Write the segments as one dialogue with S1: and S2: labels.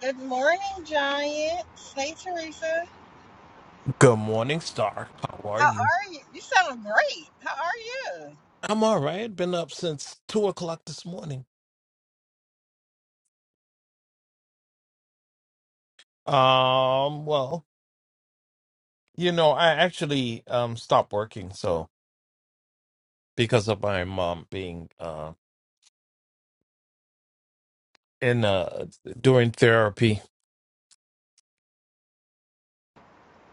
S1: Good morning, Giant. Hey, Teresa.
S2: Good morning, Star. How are
S1: How
S2: you?
S1: are you? You sound great. How are you?
S2: I'm all right. Been up since two o'clock this morning. Um, well, you know, I actually um stopped working, so because of my mom being uh in uh doing therapy.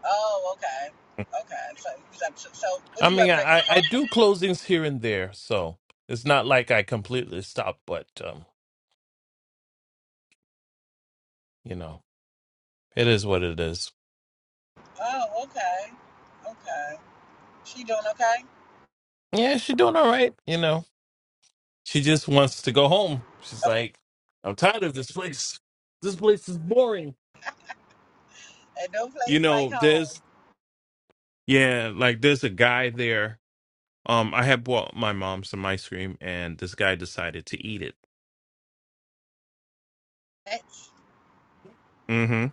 S1: Oh, okay. Okay. So, so, so what
S2: I
S1: you
S2: mean,
S1: up
S2: I
S1: drinking
S2: I I
S1: coffee?
S2: do closings here and there, so it's not like I completely stopped, but um, you know, it is what it is.
S1: Oh, okay. Okay. She doing okay?
S2: Yeah, she's doing all right. You know, she just wants to go home. She's like, I'm tired of this place. This place is boring.
S1: At no
S2: You
S1: place like
S2: know,
S1: home.
S2: there's yeah, like there's a guy there. Um, I had bought my mom some ice cream, and this guy decided to eat it.
S1: That's
S2: hmm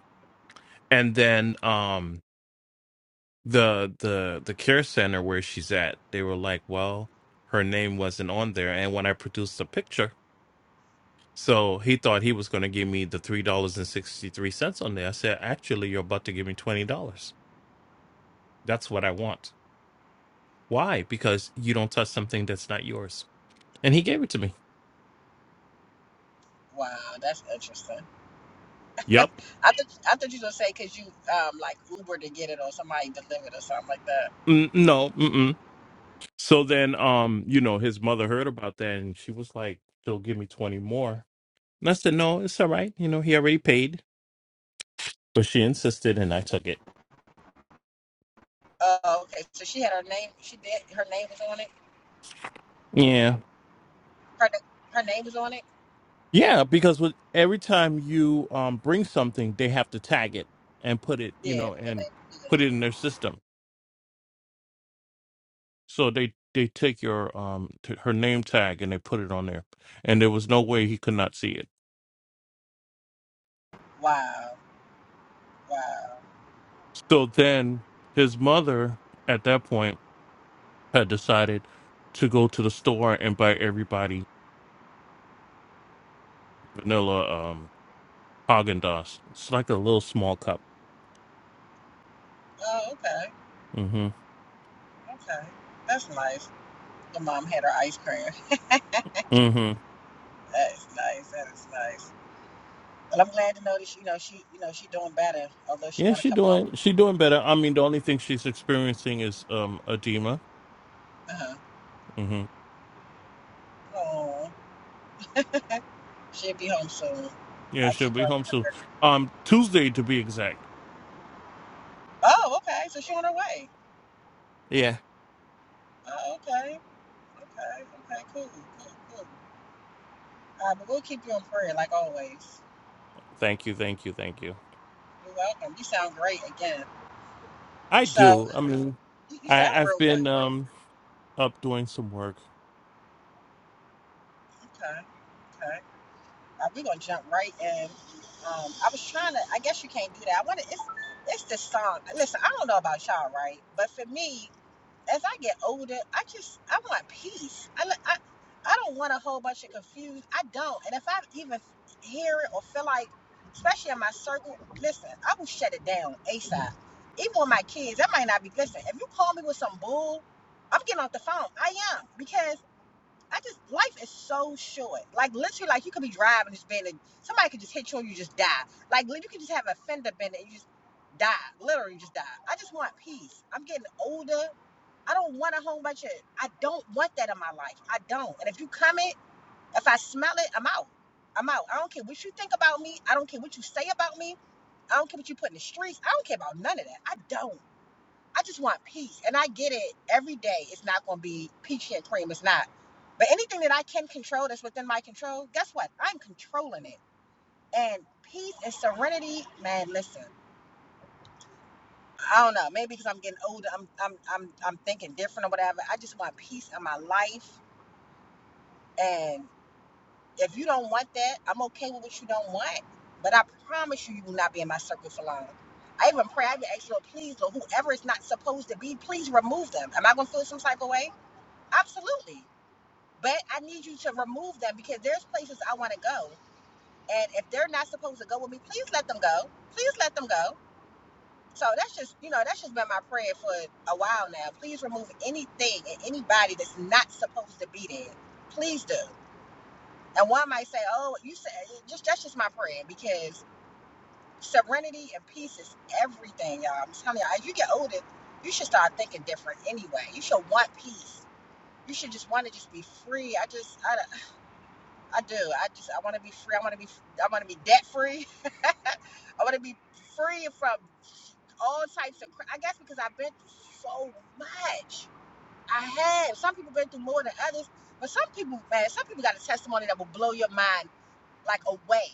S2: And then um, the the the care center where she's at, they were like, "Well, her name wasn't on there." And when I produced a picture, so he thought he was going to give me the three dollars and sixty three cents on there. I said, "Actually, you're about to give me twenty dollars. That's what I want. Why? Because you don't touch something that's not yours." And he gave it to me.
S1: wow. That's interesting.
S2: Yep.
S1: I thought I thought you was gonna say because you um like Uber to get it or somebody delivered or something like that.
S2: Mm, no. Mm-mm. So then, um, you know, his mother heard about that and she was like, she'll give me 20 more. And I said, no, it's all right. You know, he already paid. But she insisted and I took it.
S1: Oh, okay. So she had her name. She did. Her name was on it.
S2: Yeah.
S1: Her her name was on it.
S2: Yeah. Because with every time you um, bring something, they have to tag it and put it, you
S1: Yeah.
S2: know,
S1: The
S2: and
S1: name, yeah.
S2: put it in their system. So they, they take your um t- her name tag and they put it on there. And there was no way he could not see it.
S1: Wow. Wow.
S2: So then his mother at that point had decided to go to the store and buy everybody vanilla um Haagen Dazs. It's like a little small cup.
S1: Oh, okay.
S2: Mhm.
S1: Okay. That's nice. Your mom had her ice cream.
S2: Mhm.
S1: That is nice. That is nice. Well, I'm glad to know that she, you know she you know she doing better, although she
S2: Yeah,
S1: want to
S2: she
S1: come home.
S2: doing she doing better. I mean, the only thing she's experiencing is um edema.
S1: Uh huh.
S2: Mhm.
S1: Oh, she'll be home soon.
S2: Yeah,
S1: I
S2: she'll
S1: keep
S2: be
S1: her.
S2: home soon. Um Tuesday to be exact.
S1: Oh, okay. So she on her way.
S2: Yeah.
S1: Oh, okay. Okay. Okay. Cool. Cool. Cool. Uh, but we'll keep you in prayer like always.
S2: Thank you. Thank you. Thank you.
S1: You're welcome. You sound great again.
S2: I
S1: So
S2: do. I mean,
S1: you, you sound
S2: I I've
S1: real great.
S2: been um up doing some work.
S1: Okay. Okay. Uh, we're gonna jump right in. Um, I was trying to. I guess you can't do that. I want to. It's it's the song. Listen, I don't know about y'all, right? But for me, as I get older, I just I want peace. I li- I, I don't want a whole bunch of confused. I don't. And if I even hear it or feel like, especially in my circle, listen, I will shut it down asap. Even with my kids, I might not be listening. If you call me with some bull, I'm getting off the phone. I am because I just life is so short. Like literally, like you could be driving this bend and somebody could just hit you and you just die. Like you could just have a fender bend and you just die. Literally, you just die. I just want peace. I'm getting older. I don't want a whole bunch of. I don't want that in my life. I don't. And if you comment, if I smell it, I'm out. I'm out. I don't care what you think about me. I don't care what you say about me. I don't care what you put in the streets. I don't care about none of that. I don't. I just want peace. And I get it. Every day it's not going to be peachy and cream. It's not. But anything that I can control that's within my control, guess what? I'm controlling it. And peace and serenity, man, listen. I don't know. Maybe because I'm getting older, I'm I'm I'm I'm thinking different or whatever. I just want peace in my life. And if you don't want that, I'm okay with what you don't want. But I promise you, you will not be in my circle for long. I even pray, I even ask Lord, please, Lord, whoever is not supposed to be, please remove them. Am I gonna feel some type of way? Absolutely. But I need you to remove them because there's places I want to go. And if they're not supposed to go with me, please let them go. Please let them go. So that's just, you know, that's just been my prayer for a while now. Please remove anything and anybody that's not supposed to be there. Please do. And one might say, oh, you said, just that's just my prayer because serenity and peace is everything, y'all. I'm telling y'all, as you get older, you should start thinking different anyway. You should want peace you should just want to just be free. I just, I I do. I just I want to be free. I want to be I want to be debt free. I want to be free from all types of. cra- I guess because I've been through so much. I have. Some people been through more than others, but some people, man, some people got a testimony that will blow your mind like away.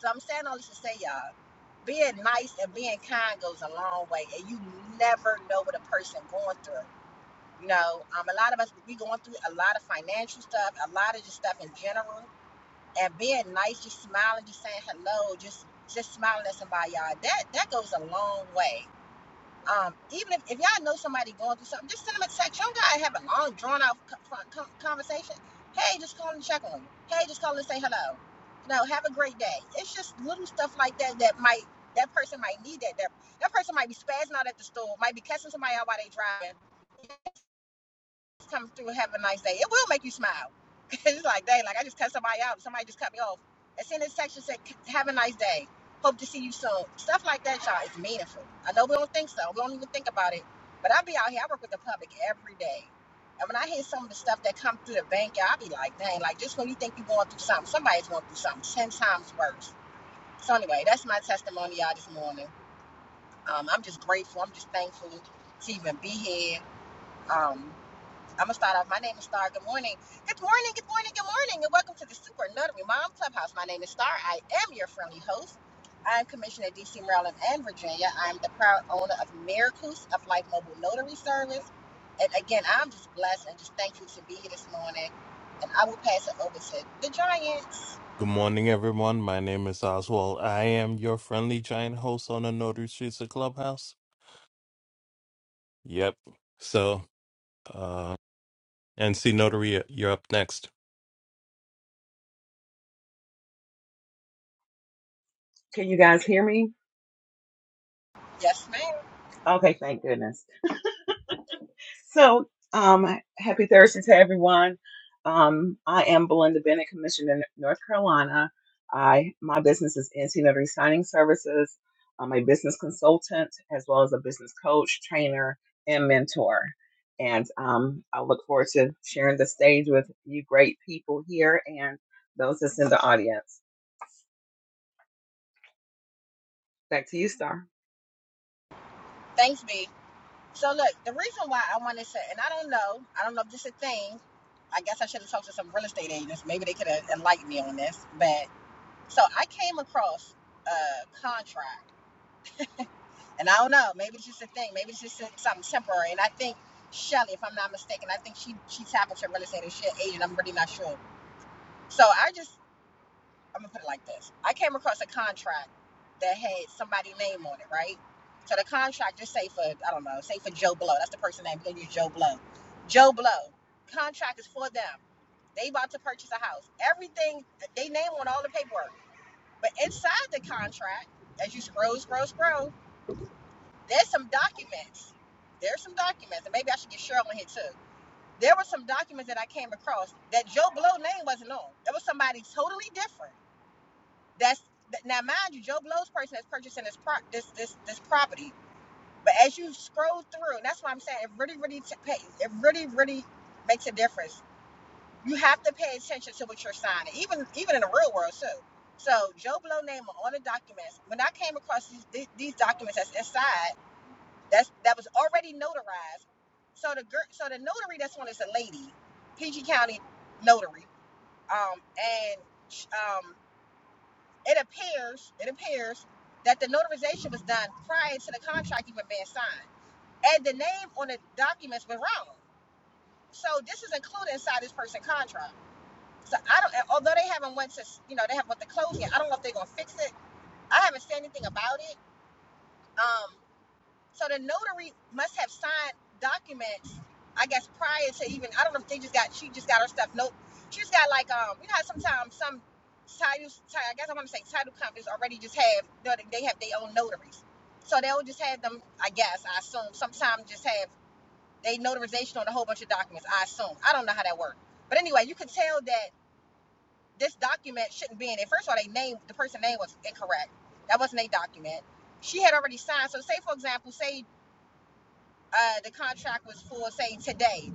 S1: So I'm saying all this to say, y'all, being nice and being kind goes a long way, and you never know what a person going through. You know, um, a lot of us we going through a lot of financial stuff, a lot of just stuff in general and being nice, just smiling, just saying hello, just just smiling at somebody, y'all. That that goes a long way. Um, even if, if y'all know somebody going through something, just send them a text. You don't gotta have a long, drawn out conversation. Hey, just call and check on you. Hey, just call and say hello. You know, have a great day. It's just little stuff like that that might that person might need that. That that person might be spazzing out at the store, might be catching somebody out while they driving Come through and have a nice day. It will make you smile. it's like, dang, like I just cut somebody out. Somebody just cut me off. It's in this section said, have a nice day. Hope to see you soon. Stuff like that, y'all, is meaningful. I know we don't think so. We don't even think about it. But I be out here. I work with the public every day. And when I hear some of the stuff that come through the bank, y'all, I be like, dang, like just when you think you're going through something, somebody's going through something 10 times worse. So anyway, that's my testimony, y'all, this morning. Um, I'm just grateful. I'm just thankful to even be here. Um, I'm gonna start off. My name is Star. Good morning. Good morning. Good morning. Good morning. And welcome to the Super Notary Mom Clubhouse. My name is Star. I am your friendly host. I'm commissioned of DC, Maryland, and Virginia. I'm the proud owner of Miracles of Life Mobile Notary Service. And again, I'm just blessed and just thankful to be here this morning. And I will pass it over to the Giants.
S2: Good morning, everyone. My name is Oswald. I am your friendly giant host on the Notary Streets of Clubhouse. Yep. So, uh, NC Notary, you're up next.
S3: Can you guys hear me?
S1: Yes, ma'am.
S3: Okay, thank goodness. So, um, happy Thursday to everyone. Um, I am Belinda Bennett, commissioned in North Carolina. I my business is NC Notary Signing Services. I'm a business consultant as well as a business coach, trainer, and mentor. And um, I look forward to sharing the stage with you great people here and those that's in the audience. Back to you, Star.
S1: Thanks, B. So look, the reason why I wanted to, and I don't know, I don't know if this is a thing. I guess I should have talked to some real estate agents. Maybe they could have enlightened me on this, but So I came across a contract, and I don't know, maybe it's just a thing, maybe it's just something temporary. And I think Shelly, if I'm not mistaken, I think she she tapped into real estate and she an agent. I'm really not sure. So I just I'm gonna put it like this: I came across a contract that had somebody's name on it, right? So the contract, just say for I don't know, say for Joe Blow. That's the person name. We're gonna use Joe Blow. Joe Blow. Contract is for them. They about to purchase a house. Everything they name on all the paperwork. But inside the contract, as you scroll, scroll, scroll, there's some documents. There's some documents, and maybe I should get Cheryl on here too. There were some documents that I came across that Joe Blow name wasn't on. That was somebody totally different. That's that, now, mind you, Joe Blow's person that's purchasing this pro, this this this property. But as you scroll through, and that's why I'm saying it really, really t- it really, really makes a difference you have to pay attention to what you're signing, even even in the real world too. So Joe Blow name on all the documents. When I came across these, these documents that's inside, that's that was already notarized. So the girl, so the notary that's on is a lady, PG County notary, um, and um, it appears it appears that the notarization was done prior to the contract even being signed, and the name on the documents was wrong. So this is included inside this person's contract. So I don't. Although they haven't went to, you know, they haven't went to closing. I don't know if they're gonna fix it. I haven't said anything about it. Um, so the notary must have signed documents. I guess prior to even. I don't know if they just got. She just got her stuff. Note. She just got like um. You know how sometimes some titles. I guess I want to say title companies already just have. no, They they have their own notaries. So they'll just have them. I guess I assume. Sometimes just have they notarization on a whole bunch of documents. I assume. I don't know how that works. But anyway, you can tell that this document shouldn't be in it. First of all, they name the person name was incorrect. That wasn't a document. She had already signed. So say for example, say uh, the contract was for say today.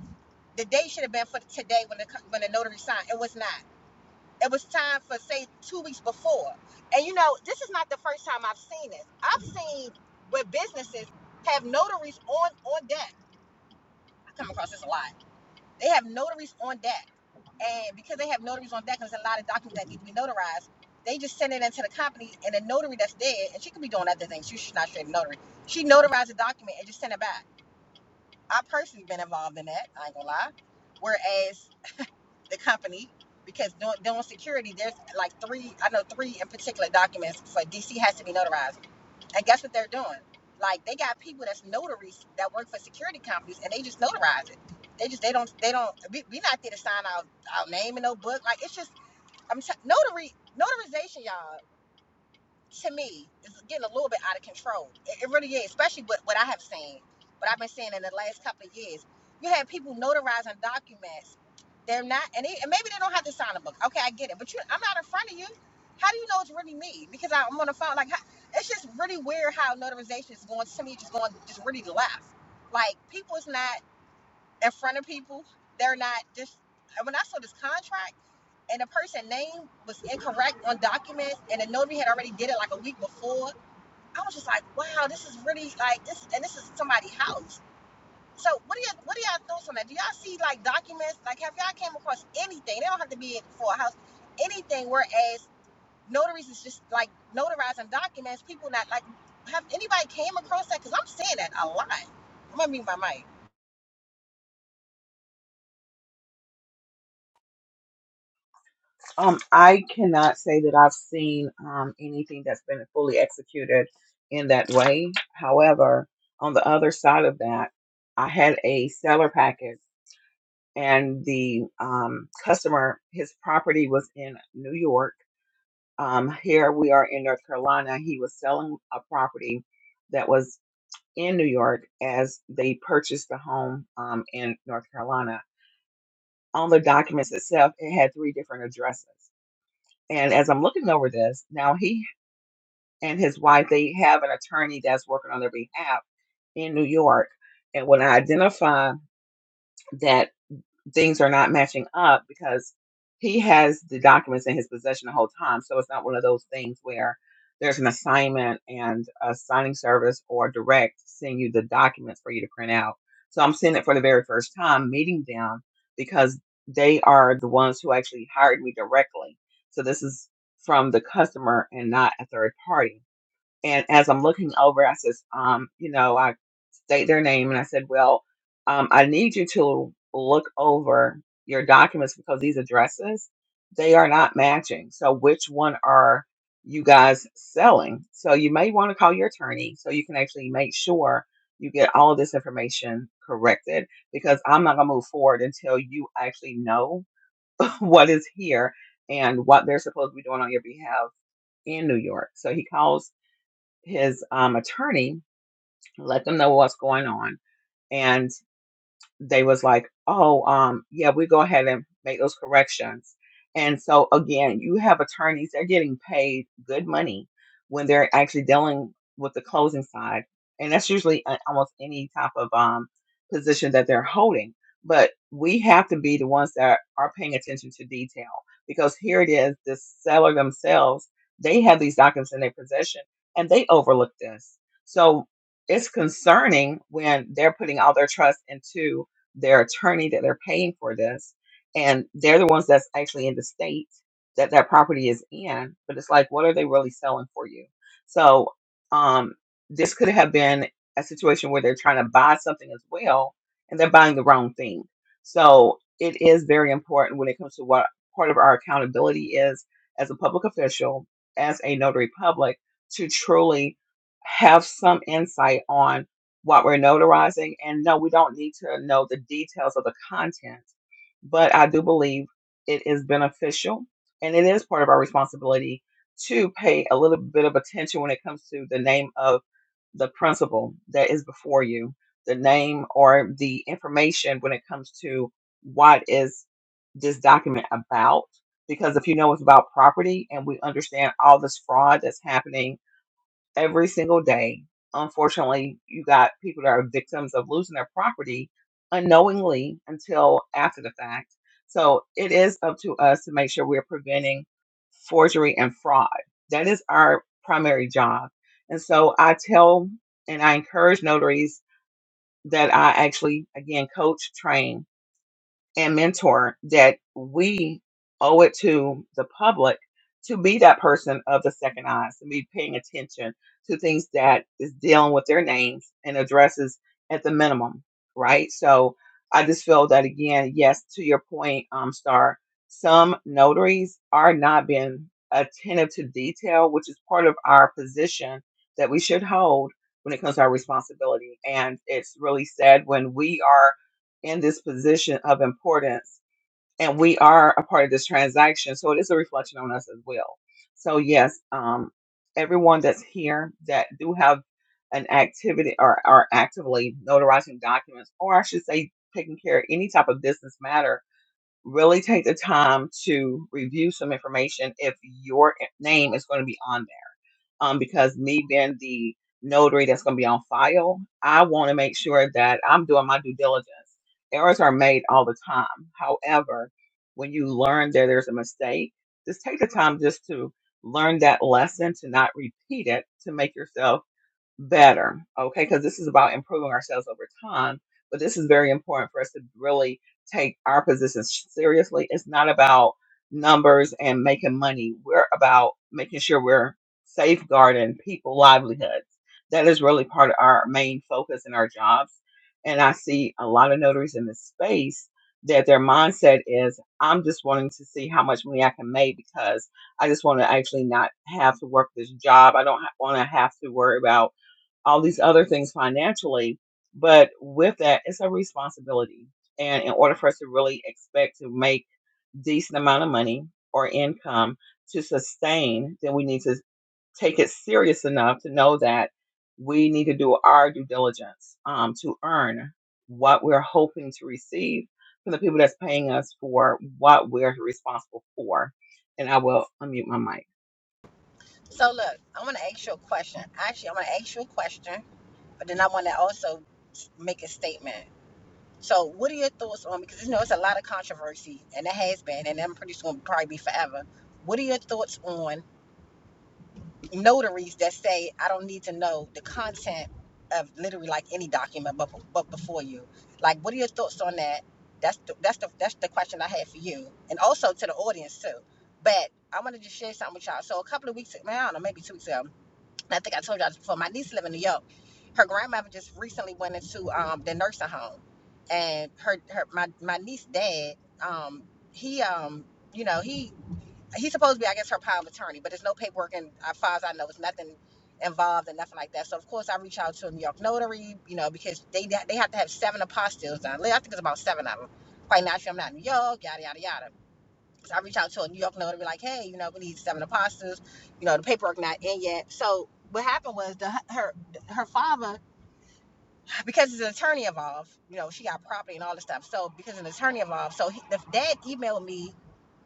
S1: The date should have been for today when the when the notary signed. It was not. It was time for say two weeks before. And you know this is not the first time I've seen this. I've seen where businesses have notaries on on deck. I come across this a lot. They have notaries on deck and because they have notaries on deck, and there's a lot of documents that need to be notarized. They just send it into the company, and the notary that's there, and she could be doing other things. She- She's not straight a notary. She notarized the document and just sent it back. I personally been involved in that. I ain't gonna lie. Whereas the company, because doing, doing security, there's like three, I know three in particular documents for DC has to be notarized. And guess what they're doing? Like they got people that's notaries that work for security companies, and they just notarize it. They just they don't they don't we, we not there to sign our our name in no book. Like it's just I'm try- notary notarization, y'all. To me, is getting a little bit out of control. It, it really is, especially with what I have seen, what I've been seeing in the last couple of years. You have people notarizing documents. They're not, and, they, and maybe they don't have to sign a book. Okay, I get it, but you, I'm not in front of you. How do you know it's really me? Because I, I'm on the phone. Like, how, it's just really weird how notarization is going. To me, just going, just really left. Like, people is not in front of people. They're not just. and When I saw this contract and the person name was incorrect on documents and the notary had already did it like a week before i was just like wow this is really like this and this is somebody's house so what are you what are y'all thoughts on that do y'all see like documents like have y'all came across anything they don't have to be for a house anything whereas notaries is just like notarizing documents people not like have anybody came across that because i'm seeing that a lot i'm gonna mute my mic
S3: Um, I cannot say that I've seen um, anything that's been fully executed in that way. However, on the other side of that, I had a seller package, and the um, customer, his property was in New York. Um, here we are in North Carolina. He was selling a property that was in New York as they purchased the home um, in North Carolina. On the documents itself, it had three different addresses. And as I'm looking over this, now he and his wife, they have an attorney that's working on their behalf in New York. And when I identify that things are not matching up because he has the documents in his possession the whole time. So it's not one of those things where there's an assignment and a signing service or direct send you the documents for you to print out. So I'm seeing it for the very first time, meeting them because they are the ones who actually hired me directly. So this is from the customer and not a third party. And as I'm looking over, I says, um, you know, I state their name and I said, well, um, I need you to look over your documents because these addresses, they are not matching. So which one are you guys selling? So you may want to call your attorney so you can actually make sure you get all of this information corrected because I'm not going to move forward until you actually know what is here and what they're supposed to be doing on your behalf in New York. So he calls his um, attorney, let them know what's going on. And they was like, oh, um, yeah, we go ahead and make those corrections. And so again, you have attorneys, they're getting paid good money when they're actually dealing with the closing side. And that's usually a- almost any type of um, position that they're holding. But we have to be the ones that are paying attention to detail because here it is, the seller themselves, they have these documents in their possession and they overlook this. So it's concerning when they're putting all their trust into their attorney that they're paying for this, and they're the ones that's actually in the state that that property is in. But it's like, what are they really selling for you? So um, this could have been a situation where they're trying to buy something as well, and they're buying the wrong thing. So it is very important when it comes to what part of our accountability is as a public official, as a notary public, to truly have some insight on what we're notarizing. And no, we don't need to know the details of the content, but I do believe it is beneficial and it is part of our responsibility to pay a little bit of attention when it comes to the name of the principle that is before you, the name or the information when it comes to what is this document about. Because if you know it's about property and we understand all this fraud that's happening every single day. Unfortunately, you got people that are victims of losing their property unknowingly until after the fact. So it is up to us to make sure we're preventing forgery and fraud. That is our primary job. And so I tell and I encourage notaries that I actually, again, coach, train and mentor that we owe it to the public to be that person of the second eyes, to be paying attention to things that is dealing with their names and addresses at the minimum, right? So I just feel that again, yes, to your point, um, Star, some notaries are not being attentive to detail, which is part of our position that we should hold when it comes to our responsibility. And it's really sad when we are in this position of importance and we are a part of this transaction so it is a reflection on us as well so yes um, everyone that's here that do have an activity or are actively notarizing documents or i should say taking care of any type of business matter really take the time to review some information if your name is going to be on there um, because me being the notary that's going to be on file, I want to make sure that I'm doing my due diligence. Errors are made all the time. However, when you learn that there's a mistake, just take the time just to learn that lesson, to not repeat it, to make yourself better, okay? Because this is about improving ourselves over time. But this is very important for us to really take our positions seriously. It's not about numbers and making money. We're about making sure we're safeguarding people livelihoods. That is really part of our main focus in our jobs. And I see a lot of notaries in this space that their mindset is, I'm just wanting to see how much money I can make because I just want to actually not have to work this job. I don't want to have to worry about all these other things financially. But with that, it's a responsibility. And in order for us to really expect to make decent amount of money or income to sustain, then we need to take it serious enough to know that we need to do our due diligence um, to earn what we're hoping to receive from the people that's paying us for what we're responsible for. And I will unmute my mic.
S1: so look i'm gonna ask you a question actually i'm gonna ask you a question but then i want to also make a statement So, what are your thoughts on? Because you know it's a lot of controversy, and it has been, and I'm pretty sure it'll probably be forever. What are your thoughts on notaries that say I don't need to know the content of literally like any document, but but before you, like, what are your thoughts on that? That's the, that's the that's the question I had for you, and also to the audience too. But I wanted to just share something with y'all. So a couple of weeks, man, I don't know, maybe two weeks ago, I think I told y'all this before. My niece live in New York. Her grandmother just recently went into um, the nursing home, and her her my my niece dad um, he um you know he he's supposed to be I guess her power of attorney, but there's no paperwork and as far as I know, it's nothing involved and nothing like that. So of course I reach out to a New York notary, you know, because they they have to have seven apostilles done. I think it's about seven of them. Quite naturally, I'm not in New York, yada yada yada. I reach out to a New York notary, be like, hey, you know, we need seven apostles. You know, the paperwork not in yet. So what happened was the her her father, because it's an attorney involved, you know, she got property and all this stuff. So because an attorney involved, so he, the dad emailed me.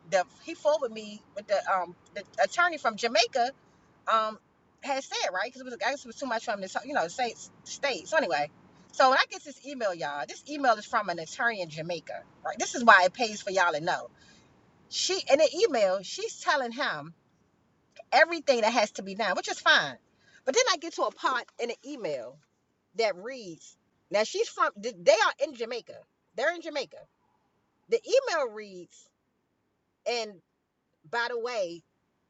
S1: The he forwarded me with the um the attorney from Jamaica um had said right because it was I guess it was too much from this you know state state. So anyway. So when I get this email, y'all, this email is from an attorney in Jamaica, right? This is why it pays for y'all to know. She in the email, she's telling him everything that has to be done, which is fine. But then I get to a part in the email that reads, now she's from they are in Jamaica. They're in Jamaica. The email reads, and by the way,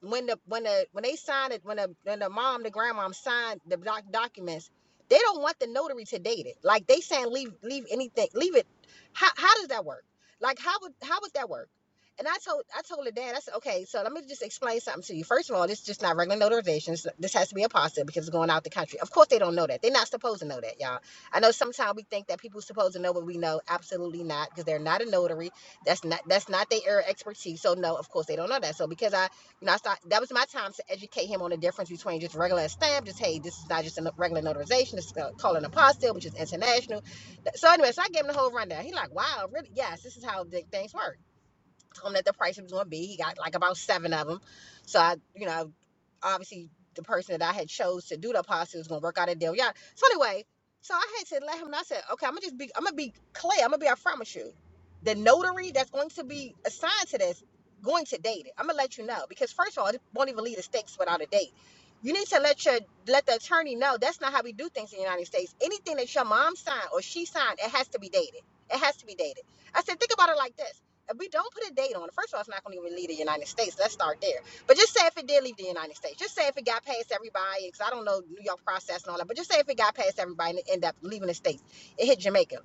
S1: when the when the when they signed it, when the when the mom, the grandmom signed the doc- documents, they don't want the notary to date it. Like they saying leave leave anything, leave it. How how does that work? Like how would how would that work? And I told I told the dad, I said, okay, so let me just explain something to you. First of all, this is just not regular notarization. So This has to be a because it's going out the country. Of course they don't know that. They're not supposed to know that, y'all. I know sometimes we think that people are supposed to know what we know. Absolutely not, because they're not a notary. That's not that's not their area of expertise. So no, of course they don't know that. So because I you know I start that was my time to educate him on the difference between just regular stamp, just hey, this is not just a no- regular notarization, it's uh, called an apostille, which is international. So anyway, so I gave him the whole rundown. He like, wow, really? Yes, this is how the things work told him that the price was going to be. He got like about seven of them. So I, you know, obviously the person that I had chose to do the apostle was going to work out a deal. Yeah. So anyway, so I had to let him. know. I said, okay, I'm gonna just be. I'm gonna be clear. I'm gonna be. upfront with you, the notary that's going to be assigned to this, going to date it. I'm gonna let you know because first of all, it won't even leave the stakes without a date. You need to let your let the attorney know that's not how we do things in the United States. Anything that your mom signed or she signed, it has to be dated. It has to be dated. I said, think about it like this. If we don't put a date on it. First of all, it's not going to even leave the United States. Let's start there. But just say if it did leave the United States. Just say if it got past everybody, because I don't know New York process and all that. But just say if it got past everybody and it ended up leaving the states. It hit Jamaica.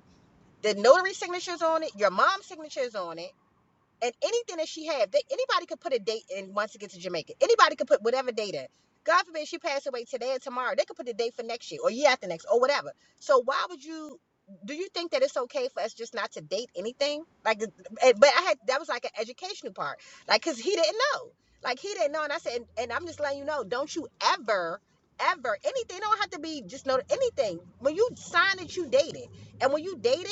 S1: The notary signatures on it. Your mom's signatures on it and anything that she had, they, anybody could put a date in once it gets to Jamaica. Anybody could put whatever date in. God forbid she passed away today or tomorrow, they could put the date for next year or year after next or whatever. So why would you? Do you think that it's okay for us just not to date anything? Like, eh, but I had that was like an educational part, like because he didn't know, like he didn't know, and I said, and, and I'm just letting you know, don't you ever, ever anything don't have to be just know anything. When you sign that you dated, and when you dated.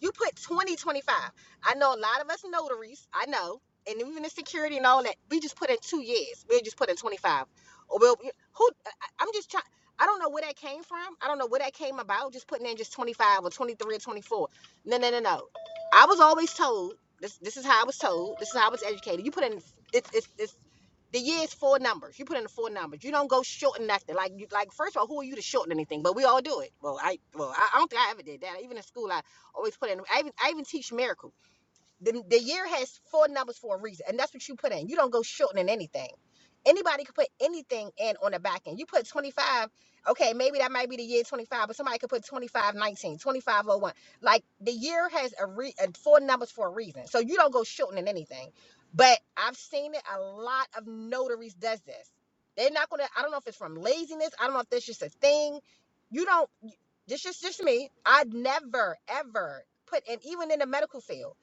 S1: You put 20 25. I know a lot of us notaries, I know, and even the security and all that, we just put in two years. We'll just put in 25. Or we'll, who, I- am just trying, I don't know where that came from. I don't know where that came about, just putting in just 25 or 23 or 24. No, no, no, no. I was always told, this, this is how I was told, this is how I was educated. You put in, it's, it's, it's, the years four numbers. You put in the four numbers. You don't go shorten nothing. Like you, like first of all, who are you to shorten anything? But we all do it. Well, I well I, I don't think I ever did that. Even in school, I always put in. I even I even teach miracles. The, the year has four numbers for a reason, and that's what you put in. You don't go shortening anything. Anybody could put anything in on the back end. You put 25, okay, maybe that might be the year 25, but somebody could put 2519, 2501. Like the year has a re uh, four numbers for a reason. So you don't go shortening anything. But I've seen it, a lot of notaries does this. They're not gonna, I don't know if it's from laziness, I don't know if that's just a thing. You don't this is just me. I would never ever put in even in the medical field.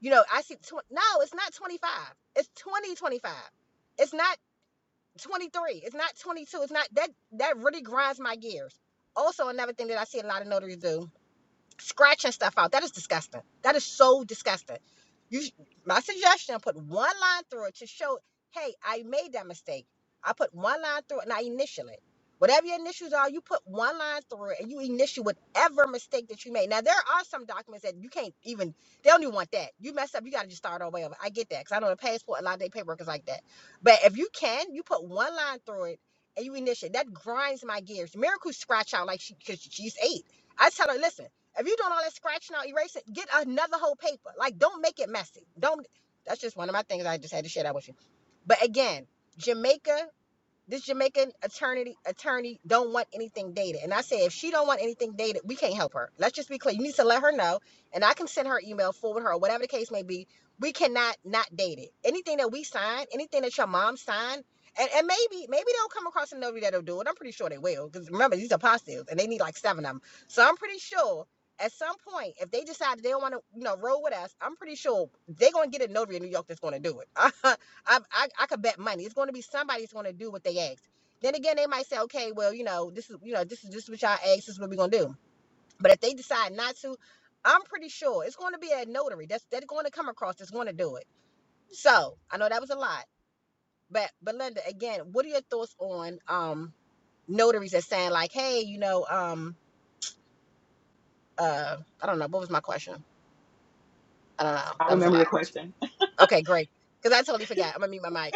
S1: You know, I see. Tw- no, it's not 25. It's 2025. It's not 23. It's not 22. It's not that. That really grinds my gears. Also, another thing that I see a lot of notaries do scratching stuff out. That is disgusting. That is so disgusting. You, my suggestion, put one line through it to show, hey, I made that mistake. I put one line through it and I initial it. Whatever your initials are, you put one line through it and you initial whatever mistake that you made. Now there are some documents that you can't even. They don't even want that. You mess up, you got to just start all the way over. I get that because I know the passport, a lot of their paperwork is like that. But if you can, you put one line through it and you initial. That grinds my gears. Miracle scratch out like she, cause she's eight. I tell her, listen. If you're doing all that scratching out, erase it, get another whole paper. Like, don't make it messy. Don't. That's just one of my things. I just had to share that with you. But again, Jamaica this Jamaican attorney attorney don't want anything dated. And I say if she don't want anything dated, we can't help her. Let's just be clear. You need to let her know. And I can send her email, forward her, or whatever the case may be. We cannot not date it. Anything that we sign, anything that your mom signed, and, and maybe maybe they'll come across a notary that'll do it. I'm pretty sure they will. Because remember, these are apostles and they need like seven of them. So I'm pretty sure at some point, if they decide they don't want to, you know, roll with us, I'm pretty sure they're gonna get a notary in New York that's gonna do it. I, I I could bet money. It's going to be somebody's going to do what they asked. Then again, they might say, okay, well, you know, this is you know, this is just what y'all asked. This is what we're going to do. But if they decide not to, I'm pretty sure it's going to be a notary that's that's going to come across that's going to do it. So I know that was a lot, but Belinda, again, what are your thoughts on um notaries that saying like, hey, you know, um, uh, I don't know, what was my question? I don't know.
S3: I
S1: That was a
S3: remember
S1: lot.
S3: your question.
S1: Okay, great. Because I totally forgot. I'm gonna mute my mic.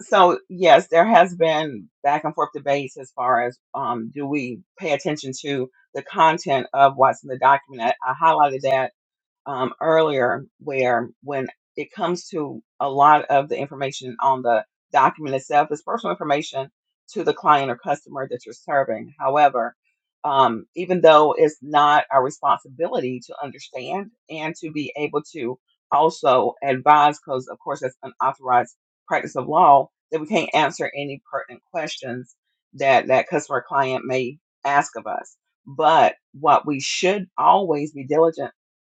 S3: so yes, there has been back and forth debates as far as um, do we pay attention to the content of what's in the document. I, I highlighted that um, earlier, where when it comes to a lot of the information on the document itself, it's personal information to the client or customer that you're serving. However, um, even though it's not our responsibility to understand and to be able to also advise, because of course that's an authorized practice of law, that we can't answer any pertinent questions that that customer client may ask of us. But what we should always be diligent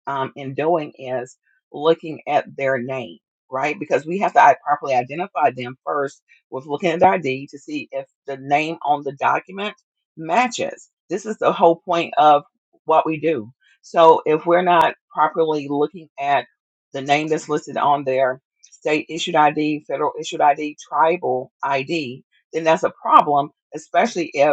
S3: um, in doing is looking at their name, right? Because we have to i- properly identify them first with looking at the ID to see if the name on the document matches. This is the whole point of what we do. So if we're not properly looking at the name that's listed on their state issued ID, federal issued ID, tribal ID, then that's a problem, especially if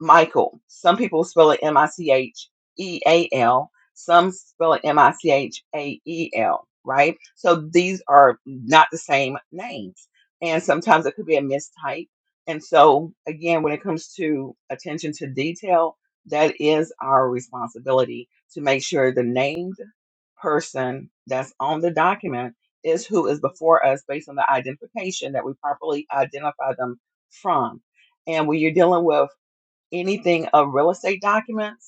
S3: Michael. Some people spell it M I C H E A L. Some spell it M I C H A E L, right? So these are not the same names. And sometimes it could be a mistype. And so, again, when it comes to attention to detail, that is our responsibility to make sure the named person that's on the document is who is before us based on the identification that we properly identify them from. And when you're dealing with anything of real estate documents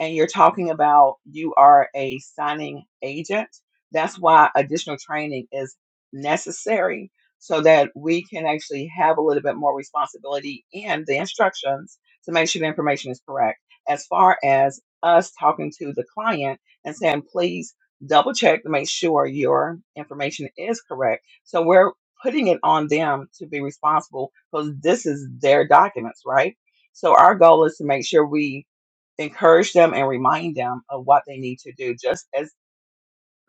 S3: and you're talking about you are a signing agent, that's why additional training is necessary so that we can actually have a little bit more responsibility in the instructions to make sure the information is correct. As far as us talking to the client and saying, please double check to make sure your information is correct. So we're putting it on them to be responsible because this is their documents, right? So our goal is to make sure we encourage them and remind them of what they need to do. Just as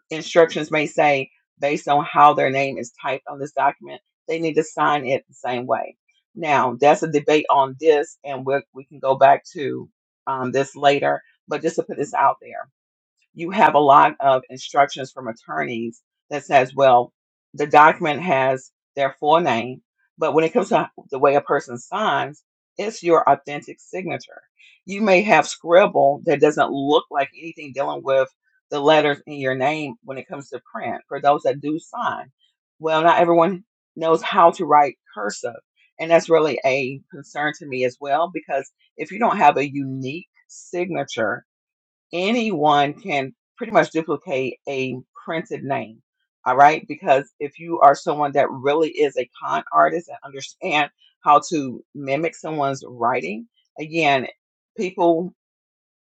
S3: instructions may say, based on how their name is typed on this document, they need to sign it the same way. Now, that's a debate on this, and we we can go back to um, this later, but just to put this out there you have a lot of instructions from attorneys that says, well, the document has their full name, but when it comes to the way a person signs, it's your authentic signature. You may have scribble that doesn't look like anything dealing with the letters in your name when it comes to print for those that do sign. Well, not everyone knows how to write cursive. And that's really a concern to me as well, because if you don't have a unique signature, anyone can pretty much duplicate a printed name. All right. Because if you are someone that really is a con artist and understand how to mimic someone's writing, again, people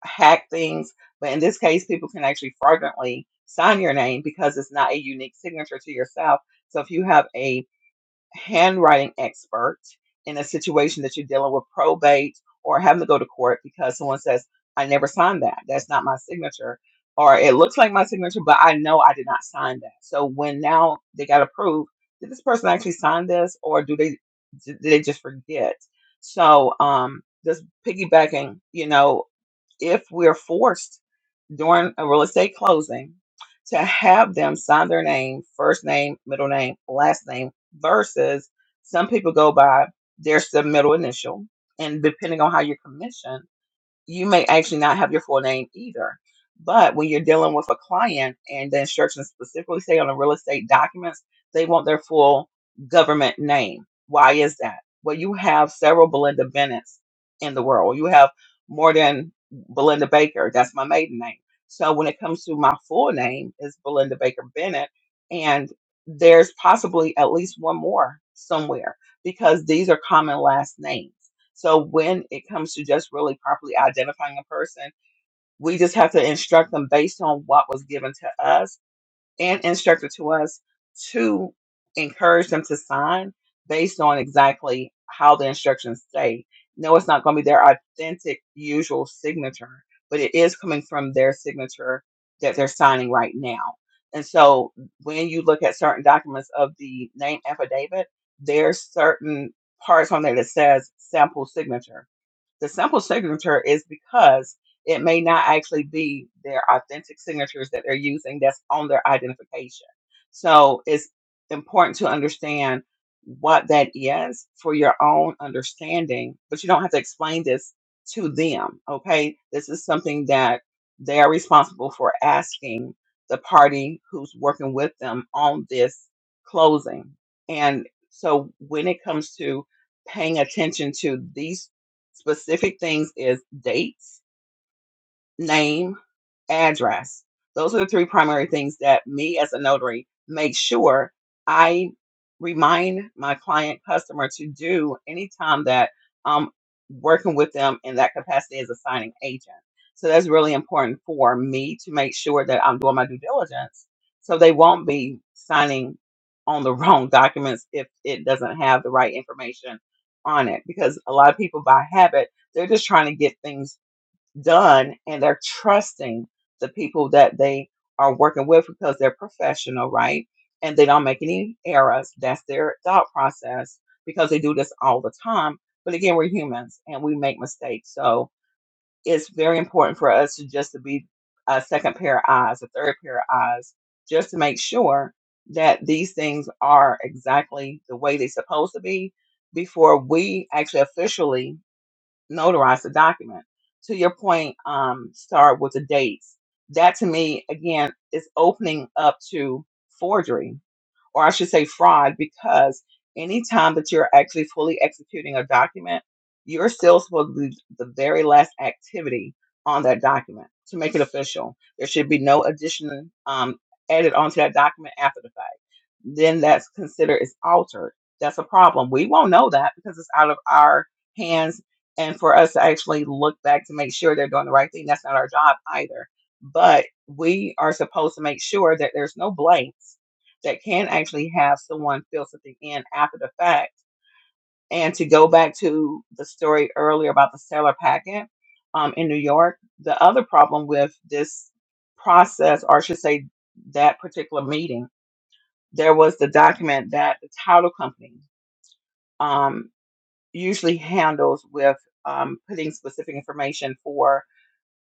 S3: hack things, but in this case, people can actually fraudulently sign your name because it's not a unique signature to yourself. So if you have a handwriting expert in a situation that you're dealing with probate or having to go to court because someone says, I never signed that. That's not my signature. Or it looks like my signature, but I know I did not sign that. So when now they got to prove, did this person actually sign this or do they did they just forget? So um just piggybacking, you know, if we're forced during a real estate closing to have them sign their name, first name, middle name, last name, versus some people go by their submittal initial. And depending on how you're commissioned, you may actually not have your full name either. But when you're dealing with a client and the instructions specifically say on the real estate documents, they want their full government name. Why is that? Well, you have several Belinda Bennett's in the world. You have more than Belinda Baker. That's my maiden name. So when it comes to my full name is Belinda Baker Bennett, and there's possibly at least one more somewhere because these are common last names. So when it comes to just really properly identifying a person, we just have to instruct them based on what was given to us and instructed to us to encourage them to sign based on exactly how the instructions say. No, it's not going to be their authentic usual signature, but it is coming from their signature that they're signing right now. And so when you look at certain documents of the name affidavit, there's certain parts on there that says sample signature the sample signature is because it may not actually be their authentic signatures that they're using that's on their identification. So it's important to understand what that is for your own understanding, but you don't have to explain this to them. Okay. This is something that they are responsible for asking the party who's working with them on this closing. And so when it comes to paying attention to these Specific things is dates, name, address. Those are the three primary things that me as a notary make sure I remind my client customer to do anytime that I'm working with them in that capacity as a signing agent. So that's really important for me to make sure that I'm doing my due diligence so they won't be signing on the wrong documents if it doesn't have the right information on it because a lot of people by habit they're just trying to get things done and they're trusting the people that they are working with because they're professional, right? And they don't make any errors. That's their thought process because they do this all the time. But again, we're humans and we make mistakes. So it's very important for us to just to be a second pair of eyes, a third pair of eyes, just to make sure that these things are exactly the way they're supposed to be before we actually officially notarize the document. To your point, um, start with the dates. That to me, again, is opening up to forgery, or I should say fraud, because anytime that you're actually fully executing a document, you're still supposed to do the very last activity on that document to make it official. There should be no addition um, added onto that document after the fact then that's considered it's altered. That's a problem. We won't know that because it's out of our hands. And for us to actually look back to make sure they're doing the right thing, that's not our job either. But we are supposed to make sure that there's no blanks that can actually have someone fill something in after the fact. And to go back to the story earlier about the Sailor Packet um, in New York, the other problem with this process, or I should say that particular meeting, there was the document that the title company um, usually handles with um, putting specific information for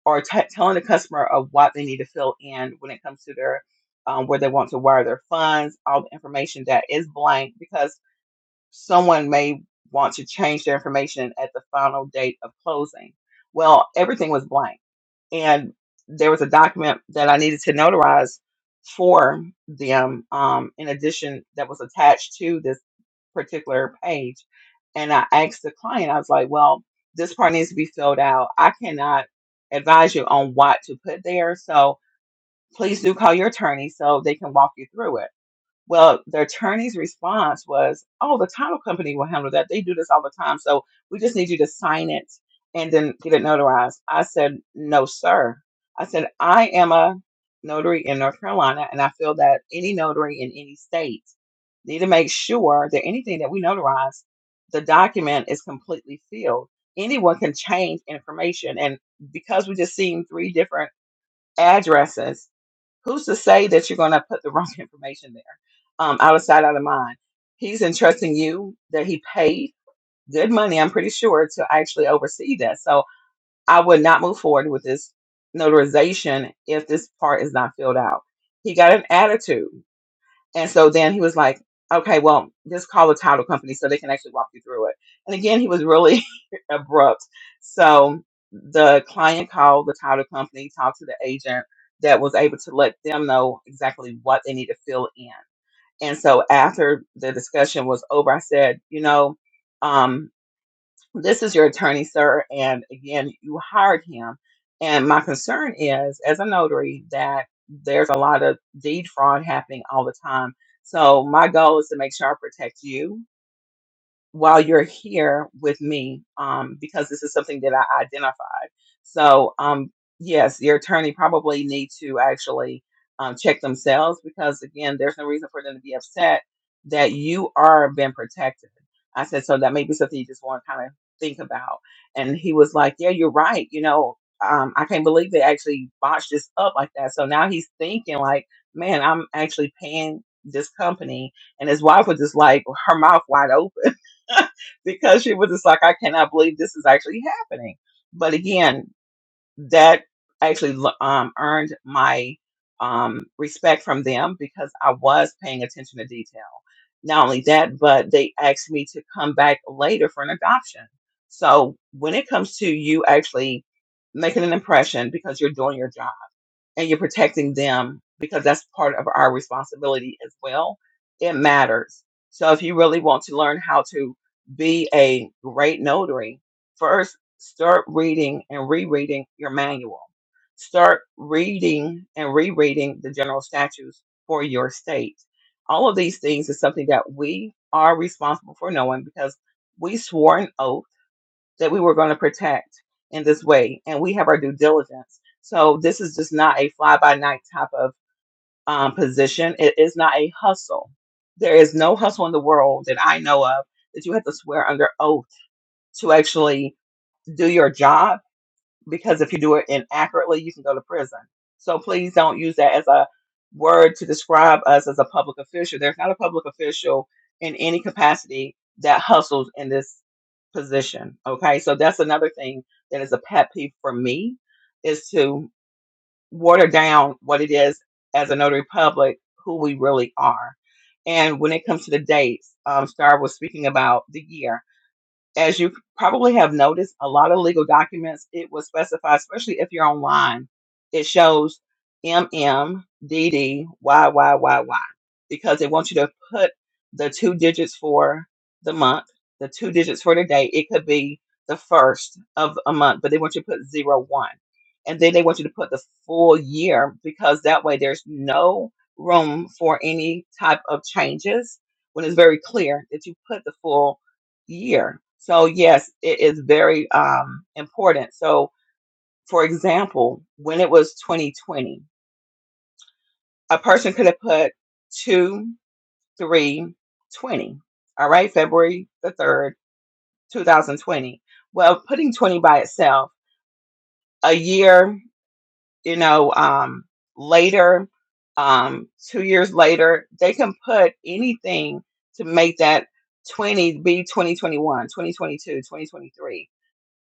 S3: or t- telling the customer of what they need to fill in when it comes to their um, where they want to wire their funds, all the information that is blank because someone may want to change their information at the final date of closing. Well, everything was blank and there was a document that I needed to notarize for them. Um, um, in addition, that was attached to this particular page, and I asked the client, I was like, "Well, this part needs to be filled out. I cannot advise you on what to put there, so please do call your attorney so they can walk you through it." Well, the attorney's response was, "Oh, the title company will handle that. They do this all the time. So we just need you to sign it and then get it notarized." I said, "No, sir." I said, "I am a notary in North Carolina, and I feel that any notary in any state need to make sure that anything that we notarize, the document is completely filled. Anyone can change information, and because we just seen three different addresses." who's to say that you're going to put the wrong information there um, out of sight out of mind he's entrusting you that he paid good money i'm pretty sure to actually oversee that so i would not move forward with this notarization if this part is not filled out he got an attitude and so then he was like, okay, well, just call the title company so they can actually walk you through it. And again, he was really abrupt. So the client called the title company, talked to the agent that was able to let them know exactly what they need to fill in. And so after the discussion was over, I said, you know, um, this is your attorney, sir. And again, you hired him. And my concern is, as a notary, that there's a lot of deed fraud happening all the time. So my goal is to make sure I protect you while you're here with me um, because this is something that I identified. So, um, yes, your attorney probably need to actually um, check themselves because, again, there's no reason for them to be upset that you are being protected. I said, so that may be something you just want to kind of think about. And he was like, yeah, you're right. You know, um, I can't believe they actually botched this up like that. So now he's thinking like, man, I'm actually paying this company. And his wife was just like her mouth wide open because she was just like, I cannot believe this is actually happening. But again, that actually um, earned my um, respect from them because I was paying attention to detail. Not only that, but they asked me to come back later for an adoption. So when it comes to you actually making an impression because you're doing your job and you're protecting them because that's part of our responsibility as well. It matters. So if you really want to learn how to be a great notary, first start reading and rereading your manual. Start reading and rereading the general statutes for your state. All of these things is something that we are responsible for knowing because we swore an oath that we were going to protect in this way, and we have our due diligence. So this is just not a fly by night type of um, position. It is not a hustle. There is no hustle in the world that I know of that you have to swear under oath to actually do your job because if you do it inaccurately, you can go to prison. So please don't use that as a word to describe us as a public official. There's not a public official in any capacity that hustles in this position. Okay. So that's another thing that is a pet peeve for me is to water down what it is as a notary public, who we really are. And when it comes to the dates, um, Star was speaking about the year. As you probably have noticed, a lot of legal documents, it will specify, especially if you're online, it shows MM, because they want you to put the two digits for the month, the two digits for the day. It could be the first of a month, but they want you to put zero one. And then they want you to put the full year because that way there's no room for any type of changes when it's very clear that you put the full year. So yes, it is very um, important. So for example, when it was 2020, a person could have put 2, 3, 20. All right, February the 3rd, 2020. Well, putting 20 by itself, a year, you know, um, later, um, two years later, they can put anything to make that 20 be 2021, 2022, 2023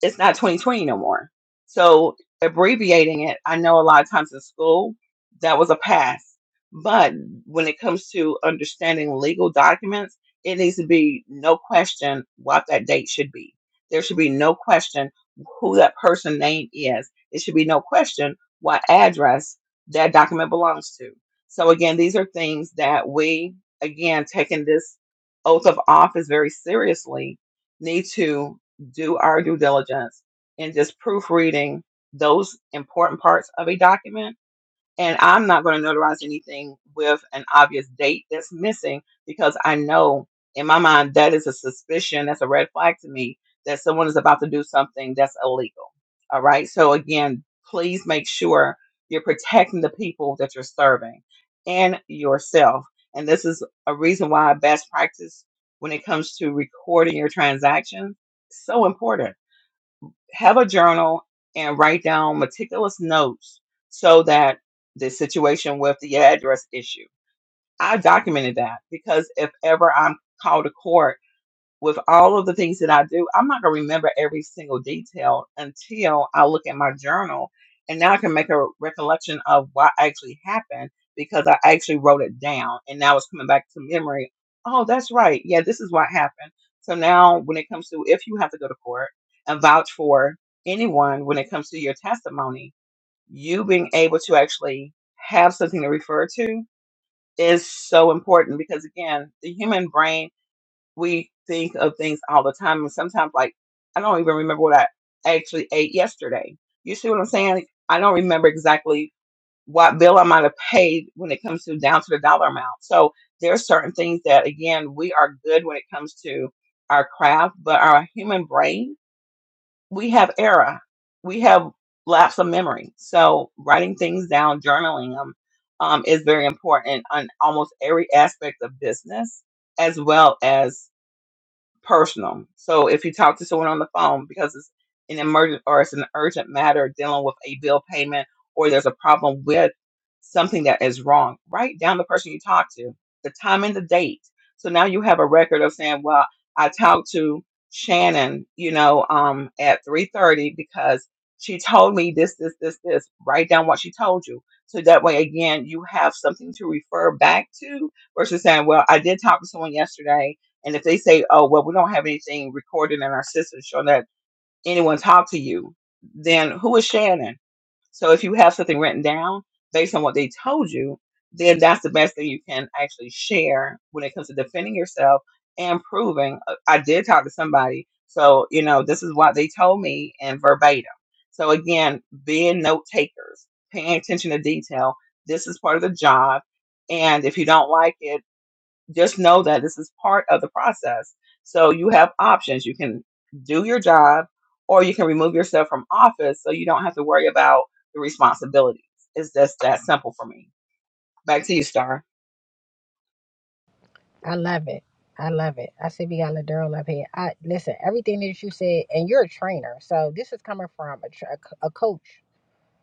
S3: it's not 2020 no more. So abbreviating it, I know a lot of times in school that was a pass, but when it comes to understanding legal documents, it needs to be no question what that date should be. There should be no question who that person name is. It should be no question what address that document belongs to. So again, these are things that we again taking this oath of office very seriously need to do our due diligence in just proofreading those important parts of a document and I'm not going to notarize anything with an obvious date that's missing because I know in my mind that is a suspicion, that's a red flag to me that someone is about to do something that's illegal. All right. So, again, please make sure you're protecting the people that you're serving and yourself. And this is a reason why best practice when it comes to recording your transactions is so important have a journal and write down meticulous notes so that the situation with the address issue. I documented that because if ever I'm called to court with all of the things that I do, I'm not going to remember every single detail until I look at my journal. And now I can make a recollection of what actually happened because I actually wrote it down. And now it's coming back to memory. Oh, that's right. Yeah, this is what happened. So now, when it comes to if you have to go to court and vouch for anyone when it comes to your testimony, you being able to actually have something to refer to is so important because, again, the human brain we think of things all the time. And sometimes, like, I don't even remember what I actually ate yesterday. You see what I'm saying? I don't remember exactly what bill I might have paid when it comes to down to the dollar amount. So there are certain things that, again, we are good when it comes to our craft, but our human brain, we have error, we have lapse of memory. So writing things down, journaling them, um, is very important on almost every aspect of business as well as personal. So if you talk to someone on the phone because it's an emergent or it's an urgent matter dealing with a bill payment or there's a problem with something that is wrong, write down the person you talk to, the time and the date. So now you have a record of saying, well, I talked to Shannon, you know, um, at 3:30 because she told me this, this, this, this. Write down what she told you. So that way, again, you have something to refer back to versus saying, well, I did talk to someone yesterday and if they say, oh, well, we don't have anything recorded in our system showing that anyone talked to you, then who is Shannon? So if you have something written down based on what they told you, then that's the best thing you can actually share when it comes to defending yourself and proving uh, I did talk to somebody. So, you know, this is what they told me and verbatim. So, again, being note takers, paying attention to detail, this is part of the job. And if you don't like it, just know that this is part of the process. So you have options. You can do your job or you can remove yourself from office so you don't have to worry about the responsibilities. It's just that simple for me. Back to you, Star.
S1: I love it. I love it. I see we got Ladurl up here. I listen everything that you said, and you're a trainer, so this is coming from a, tra- a c- a coach,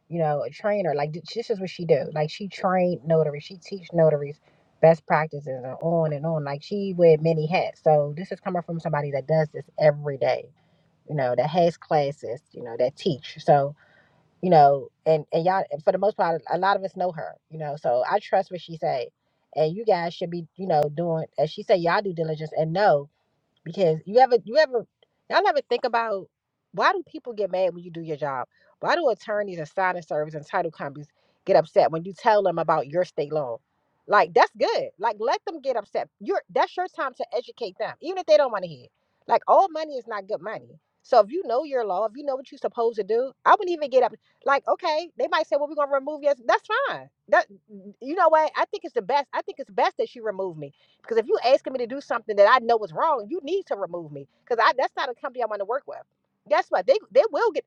S1: you know, a trainer. Like th- this is what she do. Like she trained notaries, she teach notaries best practices, and on and on. Like she wear many hats. So this is coming from somebody that does this every day. You know, that has classes. You know, that teach. So you know, and and y'all for the most part, a lot of us know her, you know. So I trust what she say, and you guys should be, you know, doing as she say, y'all due diligence and know because you ever you ever y'all ever think about why do people get mad when you do your job? Why do attorneys and signing service and title companies get upset when you tell them about your state law? Like that's good. Like let them get upset. You're that's your time to educate them, even if they don't want to hear. it. Like all money is not good money. So if you know your law, if you know what you're supposed to do, I wouldn't even get up. Like okay, they might say, "Well, we're gonna remove you. That's fine. That you know what? I think it's the best. I think it's best that she remove me because if you asking me to do something that I know is wrong, you need to remove me because I that's not a company I want to work with. Guess what? They they will get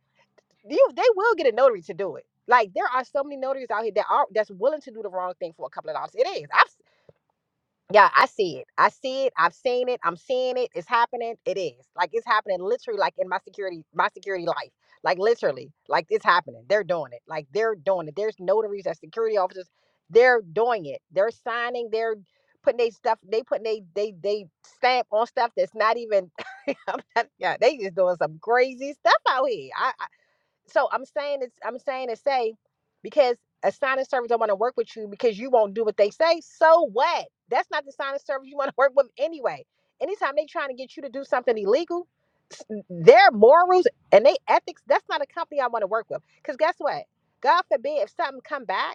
S1: you. They will get a notary to do it. Like there are so many notaries out here that are that's willing to do the wrong thing for a couple of dollars. It is. I've yeah, I see it. I see it. I've seen it. I'm seeing it. It's happening. It is. Like it's happening literally like in my security my security life. Like literally. Like it's happening. They're doing it. Like they're doing it. There's notaries as security officers. They're doing it. They're signing. They're putting they stuff they putting they they they stamp on stuff that's not even I'm not- yeah, they just doing some crazy stuff out here. So I'm saying it's I'm saying to say because a sign and service don't want to work with you because you won't do what they say. So what? That's not the sign and service you want to work with anyway. Anytime they trying to get you to do something illegal, s- their morals and they ethics, that's not a company I want to work with. Because guess what? God forbid if something come back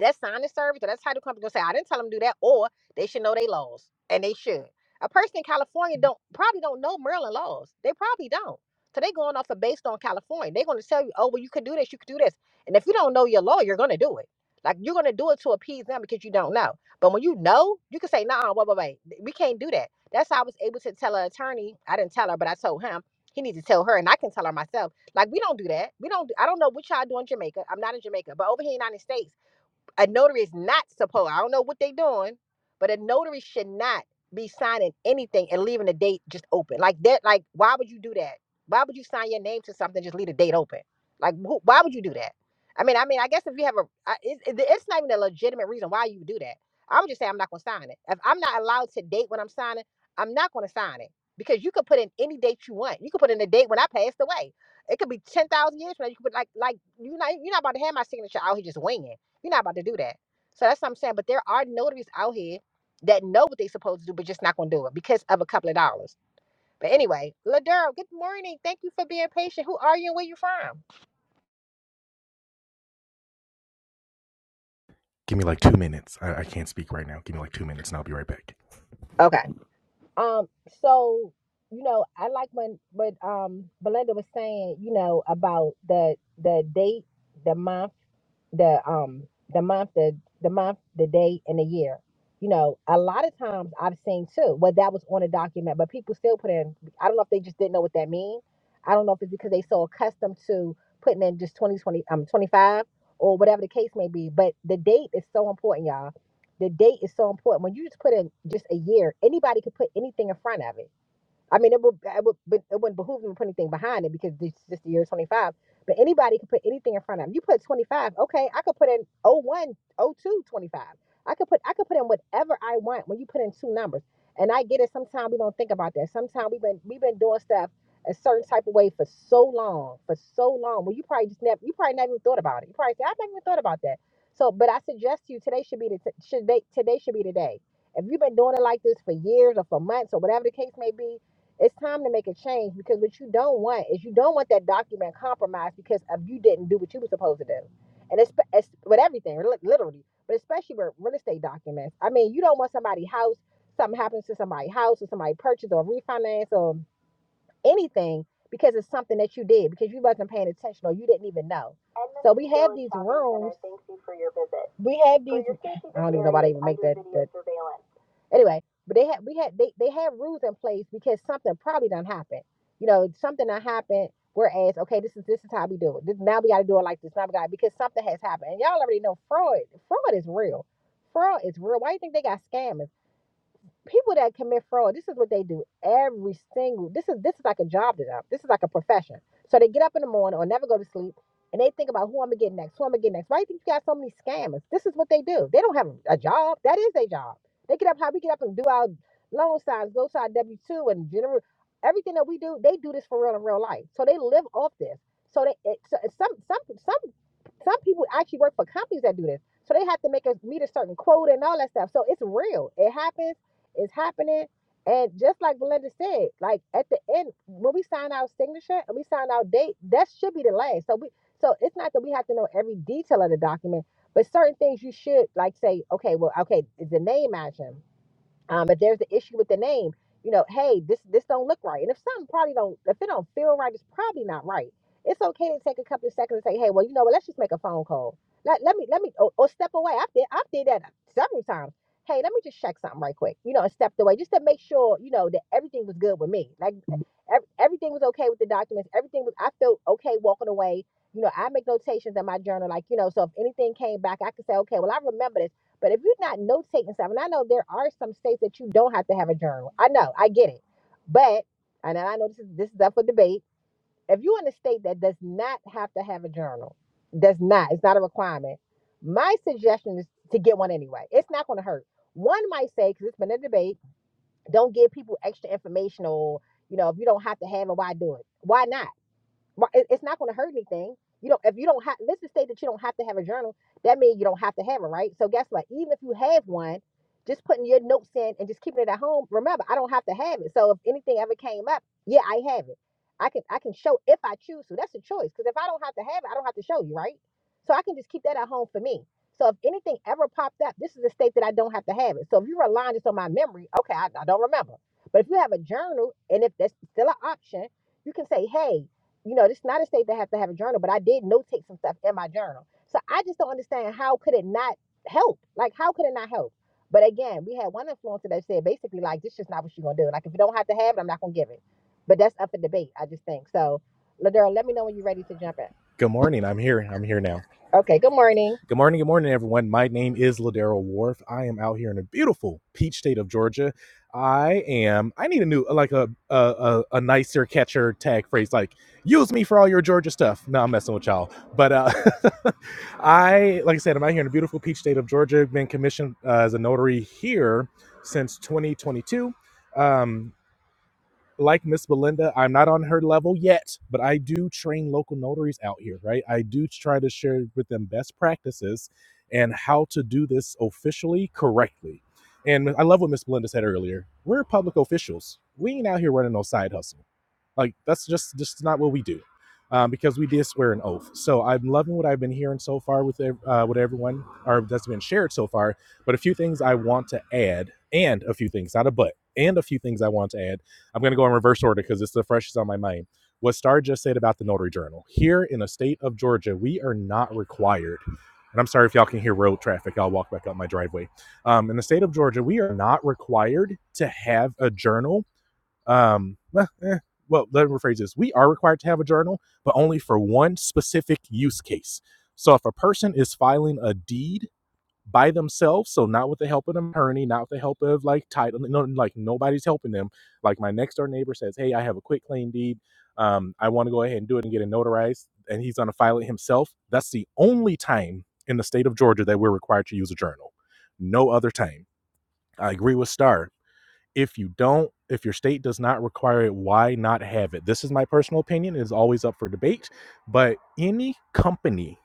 S1: that signing service or that title company gonna say, I didn't tell them to do that, or they should know they laws. And they should. A person in California don't probably don't know Maryland laws. They probably don't. So they going off of based on California. They're gonna tell you, oh, well, you can do this, you can do this. And if you don't know your law, you're gonna do it. Like you're gonna do it to appease them because you don't know. But when you know, you can say, nah, wait, wait, wait, we can't do that. That's how I was able to tell her attorney. I didn't tell her, but I told him he needs to tell her, and I can tell her myself. Like we don't do that. We don't. Do, I don't know what y'all do in Jamaica. I'm not in Jamaica, but over here in the United States a notary is not supposed i don't know what they doing but a notary should not be signing anything and leaving the date just open like that like why would you do that why would you sign your name to something and just leave the date open like who, why would you do that i mean i mean i guess if you have a I- it, it- it's not even a legitimate reason why you would do that i'm just saying i'm not going to sign it if i'm not allowed to date when i'm signing i'm not going to sign it because you could put in any date you want you could put in a date when i passed away it could be 10,000 years from now you could put like like you not you're not about to have my signature out here just winging you're not about to do that. So that's what I'm saying. But there are notaries out here that know what they're supposed to do, but just not gonna do it because of a couple of dollars. But anyway, Ladero, good morning. Thank you for being patient. Who are you and where you from?
S4: Give me like two minutes. I, I can't speak right now. Give me like two minutes and I'll be right back.
S1: Okay. Um, so you know, I like when when um Belinda was saying, you know, about the the date, the month the um the month the the month the day and the year you know a lot of times i've seen too well that was on a document but people still put in i don't know if they just didn't know what that means i don't know if it's because they so accustomed to putting in just 20 20 um 25 or whatever the case may be but the date is so important y'all the date is so important when you just put in just a year anybody could put anything in front of it I mean, it would, it would, but it wouldn't behoove them to put anything behind it because this is just the year 25. But anybody could put anything in front of them. You put 25, okay, I could put in oh 01, oh 02, 25. I could put, I could put in whatever I want when you put in two numbers. And I get it. Sometimes we don't think about that. Sometimes we've been, we've been doing stuff a certain type of way for so long, for so long. Well, you probably just never, you probably never even thought about it. You probably say, I've never even thought about that. So, but I suggest to you today should be the, should they, today should be the day. If you've been doing it like this for years or for months or whatever the case may be, it's time to make a change because what you don't want is you don't want that document compromised because of you didn't do what you were supposed to do. And it's, it's with everything, literally, but especially with real estate documents. I mean, you don't want somebody's house, something happens to somebody's house or somebody purchased or refinance or anything because it's something that you did because you wasn't paying attention or you didn't even know. So we have these rooms. Thank you for your visit. We have these. I don't even know why they even make that. that anyway, but they had we had they, they have rules in place because something probably done happened. You know, something done happened. Whereas, okay, this is this is how we do it. This, now we got to do it like this. Now we got because something has happened, and y'all already know fraud. Fraud is real. Fraud is real. Why do you think they got scammers? people that commit fraud, this is what they do every single. This is this is like a job to them. This is like a profession. So they get up in the morning or never go to sleep, and they think about who I'm gonna get next, who I'm gonna get next. Why do you think you got so many scammers? This is what they do. They don't have a job. That is their job. They get up how we get up and do our loan signs, go to our W two and general everything that we do. They do this for real in real life. So they live off this. So they it, so it's some some some some people actually work for companies that do this. So they have to make us meet a certain quota and all that stuff. So it's real. It happens. It's happening. And just like Belinda said, like at the end, when we sign our signature and we sign our date, that should be the last. So we so it's not that we have to know every detail of the document, but certain things you should like say, okay, well, okay, is the name matching? um, if there's the issue with the name, you know, hey, this this don't look right. And if something probably don't, if it don't feel right, it's probably not right. It's okay to take a couple of seconds and say, hey, well, you know what? Let's just make a phone call. Let, let me let me or, or step away. I have did I have did that several times. Hey, let me just check something right quick. You know, and stepped away just to make sure you know that everything was good with me. Like ev- everything was okay with the documents. Everything was I felt okay walking away. You know, I make notations in my journal. Like you know, so if anything came back, I could say, okay, well, I remember this. But if you're not note taking stuff, and I know there are some states that you don't have to have a journal. I know, I get it. But and I know this is this is up for debate. If you're in a state that does not have to have a journal, does not, it's not a requirement. My suggestion is to get one anyway. It's not going to hurt. One might say, because it's been a debate, don't give people extra information or You know, if you don't have to have it, why do it? Why not? Mar- it- It's not going to hurt anything. You don't. If you don't have, let's just say that you don't have to have a journal. That means you don't have to have it, right? So guess what? Even if you have one, just putting your notes in and just keeping it at home. Remember, I don't have to have it. So if anything ever came up, yeah, I have it. I can I can show if I choose to. That's a choice. Because if I don't have to have it, I don't have to show you, right? So I can just keep that at home for me. So if anything ever popped up, this is a state that I don't have to have it. So if you rely just on my memory, okay, I, I don't remember. But if you have a journal and if that's still an option, you can say, hey, you know, this is not a state that has to have a journal, but I did notate some stuff in my journal. So I just don't understand how could it not help? Like, how could it not help? But again, we had one influencer that said basically, like, this is not what you're gonna do. Like, if you don't have to have it, I'm not gonna give it. But that's up for debate, I just think. So, Ladurl, let me know when you're ready to jump in.
S4: Good morning. I'm here. I'm here now.
S1: Okay, good morning.
S4: Good morning, good morning, everyone. My name is Ladero Wharf. I am out here in a beautiful peach state of Georgia. I am. I need a new, like a a, a, a nicer catcher tag phrase, like "use me for all your Georgia stuff." No, I'm messing with y'all, but uh, I, like I said, I'm out here in a beautiful peach state of Georgia. Been commissioned uh, as a notary here since 2022. Um, like Miss Belinda, I'm not on her level yet, but I do train local notaries out here, right? I do try to share with them best practices and how to do this officially correctly. And I love what Miss Belinda said earlier. We're public officials. We ain't out here running no side hustle. Like that's just just not what we do, um, because we did swear an oath. So I'm loving what I've been hearing so far with uh, with everyone, or that's been shared so far. But a few things I want to add, and a few things, not a but, and a few things I want to add. I'm going to go in reverse order because it's the freshest on my mind. What Star just said about the notary journal. Here in the state of Georgia, we are not required. And I'm sorry if y'all can hear road traffic. I'll walk back up my driveway um, in the state of Georgia, we are not required to have a journal um, well, eh, well, let me rephrase this. We are required to have a journal, but only for one specific use case. So if a person is filing a deed by themselves, so not with the help of an attorney, not with the help of like title, no, like nobody's helping them. Like my next door neighbor says, "Hey, I have a quick claim deed. Um, I want to go ahead and do it and get it notarized," and he's going to file it himself. That's the only time in the state of Georgia that we're required to use a journal. No other time. I agree with Star. If you don't, if your state does not require it, why not have it? This is my personal opinion. It is always up for debate. But any company,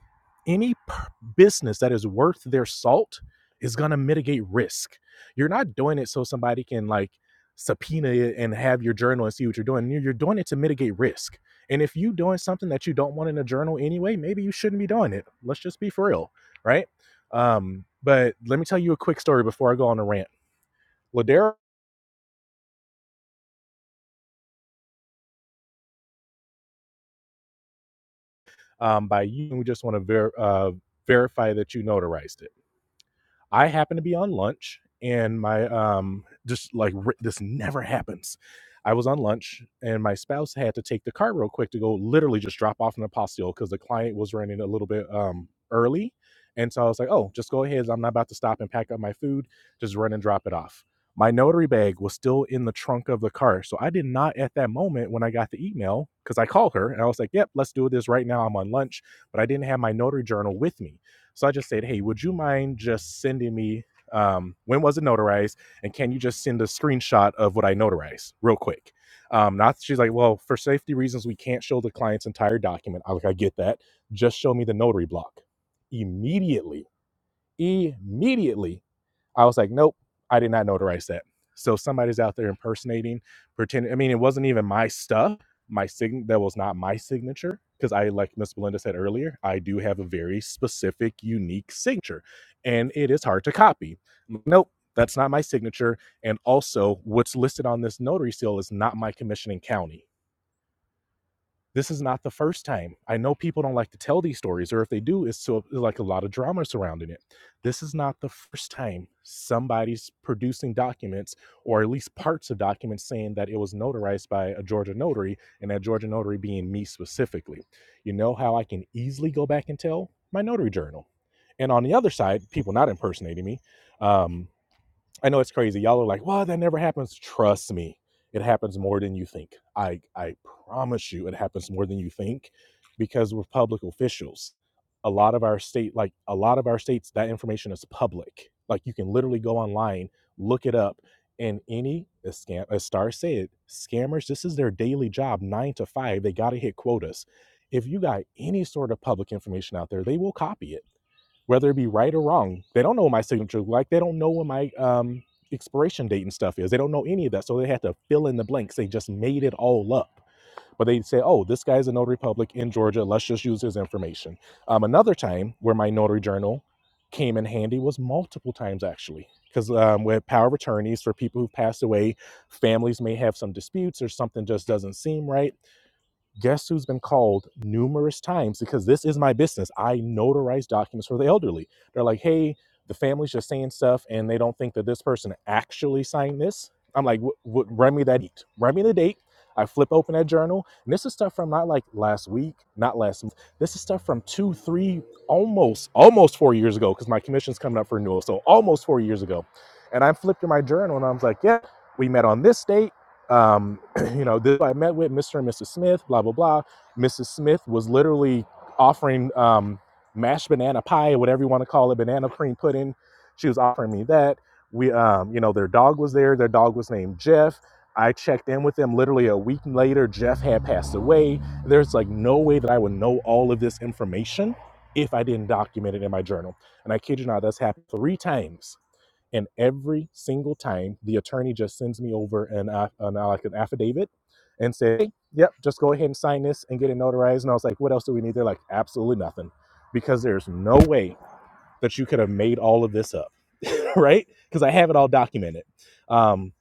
S4: any p- business that is worth their salt is going to mitigate risk. You're not doing it so somebody can like subpoena it and have your journal and see what you're doing. You're you're doing it to mitigate risk. And if you're doing something that you don't want in a journal anyway, maybe you shouldn't be doing it. Let's just be for real, right? Um, but let me tell you a quick story before I go on a rant. Ladera um, by you. we just want to ver- uh, verify that you notarized it. I happen to be on lunch and my um just like r- this never happens. I was on lunch and my spouse had to take the car real quick to go literally just drop off an apostille because the client was running a little bit um early. And so I was like, oh, just go ahead. I'm not about to stop and pack up my food. Just run and drop it off. My notary bag was still in the trunk of the car. So I did not at that moment when I got the email, because I called her and I was like, yep, let's do this right now. I'm on lunch. But I didn't have my notary journal with me. So I just said, hey, would you mind just sending me um, when was it notarized? And can you just send a screenshot of what I notarized real quick? Um, not she's like, well, for safety reasons, we can't show the client's entire document. I like, I get that. Just show me the notary block. Immediately, immediately I was like, nope, I did not notarize that. So somebody's out there impersonating, pretending. I mean, it wasn't even my stuff. My sign that was not my signature because I, like Miss Belinda said earlier, I do have a very specific, unique signature, and it is hard to copy. Nope, that's not my signature. And also, what's listed on this notary seal is not my commissioning county this is not the first time. I know people don't like to tell these stories, or if they do, it's so like a lot of drama surrounding it. This is not the first time somebody's producing documents, or at least parts of documents, saying that it was notarized by a Georgia notary, and that Georgia notary being me specifically. You know how I can easily go back and tell my notary journal. And on the other side, people not impersonating me, um, I know it's crazy. Y'all are like, well, that never happens. Trust me, it happens more than you think. I I promise you, it happens more than you think, because we're public officials. A lot of our state, like a lot of our states, that information is public. Like you can literally go online, look it up, and any as scam as Star said, scammers. This is their daily job, nine to five. They got to hit quotas. If you got any sort of public information out there, they will copy it whether it be right or wrong. They don't know what my signature look like. They don't know what my um, expiration date and stuff is. They don't know any of that. So they had to fill in the blanks. They just made it all up. But they say, oh, this guy's a notary public in Georgia. Let's just use his information. Um, another time where my notary journal came in handy was multiple times actually, because um, with power of attorneys for people who've passed away, families may have some disputes or something just doesn't seem right Guess who's been called numerous times because this is my business. I notarize documents for the elderly. They're like, hey, the family's just saying stuff and they don't think that this person actually signed this. I'm like, "Wh- wh- run me that date. Run me the date. I flip open that journal. And this is stuff from not like last week, not last month. This is stuff from two, three, almost, almost four years ago because my commission's coming up for renewal. So almost four years ago. And I'm flipping my journal and I was like, yeah, we met on this date. Um, you know, this I met with Mr. and Mrs. Smith, blah, blah, blah. Mrs. Smith was literally offering um, mashed banana pie, whatever you want to call it, banana cream pudding. She was offering me that. We, um, you know, their dog was there. Their dog was named Jeff. I checked in with them literally a week later. Jeff had passed away. There's like no way that I would know all of this information if I didn't document it in my journal. And I kid you not, that's happened three times and every single time, the attorney just sends me over an, aff- an uh, like an affidavit and say, "Hey, "Yep, just go ahead and sign this and get it notarized." And I was like, "What else do we need?" They're like, "Absolutely nothing," because there's no way that you could have made all of this up, right? Because I have it all documented. Um,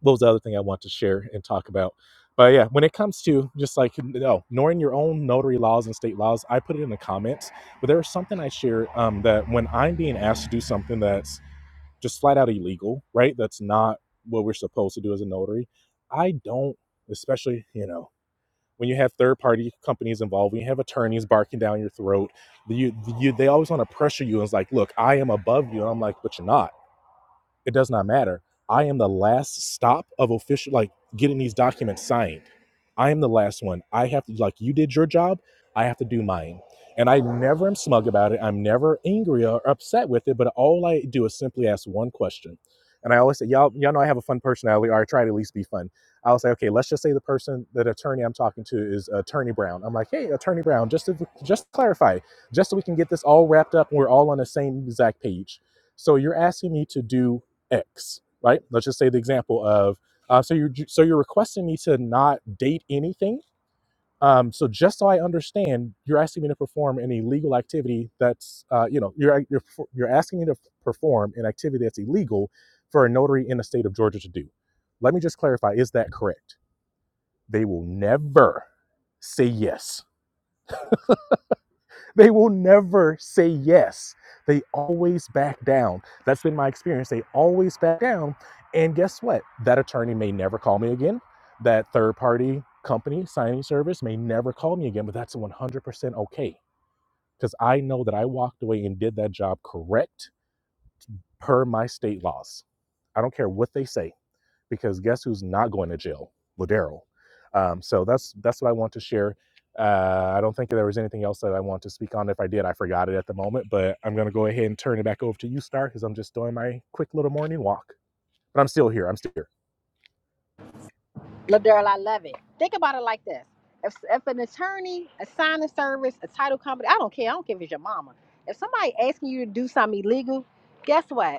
S4: what was the other thing I want to share and talk about? But yeah, when it comes to just like you know, knowing your own notary laws and state laws, I put it in the comments. But there was something I shared um, that when I'm being asked to do something that's just flat out illegal, right? That's not what we're supposed to do as a notary. I don't, especially, you know, when you have third party companies involved, when you have attorneys barking down your throat, you, you, they always want to pressure you. And it's like, look, I am above you. And I'm like, but you're not it does not matter. I am the last stop of official, like getting these documents signed. I am the last one. I have to, like, you did your job. I have to do mine. And I never am smug about it. I'm never angry or upset with it. But all I do is simply ask one question. And I always say, y'all, y'all know I have a fun personality, or I try to at least be fun. I'll say, okay, let's just say the person, that attorney I'm talking to is Attorney Brown. I'm like, hey, Attorney Brown, just to, just clarify, just so we can get this all wrapped up and we're all on the same exact page. So you're asking me to do X, right? Let's just say the example of uh, so you're so you're requesting me to not date anything. Um, so just so I understand, you're asking me to perform an illegal activity that's uh, you know you're you're you're asking me to perform an activity that's illegal for a notary in the state of Georgia to do. Let me just clarify: is that correct? They will never say yes They will never say yes. They always back down. That's been my experience. They always back down. And guess what? That attorney may never call me again. That third party company signing service may never call me again, but that's 100% okay because I know that I walked away and did that job correct per my state laws. I don't care what they say because guess who's not going to jail? Ladero. Um, so that's that's what I want to share. Uh, I don't think there was anything else that I want to speak on. If I did, I forgot it at the moment. But I'm going to go ahead and turn it back over to you, Star, because I'm just doing my quick little morning walk. But I'm still here. I'm still here.
S1: Ladurl, I love it. Think about it like this. If, if an attorney, a signing service, a title company, I don't care, I don't care if it's your mama. If somebody asking you to do something illegal, guess what?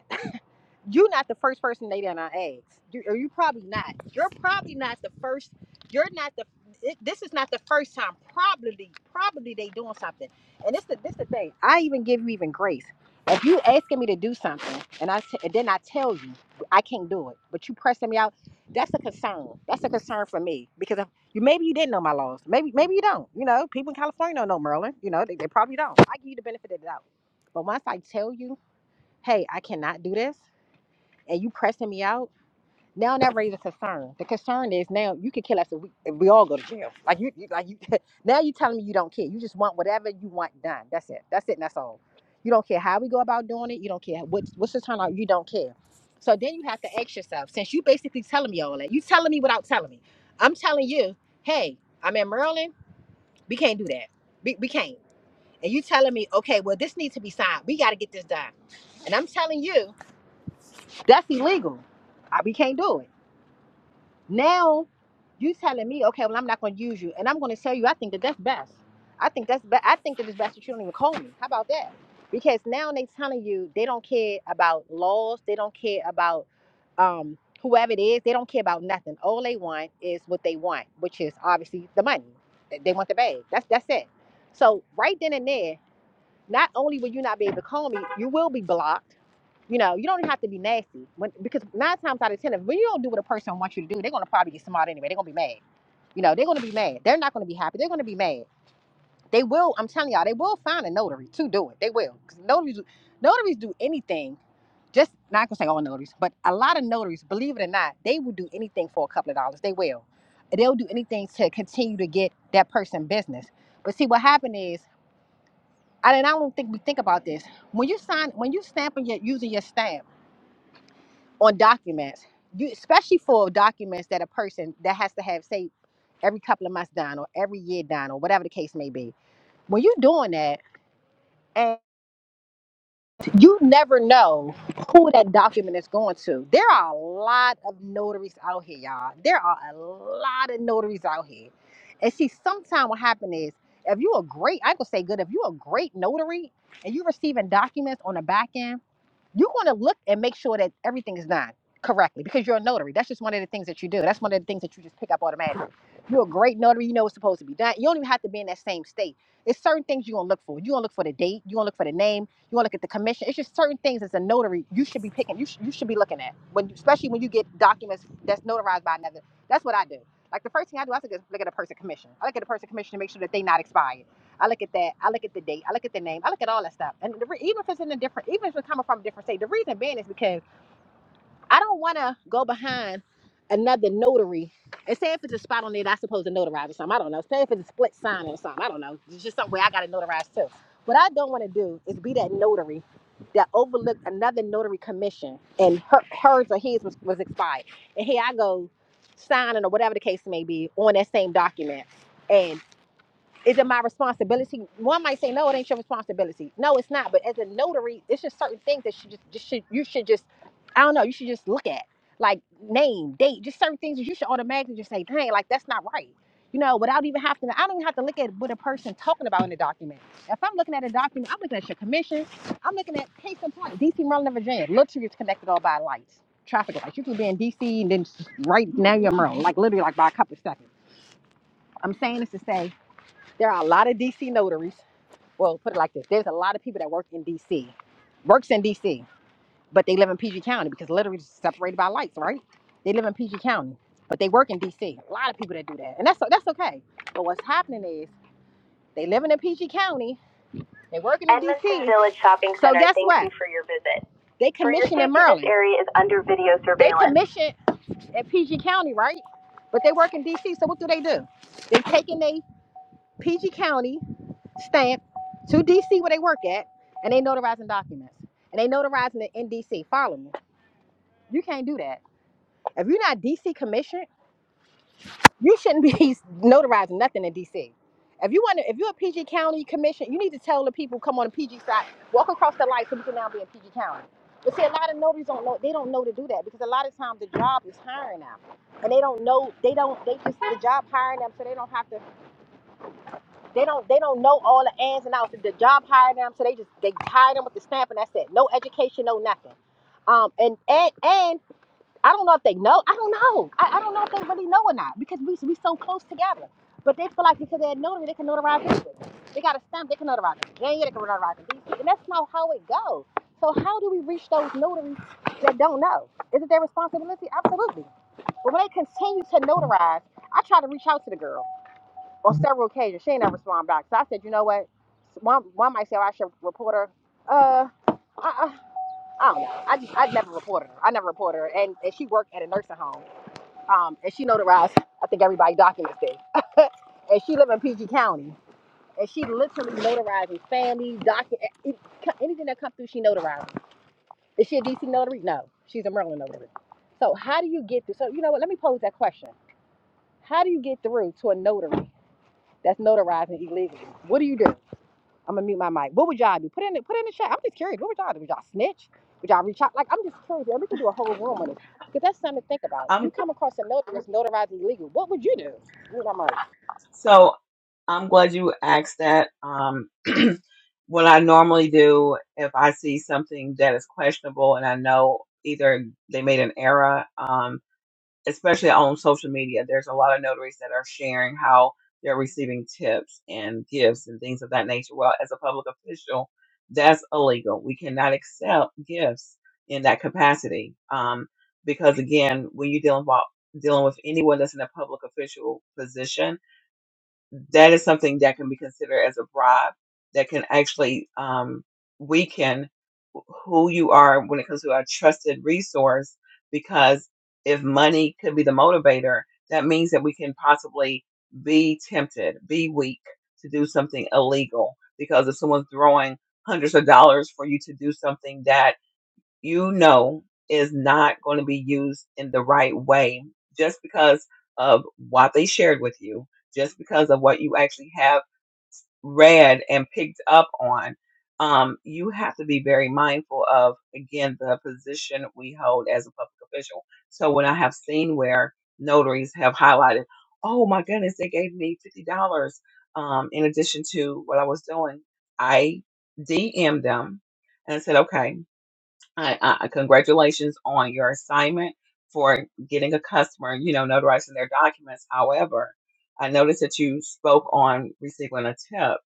S1: you're not the first person they done I asked. You, or you probably not. You're probably not the first. You're not the. It, this is not the first time. Probably, probably they doing something. And this the this the thing. I even give you even grace. If you asking me to do something, and I t- and then I tell you I can't do it, but you pressing me out, that's a concern. That's a concern for me because if you maybe you didn't know my laws. Maybe maybe you don't. You know, people in California don't know Maryland. You know, they, they probably don't. I give you the benefit of the doubt. But once I tell you, hey, I cannot do this and you pressing me out, now that raises concern. The concern is now you could kill us if we, if we all go to jail. Like you, you like you, now you telling me you don't care. You just want whatever you want done. That's it. That's it. And that's all. You don't care how we go about doing it. You don't care what what's the turnout. You don't care. So then you have to ask yourself, since you basically telling me all that, you telling me without telling me. I'm telling you, hey, I'm in Maryland. We can't do that. We, we can't. And you telling me, okay, well, this needs to be signed. We got to get this done. And I'm telling you, that's illegal. I, we can't do it. Now you telling me, okay, well I'm not gonna use you, and I'm gonna tell you I think that that's best. I think that's be- I think that it's best that you don't even call me. How about that? Because now they telling you they don't care about laws, they don't care about um whoever it is, they don't care about nothing. All they want is what they want, which is obviously the money. They they want the bag. That's that's it. So right then and there, not only will you not be able to call me, you will be blocked you know, you don't even have to be nasty. When, because nine times out of ten, if you don't do what a person wants you to do, they're gonna probably get smart anyway. They're gonna be mad. You know, they're gonna be mad. They're not gonna be happy. They're gonna be mad. They will. I'm telling y'all, they will find a notary to do it. They will. 'Cause notaries, notaries do anything. Just not gonna say all notaries, but a lot of notaries, believe it or not, they will do anything for a couple of dollars. They will. They'll do anything to continue to get that person business. But see, what happened is, I, and I don't think we think about this. When you sign, when you stamp and you're using your stamp. on documents, you especially for documents that a person that has to have say every couple of months done or every year done or whatever the case may be. When you're doing that, and you never know who that document is going to. There are a lot of notaries out here, y'all. There are a lot of notaries out here. And see, sometimes what happens is if you're a great, I could say good, if you're a great notary and you're receiving documents on the back end. you want to look and make sure that everything is done correctly because you're a notary. That's just one of the things that you do. That's one of the things that you just pick up automatically. You're a great notary. You know what's supposed to be done. You don't even have to be in that same state. There's certain things you're gonna look for. You're gonna look for the date. You're gonna look for the name. You're gonna look at the commission. It's just certain things as a notary you should be picking. You, sh- you should be looking at when, especially when you get documents that's notarized by another. That's what I do. Like the first thing I do, I look at look at a person commission. I look at a person commission to make sure that they not expired. I look at that. I look at the date. I look at the name. I look at all that stuff. And the re- even if it's in a different, even if it's coming from a different state, the reason being is because I don't want to go behind another notary and say if it's a spot on there that's supposed to notarize or something. I don't know. Say if it's a split sign or something. I don't know. It's just something where I got to notarize too. What I don't want to do is be that notary that overlooked another notary commission and her, hers or his was, was expired. And here I go signing or whatever the case may be on that same document is it my responsibility? One might say, no, it ain't your responsibility. No, it's not. But as a notary, it's just certain things that you just, just should you should just, I don't know, you should just look at like name, date, just certain things that you should automatically just say, dang, like that's not right. You know, without even having to, I don't even have to look at what a person talking about in the document. If I'm looking at a document, I'm looking at your commission. I'm looking at case in point, DC, Maryland, and Virginia. Literally, it's connected all by lights, traffic lights. You can be in DC and then right now you're in Maryland, like literally, like by a couple of seconds. I'm saying this to say there are a lot of DC notaries. Well, put it like this: there's a lot of people that work in DC, works in DC, but they live in PG County because literally it's separated by lights, right? They live in PG County, but they work in DC. A lot of people that do that, and that's that's okay. But what's happening is they living in PG County, they working in DC. Edmondson Village Shopping Center. so guess Thank what? you for your visit. They commission in Maryland. This area is under video surveillance. They commission at PG County, right? But they work in DC. So what do they do? They taking they PG County stamp to DC where they work at, and they notarizing documents. And they notarizing it in DC. Follow me. You can't do that. If you're not DC commissioned, you shouldn't be notarizing nothing in DC. If you want to, if you're a PG County commission, you need to tell the people come on the PG side, walk across the light so we can now be in PG County. But see, a lot of notaries don't know. They don't know to do that because a lot of times the job is hiring them, and they don't know. They don't. They just the job hiring them, so they don't have to They don't they don't know all the ins and outs. The job hired them, so they just they hired them with the stamp and that's it. No education, no nothing. Um and and and I don't know if they know. I don't know. I, I don't know if they really know or not because we we so close together. But they feel like because they're notary, they can notarize anything. They got a stamp, they can notarize it. Virginia, they can notarize in DC, and that's not how it goes. So how do we reach those notaries that don't know? Is it their responsibility? Absolutely. But when they continue to notarize, I try to reach out to the girl on several occasions. She ain't never respond back. So I said, you know what? One, one might say well, I should report her. Uh, I, I, I don't know. I just, I never reported her. I never reported her. And, and she worked at a nursing home. Um, and she notarized. I think everybody documents this. and she lived in PG County. And she literally notarizes family docu- it- it- anything that comes through, she notarizes. Is she a DC notary? No, she's a Maryland notary. So how do you get through? So you know what? Let me pose that question. How do you get through to a notary that's notarizing illegally? What do you do? I'm gonna mute my mic. What would y'all do? Put in the put in the chat. I'm just curious. What would y'all do? Would y'all snitch? Would y'all reach out? Like I'm just curious. And we can do a whole room on this because that's something to think about. You
S3: Um
S1: come across a notary that's notarized illegal. What would you do? Mute my mic.
S3: so I'm glad you asked that. Um what I normally do if I see something that is questionable and I know either they made an error, um, especially on social media, there's a lot of notaries that are sharing how they're receiving tips and gifts and things of that nature. Well, as a public official, that's illegal. We cannot accept gifts in that capacity um, because, again, when you're dealing with dealing with anyone that's in a public official position, that is something that can be considered as a bribe that can actually um, weaken who you are when it comes to a trusted resource because if money could be the motivator that means that we can possibly be tempted be weak to do something illegal because if someone's throwing hundreds of dollars for you to do something that you know is not going to be used in the right way just because of what they shared with you, just because of what you actually have read and picked up on. Um, you have to be very mindful of, again, the position we hold as a public official. So when I have seen where notaries have highlighted, oh my goodness, they gave me $50 um, in addition to what I was doing, I DM them and I said, okay, I, I congratulations on your assignment for getting a customer, you know, notarizing their documents. However, I noticed that you spoke on receiving a tip.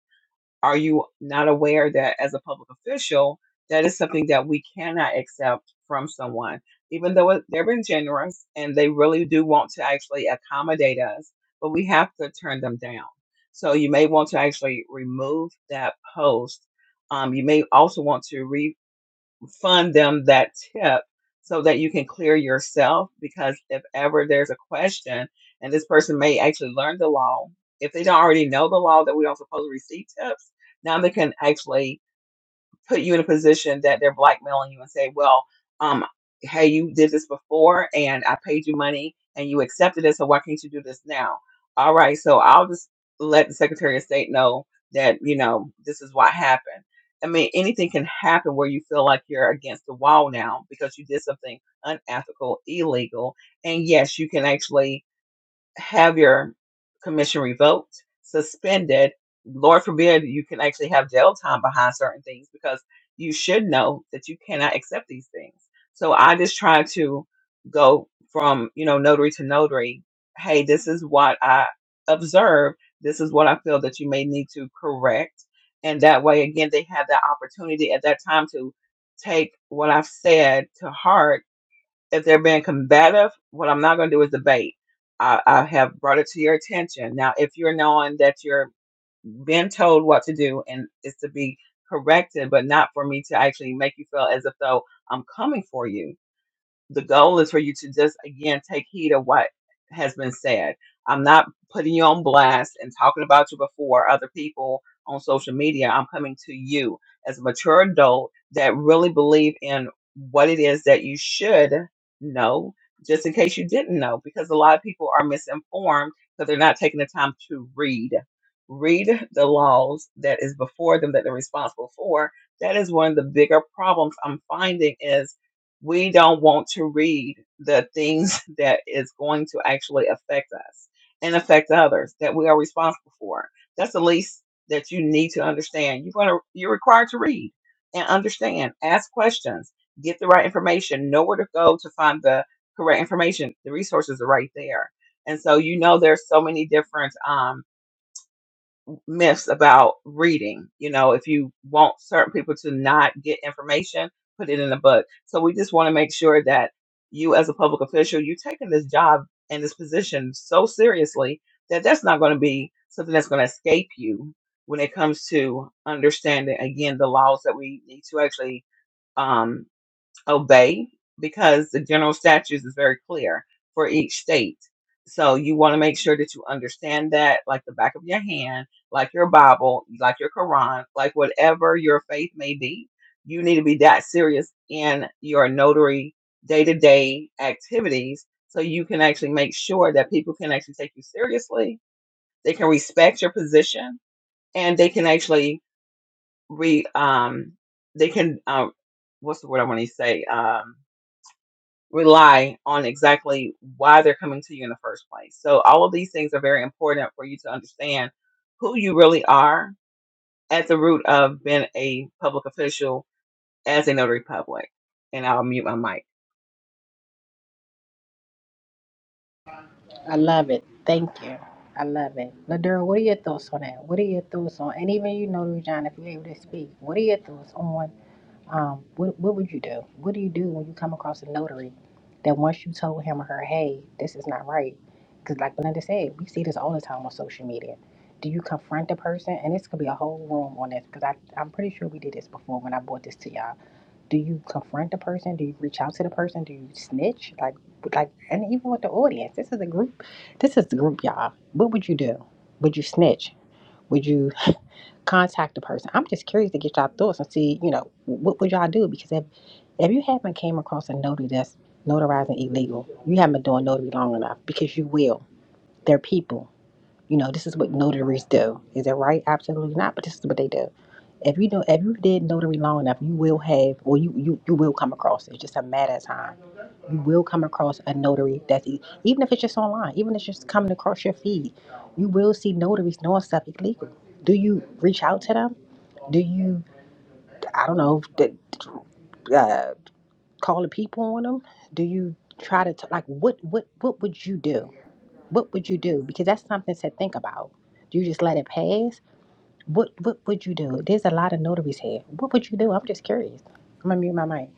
S3: Are you not aware that as a public official, that is something that we cannot accept from someone, even though it- they've been generous and they really do want to actually accommodate us, but we have to turn them down. So you may want to actually remove that post. Um, you may also want to fund them that tip so that you can clear yourself because if ever there's a question and this person may actually learn the law if they don't already know the law that we don't supposed to receive tips now they can actually put you in a position that they're blackmailing you and say, well, um, hey, you did this before and I paid you money and you accepted it, so why can't you do this now? All right, so I'll just let the Secretary of State know that, you know, this is what happened. I mean, anything can happen where you feel like you're against the wall now because you did something unethical, illegal, and yes, you can actually have your commission revoked, suspended. Lord forbid you can actually have jail time behind certain things because you should know that you cannot accept these things. So I just try to go from, you know, notary to notary. Hey, this is what I observe. This is what I feel that you may need to correct. And that way, again, they have that opportunity at that time to take what I've said to heart if they're being combative, what I'm not going to do is debate. I, I have brought it to your attention. Now, if you're knowing that you're being told what to do and it's to be corrected, but not for me to actually make you feel as if though I'm coming for you, the goal is for you to just again take heed of what has been said. I'm not putting you on blast and talking about you before other people on social media. I'm coming to you as a mature adult that really believe in what it is that you should know, just in case you didn't know, because a lot of people are misinformed because they're not taking the time to read. Read the laws that is before them that they're responsible for. That is one of the bigger problems I'm finding is we don't want to read the things that is going to actually affect us and affect others that we are responsible for. That's the least that you need to understand. You're gonna you're required to read and understand, ask questions, get the right information, know where to go to find the correct information. The resources are right there. And so you know there's so many different um, myths about reading. You know, if you want certain people to not get information, put it in a book. So we just want to make sure that you, as a public official, you're taking this job and this position so seriously that that's not going to be something that's going to escape you when it comes to understanding again the laws that we need to actually um, obey because the general statutes is very clear for each state. So you want to make sure that you understand that like the back of your hand, like your Bible, like your Quran, like whatever your faith may be. You need to be that serious in your notary day to day activities so you can actually make sure that people can actually take you seriously. They can respect your position and they can actually re, um, they can, um, what's the word I want to say? Um, rely on exactly why they're coming to you in the first place. So all of these things are very important for you to understand who you really are at the root of being a public official as a notary public. And I'll mute my mic.
S1: I love it. Thank you. I love it. Ladura, what are your thoughts on that? What are your thoughts on, and even you, Notary John, if you're able to speak, what are your thoughts on? um, what what would you do? What do you do when you come across a notary that once you told him or her, hey, this is not right? Because like Belinda said, we see this all the time on social media. Do you confront the person? And this could be a whole room on this because I I'm pretty sure we did this before when I brought this to y'all. Do you confront the person? Do you reach out to the person? Do you snitch? Like like and even with the audience, this is a group. This is the group, y'all. What would you do? Would you snitch? Would you? contact the person. I'm just curious to get y'all thoughts and see, you know, what would y'all do? Because if if you haven't came across a notary that's notarizing illegal, you haven't been doing notary long enough because you will. They're people. You know, this is what notaries do. Is it right? Absolutely not, but this is what they do. If you do if you did notary long enough, you will have or you you, you will come across It's just a matter of time. You will come across a notary that's e- even if it's just online, even if it's just coming across your feed, you will see notaries doing stuff illegal. Do you reach out to them? do you i don't know d- d- uh, call the people on them do you try to t- like what what what would you do what would you do because that's something to think about do you just let it pass what what would you do there's a lot of notaries here what would you do i'm just curious i'm gonna mute my mic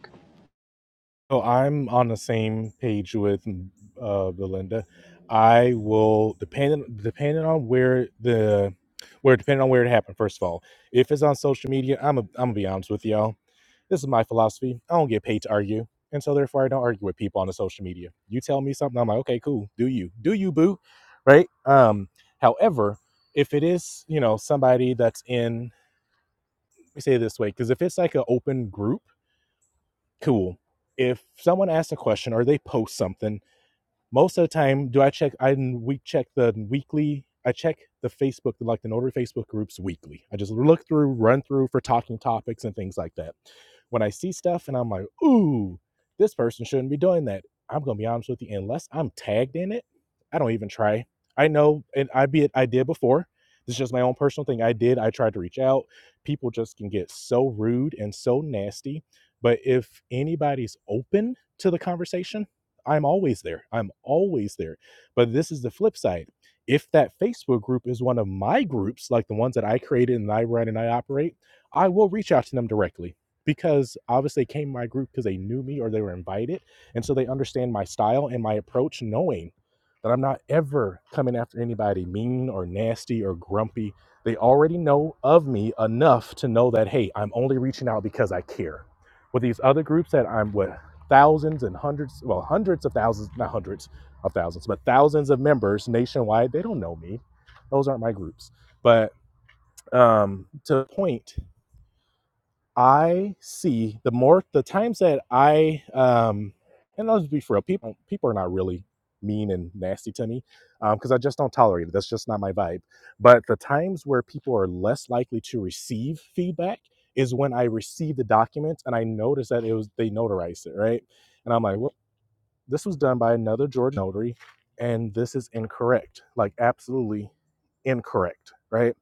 S4: So I'm on the same page with mm, uh, Belinda. I will depending depending on where the where depending on where it happened. First of all, if it's on social media, I'm a, I'm gonna be honest with y'all. This is my philosophy. I don't get paid to argue. And so therefore I don't argue with people on the social media. You tell me something, I'm like, okay, cool. Do you. Do you, boo. Right? Um, however, if it is, you know, somebody that's in let me say it this way, because if it's like an open group, cool. If someone asks a question or they post something most of the time do i check i we check the weekly i check the facebook like the notary facebook groups weekly i just look through run through for talking topics and things like that when i see stuff and i'm like ooh this person shouldn't be doing that i'm gonna be honest with you unless i'm tagged in it i don't even try i know and i be it i did before This is just my own personal thing i did i tried to reach out people just can get so rude and so nasty but if anybody's open to the conversation I'm always there. I'm always there. But this is the flip side. If that Facebook group is one of my groups, like the ones that I created and I run and I operate, I will reach out to them directly because obviously they came in my group because they knew me or they were invited. And so they understand my style and my approach, knowing that I'm not ever coming after anybody mean or nasty or grumpy. They already know of me enough to know that, hey, I'm only reaching out because I care. With these other groups that I'm with, thousands and hundreds, well, hundreds of thousands, not hundreds of thousands, but thousands of members nationwide. They don't know me. Those aren't my groups. But um, to the point, I see the more the times that I um, and I'll just be for real, people people are not really mean and nasty to me because um, I just don't tolerate it. That's just not my vibe. But the times where people are less likely to receive feedback is when I receive the document and I notice that it was they notarized it, right? And I'm like, well. This was done by another Georgia notary, and this is incorrect, like absolutely incorrect, right?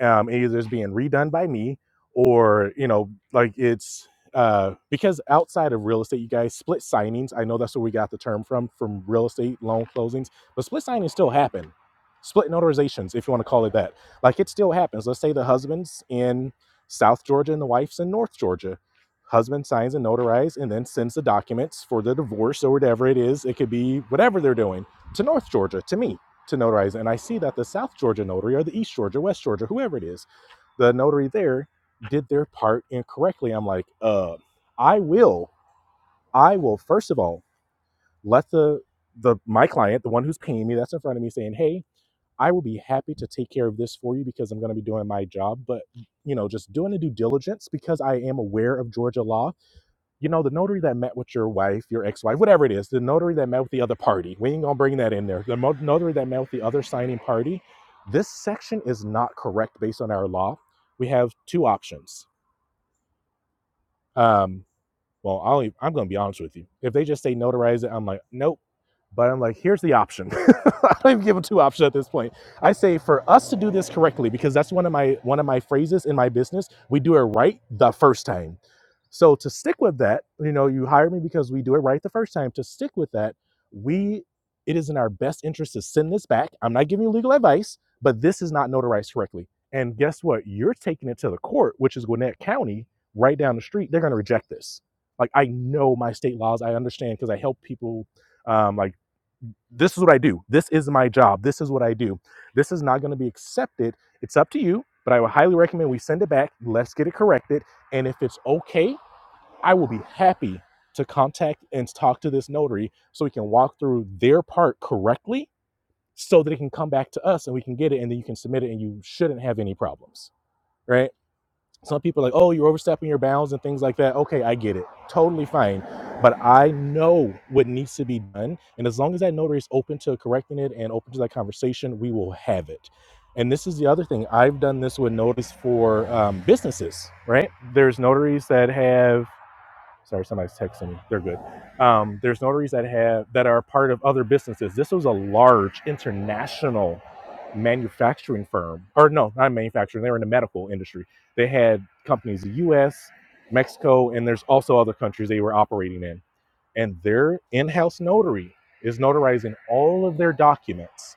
S4: um, either it's being redone by me or you know like it's uh, because outside of real estate you guys split signings i know that's where we got the term from from real estate loan closings but split signings still happen split notarizations if you want to call it that like it still happens let's say the husband's in south georgia and the wife's in north georgia husband signs and notarizes and then sends the documents for the divorce or whatever it is it could be whatever they're doing to north georgia to me to notarize. And I see that the South Georgia notary or the East Georgia, West Georgia, whoever it is, the notary there did their part incorrectly. I'm like, uh, I will, I will first of all let the the my client, the one who's paying me, that's in front of me saying, Hey, I will be happy to take care of this for you because I'm gonna be doing my job. But you know, just doing the due diligence because I am aware of Georgia law you know, the notary that met with your wife, your ex-wife, whatever it is, the notary that met with the other party, we ain't gonna bring that in there. The notary that met with the other signing party, this section is not correct based on our law. We have two options. Um, well, I'll, e- I'm going to be honest with you. If they just say notarize it, I'm like, nope. But I'm like, here's the option. I don't even give them two options at this point. I say for us to do this correctly, because that's one of my one of my phrases in my business. We do it right the first time. So to stick with that, you know, you hire me because we do it right the first time. To stick with that, we it is in our best interest to send this back. I'm not giving you legal advice, but this is not notarized correctly. And guess what? You're taking it to the court, which is Gwinnett County, right down the street. They're going to reject this. Like I know my state laws. I understand because I help people. Um, like this is what I do. This is my job. This is what I do. This is not going to be accepted. It's up to you. But I would highly recommend we send it back. Let's get it corrected. And if it's okay, I will be happy to contact and talk to this notary so we can walk through their part correctly so that it can come back to us and we can get it and then you can submit it and you shouldn't have any problems. Right some people are like, oh, you're overstepping your bounds and things like that. Okay, I get it. Totally fine. But I know what needs to be done. And as long as that notary is open to correcting it and open to that conversation, we will have it. And this is the other thing. I've done this with notaries for um, businesses, right? There's notaries that have Sorry, somebody's texting me. They're good. Um, there's notaries that have that are part of other businesses. This was a large international manufacturing firm, or no, not manufacturing. They were in the medical industry. They had companies in the U.S., Mexico, and there's also other countries they were operating in. And their in-house notary is notarizing all of their documents.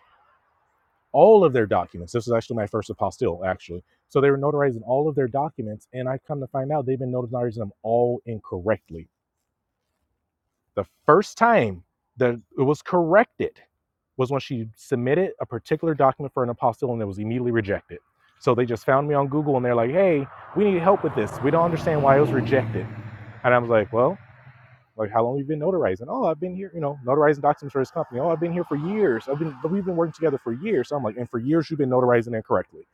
S4: All of their documents. This was actually my first apostille, actually. So they were notarizing all of their documents, and I come to find out they've been notarizing them all incorrectly the first time that it was corrected was when she submitted a particular document for an apostle and it was immediately rejected. So they just found me on Google and they're like, hey, we need help with this. We don't understand why it was rejected. And I was like, well, like, how long have you been notarizing? Oh, I've been here, you know, notarizing documents for this company. Oh, I've been here for years. I've been, we've been working together for years. So I'm like, and for years you've been notarizing incorrectly.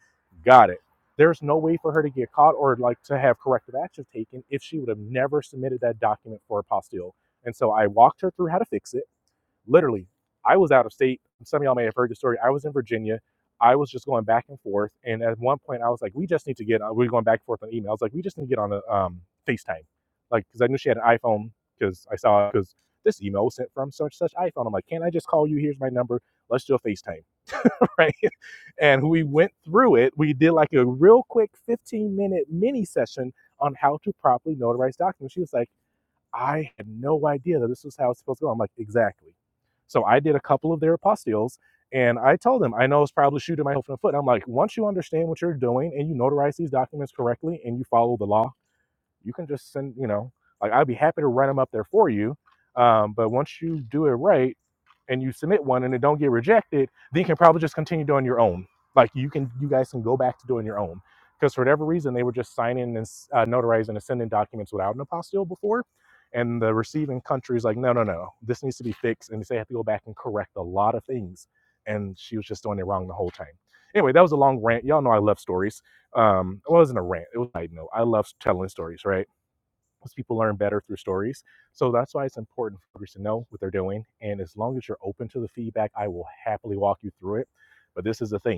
S4: Got it. There's no way for her to get caught or like to have corrective action taken if she would have never submitted that document for apostille. And so I walked her through how to fix it literally, I was out of state. Some of y'all may have heard the story. I was in Virginia. I was just going back and forth. And at one point, I was like, we just need to get, we were going back and forth on email. I was like, we just need to get on a um, FaceTime. Like, because I knew she had an iPhone, because I saw, because this email was sent from such such iPhone. I'm like, can I just call you? Here's my number. Let's do a FaceTime. Right. And we went through it. We did like a real quick 15 minute mini session on how to properly notarize documents. She was like, I had no idea that this was how it's supposed to go. I'm like, exactly. So I did a couple of their apostilles and I told them, I know it's probably shooting myself in the foot. I'm like, once you understand what you're doing and you notarize these documents correctly and you follow the law, you can just send, you know, like I'd be happy to run them up there for you. Um, but once you do it right and you submit one and it don't get rejected, then you can probably just continue doing your own. Like you can, you guys can go back to doing your own. Because for whatever reason, they were just signing and uh, notarizing and sending documents without an apostille before. And the receiving country is like, no, no, no, this needs to be fixed. And they have to go back and correct a lot of things. And she was just doing it wrong the whole time. Anyway, that was a long rant. Y'all know I love stories um it wasn't a rant it was i know i love telling stories right because people learn better through stories so that's why it's important for others to know what they're doing and as long as you're open to the feedback i will happily walk you through it but this is the thing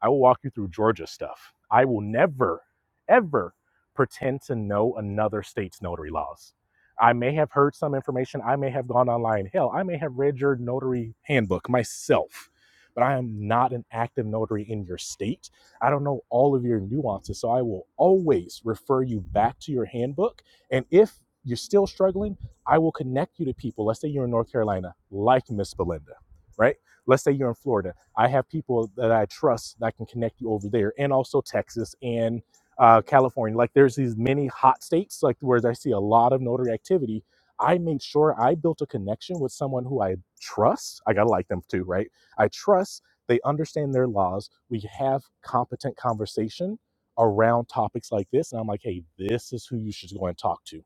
S4: I will walk you through Georgia stuff. I will never, ever pretend to know another state's notary laws. I may have heard some information. I may have gone online. Hell, I may have read your notary handbook myself, but I am not an active notary in your state. I don't know all of your nuances. So I will always refer you back to your handbook. And if you're still struggling, I will connect you to people. Let's say you're in North Carolina, like Miss Belinda, right? Let's say you're in Florida I have people that I trust that can connect you over there, and also Texas and uh, California. Like there's these many hot states, like where I see a lot of notary activity. I made sure I built a connection with someone who I trust. I gotta like them too, right? I trust they understand their laws. We have competent conversation around topics like this, and I'm like, hey, this is who you should go and talk to.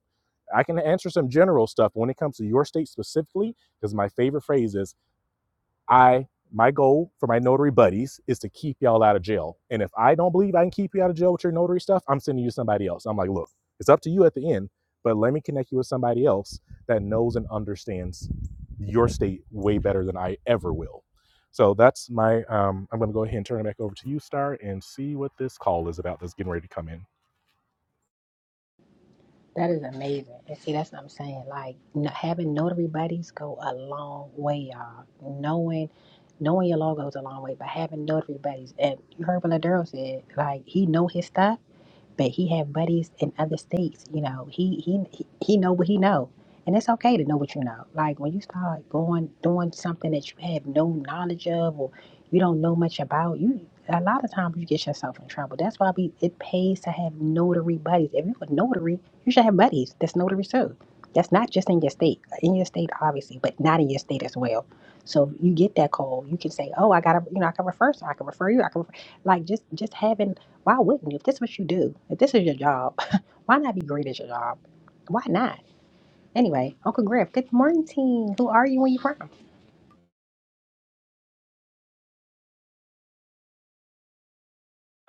S4: I can answer some general stuff when it comes to your state specifically, because my favorite phrase is. I my goal for my notary buddies is to keep y'all out of jail. And if I don't believe I can keep you out of jail with your notary stuff, I'm sending you to somebody else. I'm like, look, it's up to you at the end, but let me connect you with somebody else that knows and understands your state way better than I ever will. So that's my um I'm gonna go ahead and turn it back over to you, Star, and see what this call is about that's getting ready to come in.
S1: that is amazing and see that's what i'm saying like n- having notary buddies go a long way y'all knowing knowing your law goes a long way but having notary buddies and you heard what Ladero said like he know his stuff but he had buddies in other states. You know, he he he he know what he know, and it's okay to know what you know. Like when you start going doing something that you have no knowledge of or you don't know much about, you a lot of times you get yourself in trouble. That's why we it pays to have notary buddies. If you're a notary, you should have buddies. That's notary too. That's not just in your state. In your state, obviously, but not in your state as well. So if you get that call, you can say, "Oh, I gotta, you know, I can refer, so I can refer you. I can refer. like just just having why wouldn't you? If this is what you do, if this is your job, why not be great at your job? Why not? Anyway, Uncle Griff, good morning. team. Who are you? Where you from?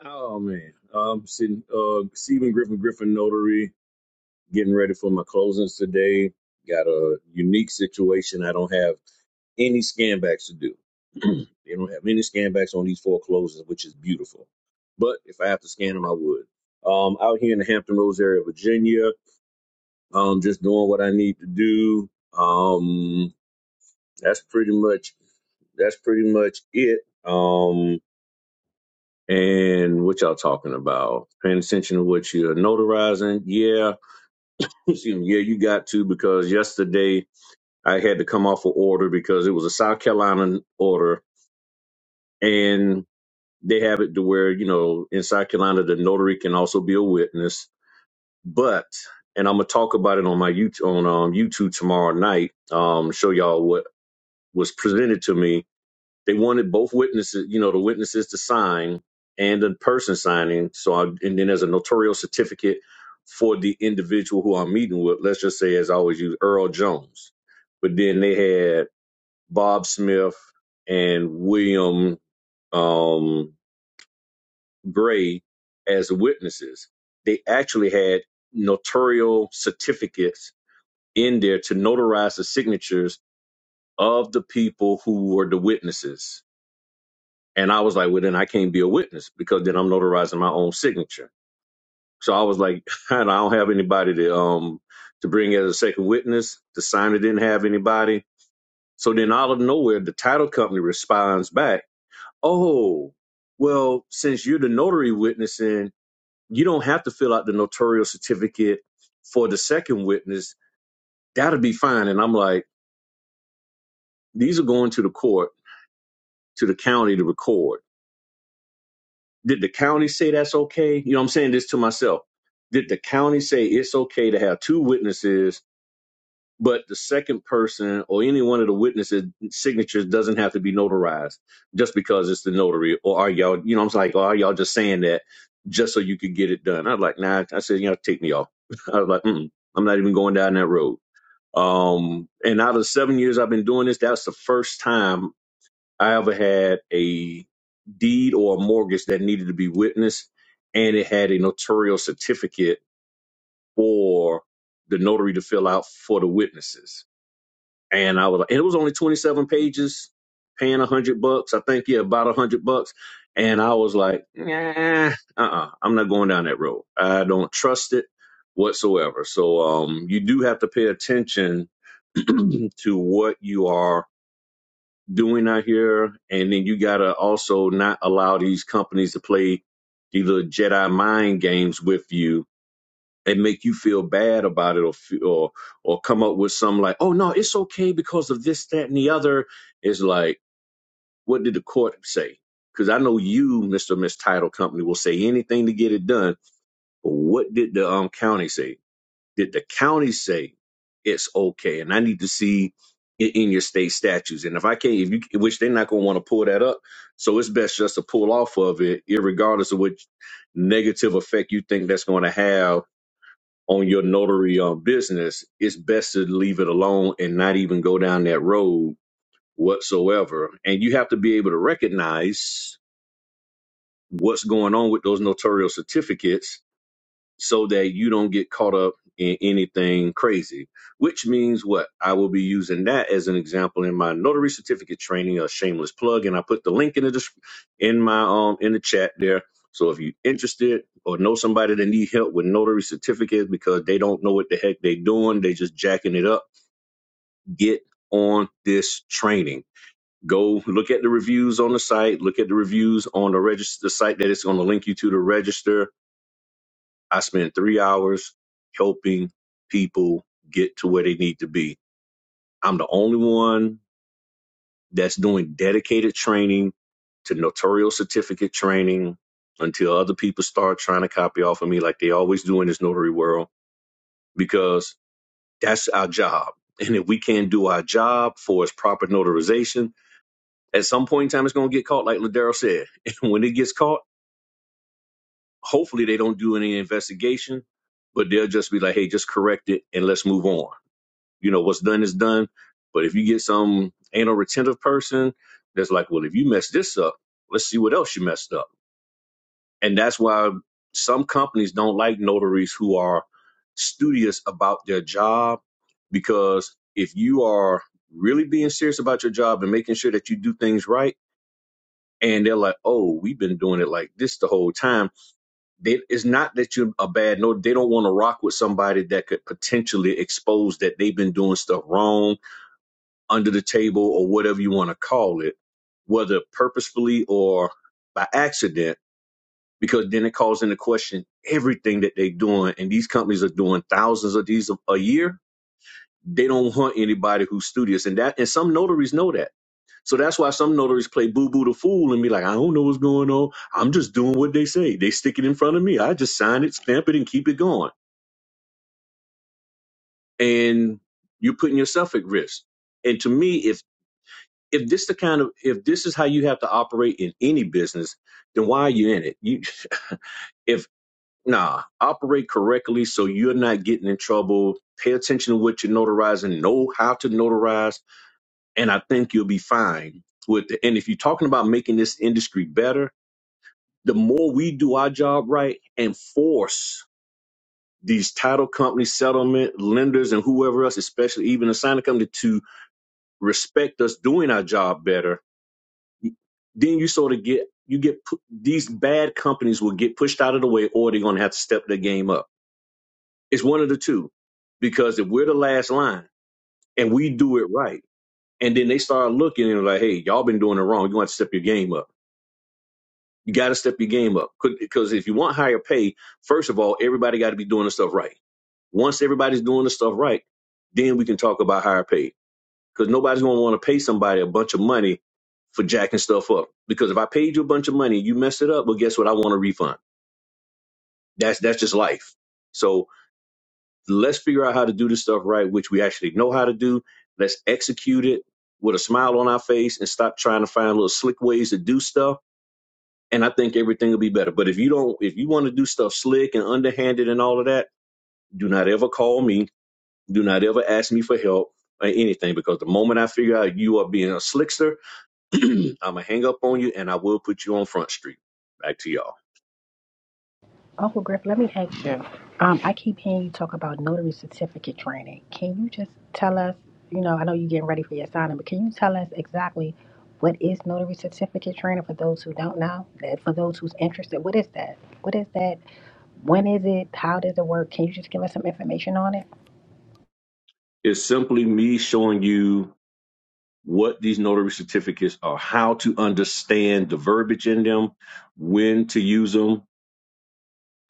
S5: Oh man, um, sitting, uh, Stephen Griffin Griffin Notary, getting ready for my closings today. Got a unique situation. I don't have any scan backs to do. they don't have any scan backs on these four closings, which is beautiful. But if I have to scan them, I would. Um, out here in the Hampton Roads area of Virginia, um, just doing what I need to do. Um, that's pretty much that's pretty much it. Um, and what y'all talking about? Paying attention to what you're notarizing? Yeah, yeah, you got to because yesterday I had to come off an order because it was a South Carolina order, and they have it to where you know in South Carolina the notary can also be a witness, but. And I'm gonna talk about it on my YouTube on um, YouTube tomorrow night. Um, show y'all what was presented to me They wanted both witnesses, you know, the witnesses to sign and the person signing. So, I, and then as a notarial certificate for the individual who I'm meeting with, let's just say, as I always use, Earl Jones. But then they had Bob Smith and William um, Gray as witnesses. They actually had notarial certificates in there to notarize the signatures of the people who were the witnesses. And I was like, well, then I can't be a witness because then I'm notarizing my own signature. So I was like, I don't have anybody to um to bring as a second witness. The signer didn't have anybody. So then out of nowhere, the title company responds back, Oh, well, since you're the notary witnessing, you don't have to fill out the notarial certificate for the second witness. That'll be fine. And I'm like, these are going to the court, to the county to record. Did the county say that's okay? You know, I'm saying this to myself. Did the county say it's okay to have two witnesses, but the second person or any one of the witnesses' signatures doesn't have to be notarized just because it's the notary? Or are y'all, you know, I'm like, or are y'all just saying that just so you could get it done? I was like, nah. I said, you know, take me off. I was like, mm, I'm not even going down that road. Um, and out of the seven years I've been doing this, that's the first time I ever had a deed or a mortgage that needed to be witnessed, and it had a notarial certificate for the notary to fill out for the witnesses. And I was, like- and it was only 27 pages, paying a hundred bucks. I think, yeah, about a hundred bucks. And I was like, nah, uh-uh, I'm not going down that road. I don't trust it whatsoever. So, um, you do have to pay attention to what you are doing out here. And then you got to also not allow these companies to play these little Jedi mind games with you and make you feel bad about it or, fe- or, or come up with some like, oh, no, it's okay because of this, that, and the other. It's like, what did the court say? Because I know you, Mr. Miss Title Company, will say anything to get it done. But what did the um, county say? Did the county say it's okay? And I need to see in, in your state statutes. And if I can't, if you, which they're not going to want to pull that up, so it's best just to pull off of it, regardless of what negative effect you think that's going to have on your notary um, business. It's best to leave it alone and not even go down that road whatsoever. And you have to be able to recognize what's going on with those notarial certificates so that you don't get caught up in anything crazy. Which means what? I will be using that as an example in my notary certificate training, a shameless plug, and I put the link in the dis- in my um in the chat there. So if you're interested or know somebody that need help with notary certificates because they don't know what the heck they are doing, they just jacking it up, get on this training. Go look at the reviews on the site, look at the reviews on the register the site that it's going to link you to to register I spend three hours helping people get to where they need to be. I'm the only one that's doing dedicated training to notarial certificate training until other people start trying to copy off of me like they always do in this notary world because that's our job. And if we can't do our job for its proper notarization, at some point in time, it's going to get caught, like Ladero said. And when it gets caught, hopefully they don't do any investigation, but they'll just be like, hey, just correct it and let's move on you know what's done is done. But if you get some anal retentive person that's like, well, if you mess this up, let's see what else you messed up. And that's why some companies don't like notaries who are studious about their job because if you are really being serious about your job and making sure that you do things right and they're like oh we've been doing it like this the whole time they, it's not that you're a bad notary they don't want to rock with somebody that could potentially expose that they've been doing stuff wrong under the table or whatever you want to call it, whether purposefully or by accident, because then it calls into question everything that they're doing. And these companies are doing thousands of these a, a year. They don't want anybody who's studious, and that and some notaries know that. So that's why some notaries play boo boo the fool and be like, I don't know what's going on. I'm just doing what they say. They stick it in front of me. I just sign it, stamp it, and keep it going. And you're putting yourself at risk. And to me, if if this the kind of if this is how you have to operate in any business, then why are you in it? You if nah, operate correctly so you're not getting in trouble. Pay attention to what you're notarizing, know how to notarize, and I think you'll be fine with it. And if you're talking about making this industry better, the more we do our job right and force these title companies, settlement lenders, and whoever else, especially even the signing company, to respect us doing our job better Then you sort of get you get pu- these bad companies will get pushed out of the way, or they're going to have to step their game up. It's one of the two, because if we're the last line and we do it right, and then they start looking and like, hey, y'all been doing it wrong. You're going to have to step your game up. You got to step your game up because if you want higher pay, first of all, everybody got to be doing the stuff right. Once everybody's doing the stuff right, then we can talk about higher pay because nobody's going to want to pay somebody a bunch of money for jacking stuff up. Because if I paid you a bunch of money, you messed it up. Well, guess what? I want a refund. That's that's just life. So let's figure out how to do this stuff right, which we actually know how to do. Let's execute it with a smile on our face and stop trying to find little slick ways to do stuff. And I think everything will be better. But if you don't, if you want to do stuff slick and underhanded and all of that, do not ever call me. Do not ever ask me for help or anything. Because the moment I figure out you are being a slickster, I'm gonna hang up on you and I will put you on Front Street. Back to y'all.
S1: Uncle Griff, let me ask you. Um, I keep hearing you talk about notary certificate training. Can you just tell us? You know, I know you're getting ready for your signing, but can you tell us exactly what is notary certificate training for those who don't know? That for those who's interested, what is that? What is that? When is it? How does it work? Can you just give us some information on it?
S5: It's simply me showing you what these notary certificates are, how to understand the verbiage in them, when to use them.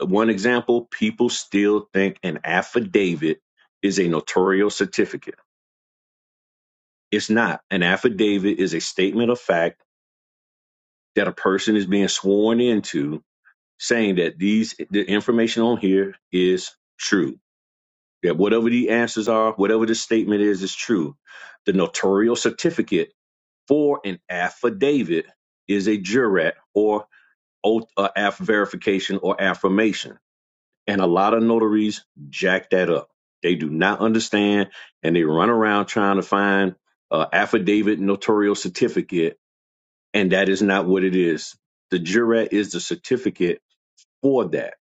S5: One example people still think an affidavit is a notarial certificate. It's not. An affidavit is a statement of fact that a person is being sworn into saying that these the information on here is true that whatever the answers are, whatever the statement is, is true. The notarial certificate for an affidavit is a jurat or oath uh, aff verification or affirmation. And a lot of notaries jack that up. They do not understand and they run around trying to find uh, affidavit notarial certificate, and that is not what it is. The jurat is the certificate for that.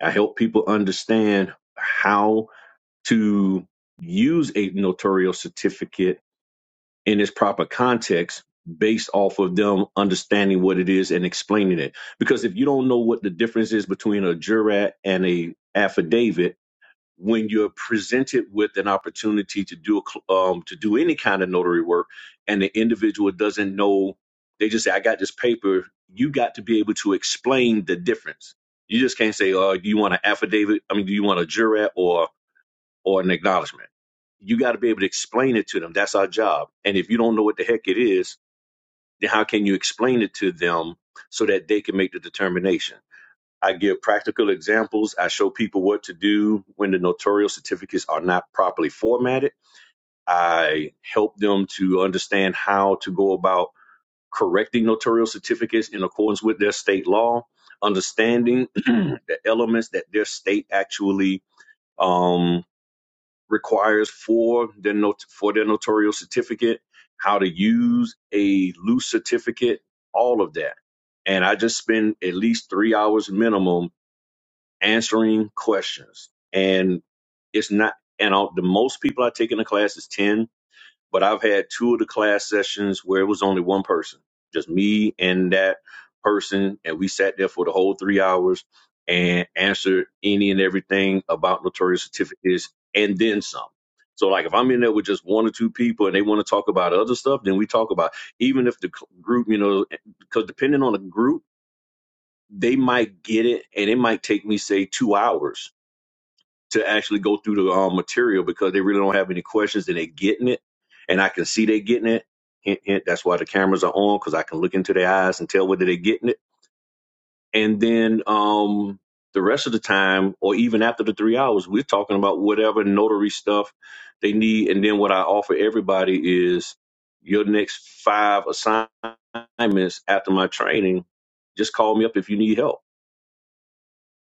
S5: I help people understand how to use a notarial certificate in its proper context based off of them understanding what it is and explaining it. Because if you don't know what the difference is between a jurat and a affidavit, when you're presented with an opportunity to do um, to do any kind of notary work, and the individual doesn't know, they just say, "I got this paper." You got to be able to explain the difference. You just can't say, "Oh, do you want an affidavit? I mean, do you want a jurat or or an acknowledgement. You got to be able to explain it to them. That's our job. And if you don't know what the heck it is, then how can you explain it to them so that they can make the determination? I give practical examples. I show people what to do when the notarial certificates are not properly formatted. I help them to understand how to go about correcting notarial certificates in accordance with their state law, understanding the elements that their state actually um, requires for their not- for their notarial certificate, how to use a loose certificate, all of that. And I just spend at least three hours minimum answering questions. And it's not and I'll, the most people I take in a class is ten but I've had two of the class sessions where it was only one person, just me and that person, and we sat there for the whole three hours and answered any and everything about notarial certificates and then some. So, like, if I'm in there with just one or two people and they want to talk about other stuff, then we talk about even if the cl- group, you know, because depending on the group, they might get it and it might take me say two hours to actually go through the um, material because they really don't have any questions and they're getting it. And I can see they're getting it. Hint, hint, that's why the cameras are on because I can look into their eyes and tell whether they're getting it. And then um, the rest of the time, or even after the three hours, we're talking about whatever notary stuff they need. And then what I offer everybody is your next five assignments after my training. Just call me up if you need help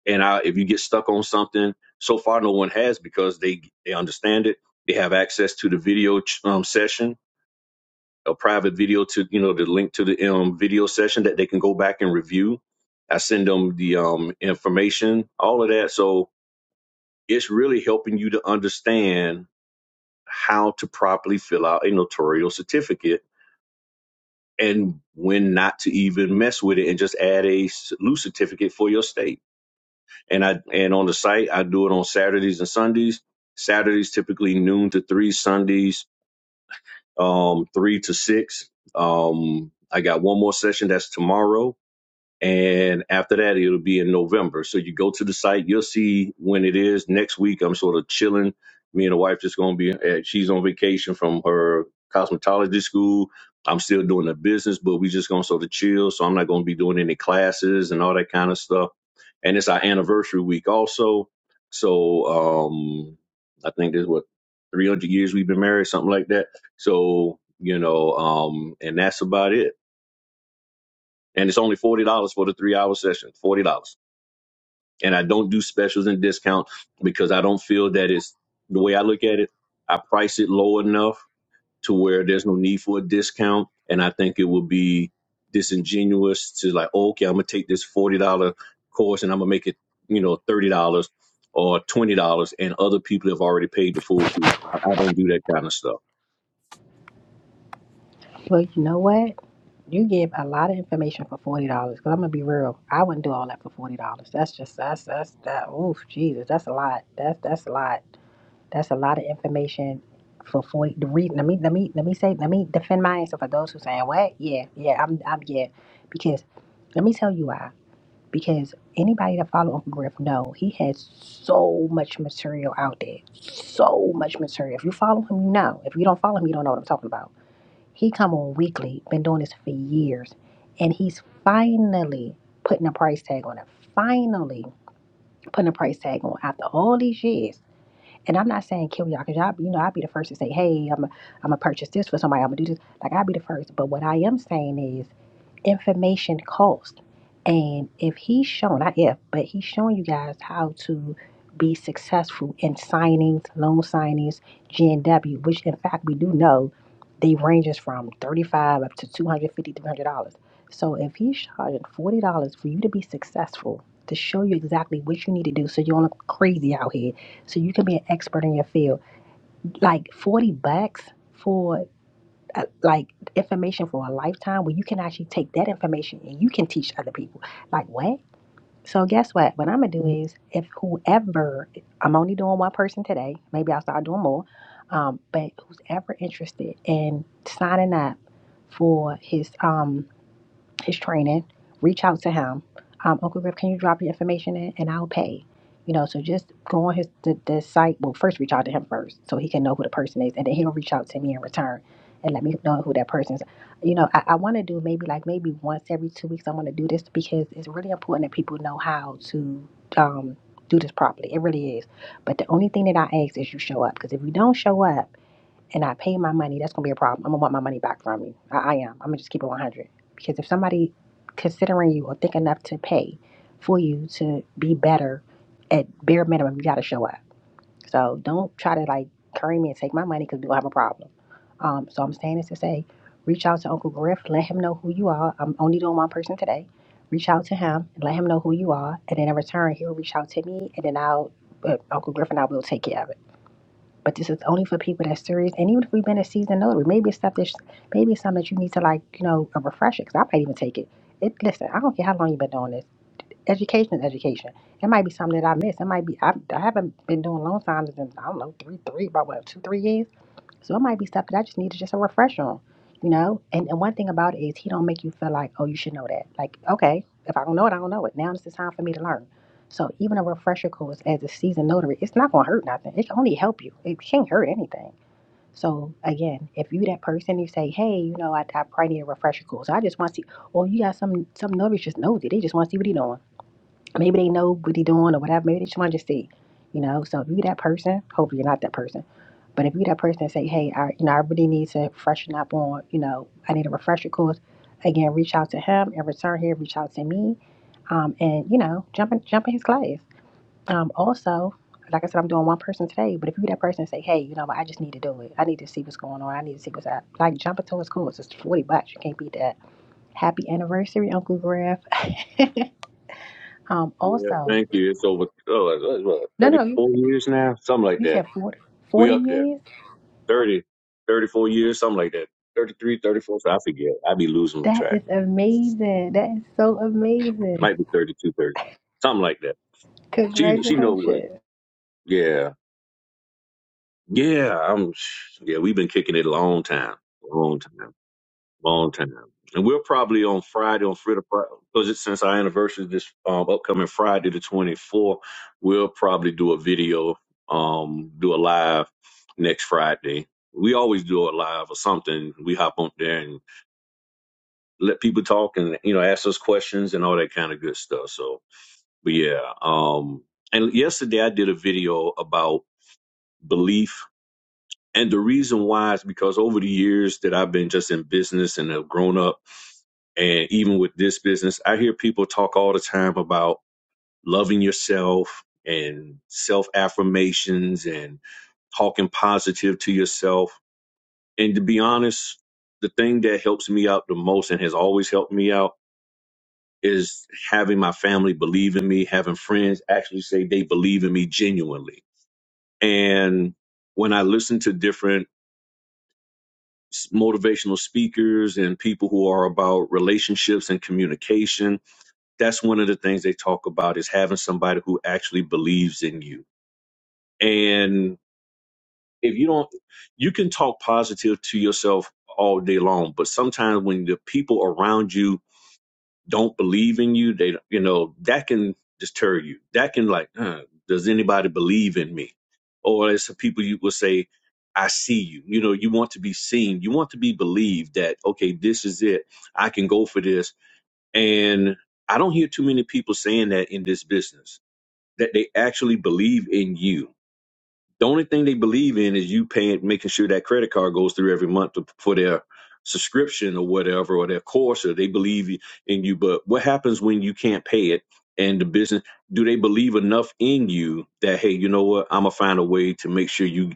S5: and I, if you get stuck on something, so far no one has because they they understand it. They have access to the video um, session, a private video to you know the link to the um, video session that they can go back and review. I send them the um, information, all of that. So it's really helping you to understand how to properly fill out a notarial certificate and when not to even mess with it and just add a loose certificate for your state and I and on the site I do it on Saturdays and Sundays. Saturdays typically noon to three, Sundays um, three to six. Um, I got one more session that's tomorrow, and after that it'll be in November. So you go to the site, you'll see when it is next week. I'm sort of chilling. Me and the wife just gonna be. eh, She's on vacation from her cosmetology school. I'm still doing the business, but we just gonna sort of chill. So I'm not gonna be doing any classes and all that kind of stuff and it's our anniversary week also. So um, I think there's what 300 years we've been married, something like that. So you know, um, and that's about it. And it's only forty dollars for the three hour session, forty dollars. And I don't do specials and discount because I don't feel that it's the way I look at it. I price it low enough to where there's no need for a discount. And I think it would be disingenuous to like, oh, okay, I'm gonna take this forty dollar course and I'm gonna make it, you know, thirty dollars or twenty dollars, and other people have already paid the full fee. I, I don't do that kind of stuff.
S1: Well, you know what? You give a lot of information for forty dollars. Cause I'm gonna be real, I wouldn't do all that for forty dollars. That's just that's that's that. Oof, Jesus, that's a lot. That's that's a lot. That's a lot of information for forty. The reason let me let me let me say let me defend my answer for those who saying what? Yeah, yeah, I'm I'm yeah. Because let me tell you why. Because anybody that follow Uncle Griff know he has so much material out there, so much material. If you follow him, you know. If you don't follow him, you don't know what I'm talking about he come on weekly, been doing this for years, and he's finally putting a price tag on it. Finally putting a price tag on after all these years. And I'm not saying kill y'all, cause y'all, you know, I'd be the first to say, hey, I'm, I'm gonna purchase this for somebody. I'm gonna do this. Like I'd be the first. But what I am saying is information cost. And if he's shown, not if, but he's shown you guys how to be successful in signings, loan signings, GNW, which in fact we do know they ranges from 35 dollars up to 250 $300. So if he's charging $40 for you to be successful, to show you exactly what you need to do so you don't look crazy out here, so you can be an expert in your field, like 40 bucks. for uh, like information for a lifetime where you can actually take that information and you can teach other people. Like what? So guess what? What I'm gonna do is if whoever I'm only doing one person today, maybe I'll start doing more. Um, but who's ever interested in signing up for his um his training, reach out to him. Um, Uncle Griff, can you drop your information in and I'll pay? You know, so just go on his the, the site. Well, first reach out to him first so he can know who the person is and then he'll reach out to me in return and let me know who that person is. You know, I, I want to do maybe like maybe once every two weeks. I want to do this because it's really important that people know how to um, do this properly. It really is. But the only thing that I ask is you show up because if you don't show up, and I pay my money, that's gonna be a problem. I'm gonna want my money back from you. I, I am. I'm gonna just keep it 100 because if somebody considering you or think enough to pay for you to be better, at bare minimum, you gotta show up. So don't try to like curry me and take my money because we will have a problem. Um, so I'm saying this to say, reach out to Uncle Griff, let him know who you are. I'm only doing one person today. Reach out to him and let him know who you are, and then in return, he'll reach out to me, and then I'll, uh, Uncle Griff and I will take care of it. But this is only for people that's serious. And even if we've been a seasoned notary, maybe it's stuff that's maybe it's something that you need to like, you know, a refresher. Because I might even take it. It listen, I don't care how long you've been doing this. Education is education. It might be something that I missed. It might be I, I haven't been doing loan signs in I don't know three three about what two three years. So it might be stuff that I just needed just a refresher on, you know? And, and one thing about it is he don't make you feel like, oh, you should know that. Like, okay, if I don't know it, I don't know it. Now it's the time for me to learn. So even a refresher course as a seasoned notary, it's not gonna hurt nothing. It can only help you. It can't hurt anything. So again, if you that person you say, hey, you know, I, I probably need a refresher course. I just want to see, well, you got some some notaries just nosy. They just want to see what he doing maybe they know what they're doing or whatever. Maybe they just want to just see, you know. So if you that person, hopefully you're not that person, but if you that person, and say, hey, I you know I really need to freshen up on, you know, I need a refresher course. Again, reach out to him and return here. Reach out to me, um, and you know, jump in, jump in his class. Um, also. Like I said, I'm doing one person today, but if you that person and say, hey, you know I just need to do it. I need to see what's going on. I need to see what's up. Like, jump into his course. It's 40 bucks. You can't beat that. Happy anniversary, Uncle Griff. um,
S5: Yeah,
S1: also,
S5: thank you. It's over oh, it's- what,
S1: no, no, you
S5: 34 years now, something like
S1: You
S5: that.
S1: said 40,
S5: We
S1: forty
S5: up there
S1: years?
S5: 30 34 years, something like that. 33, 34. so I forget. I be losing
S1: That
S5: track.
S1: is amazing. That is so amazing.
S5: Might be 32, thirty-three. something like that. She she know what.
S1: Congratulations.
S5: Yeah. Yeah, I'm. Yeah, we've been kicking it a long time, long time, long time, and we're probably on Friday on Friday because it's since our anniversary this um, upcoming Friday the 24th. We'll probably do a video, um, do a live next Friday. We always do a live or something. We hop on there and let people talk and you know ask us questions and all that kind of good stuff. So, but yeah, um, and yesterday I did a video about belief And the reason why is because over the years that I've been just in business and have grown up, and even with this business, I hear people talk all the time about loving yourself and self affirmations and talking positive to yourself. And to be honest, the thing that helps me out the most and has always helped me out is having my family believe in me, having friends actually say they believe in me genuinely. And when I listen to different s- motivational speakers and people who are about relationships and communication that's one of the things they talk about is having somebody who actually believes in you and if you don't you can talk positive to yourself all day long but sometimes when the people around you don't believe in you they you know that can deter you that can like huh, does anybody believe in me or as some people you will say i see you you know you want to be seen you want to be believed that okay this is it i can go for this and i don't hear too many people saying that in this business that they actually believe in you the only thing they believe in is you paying, making sure that credit card goes through every month for their subscription or whatever, or their course, or they believe in you. But what happens when you can't pay it and the business, do they believe enough in you that, hey, you know what, I'm going to find a way to make sure you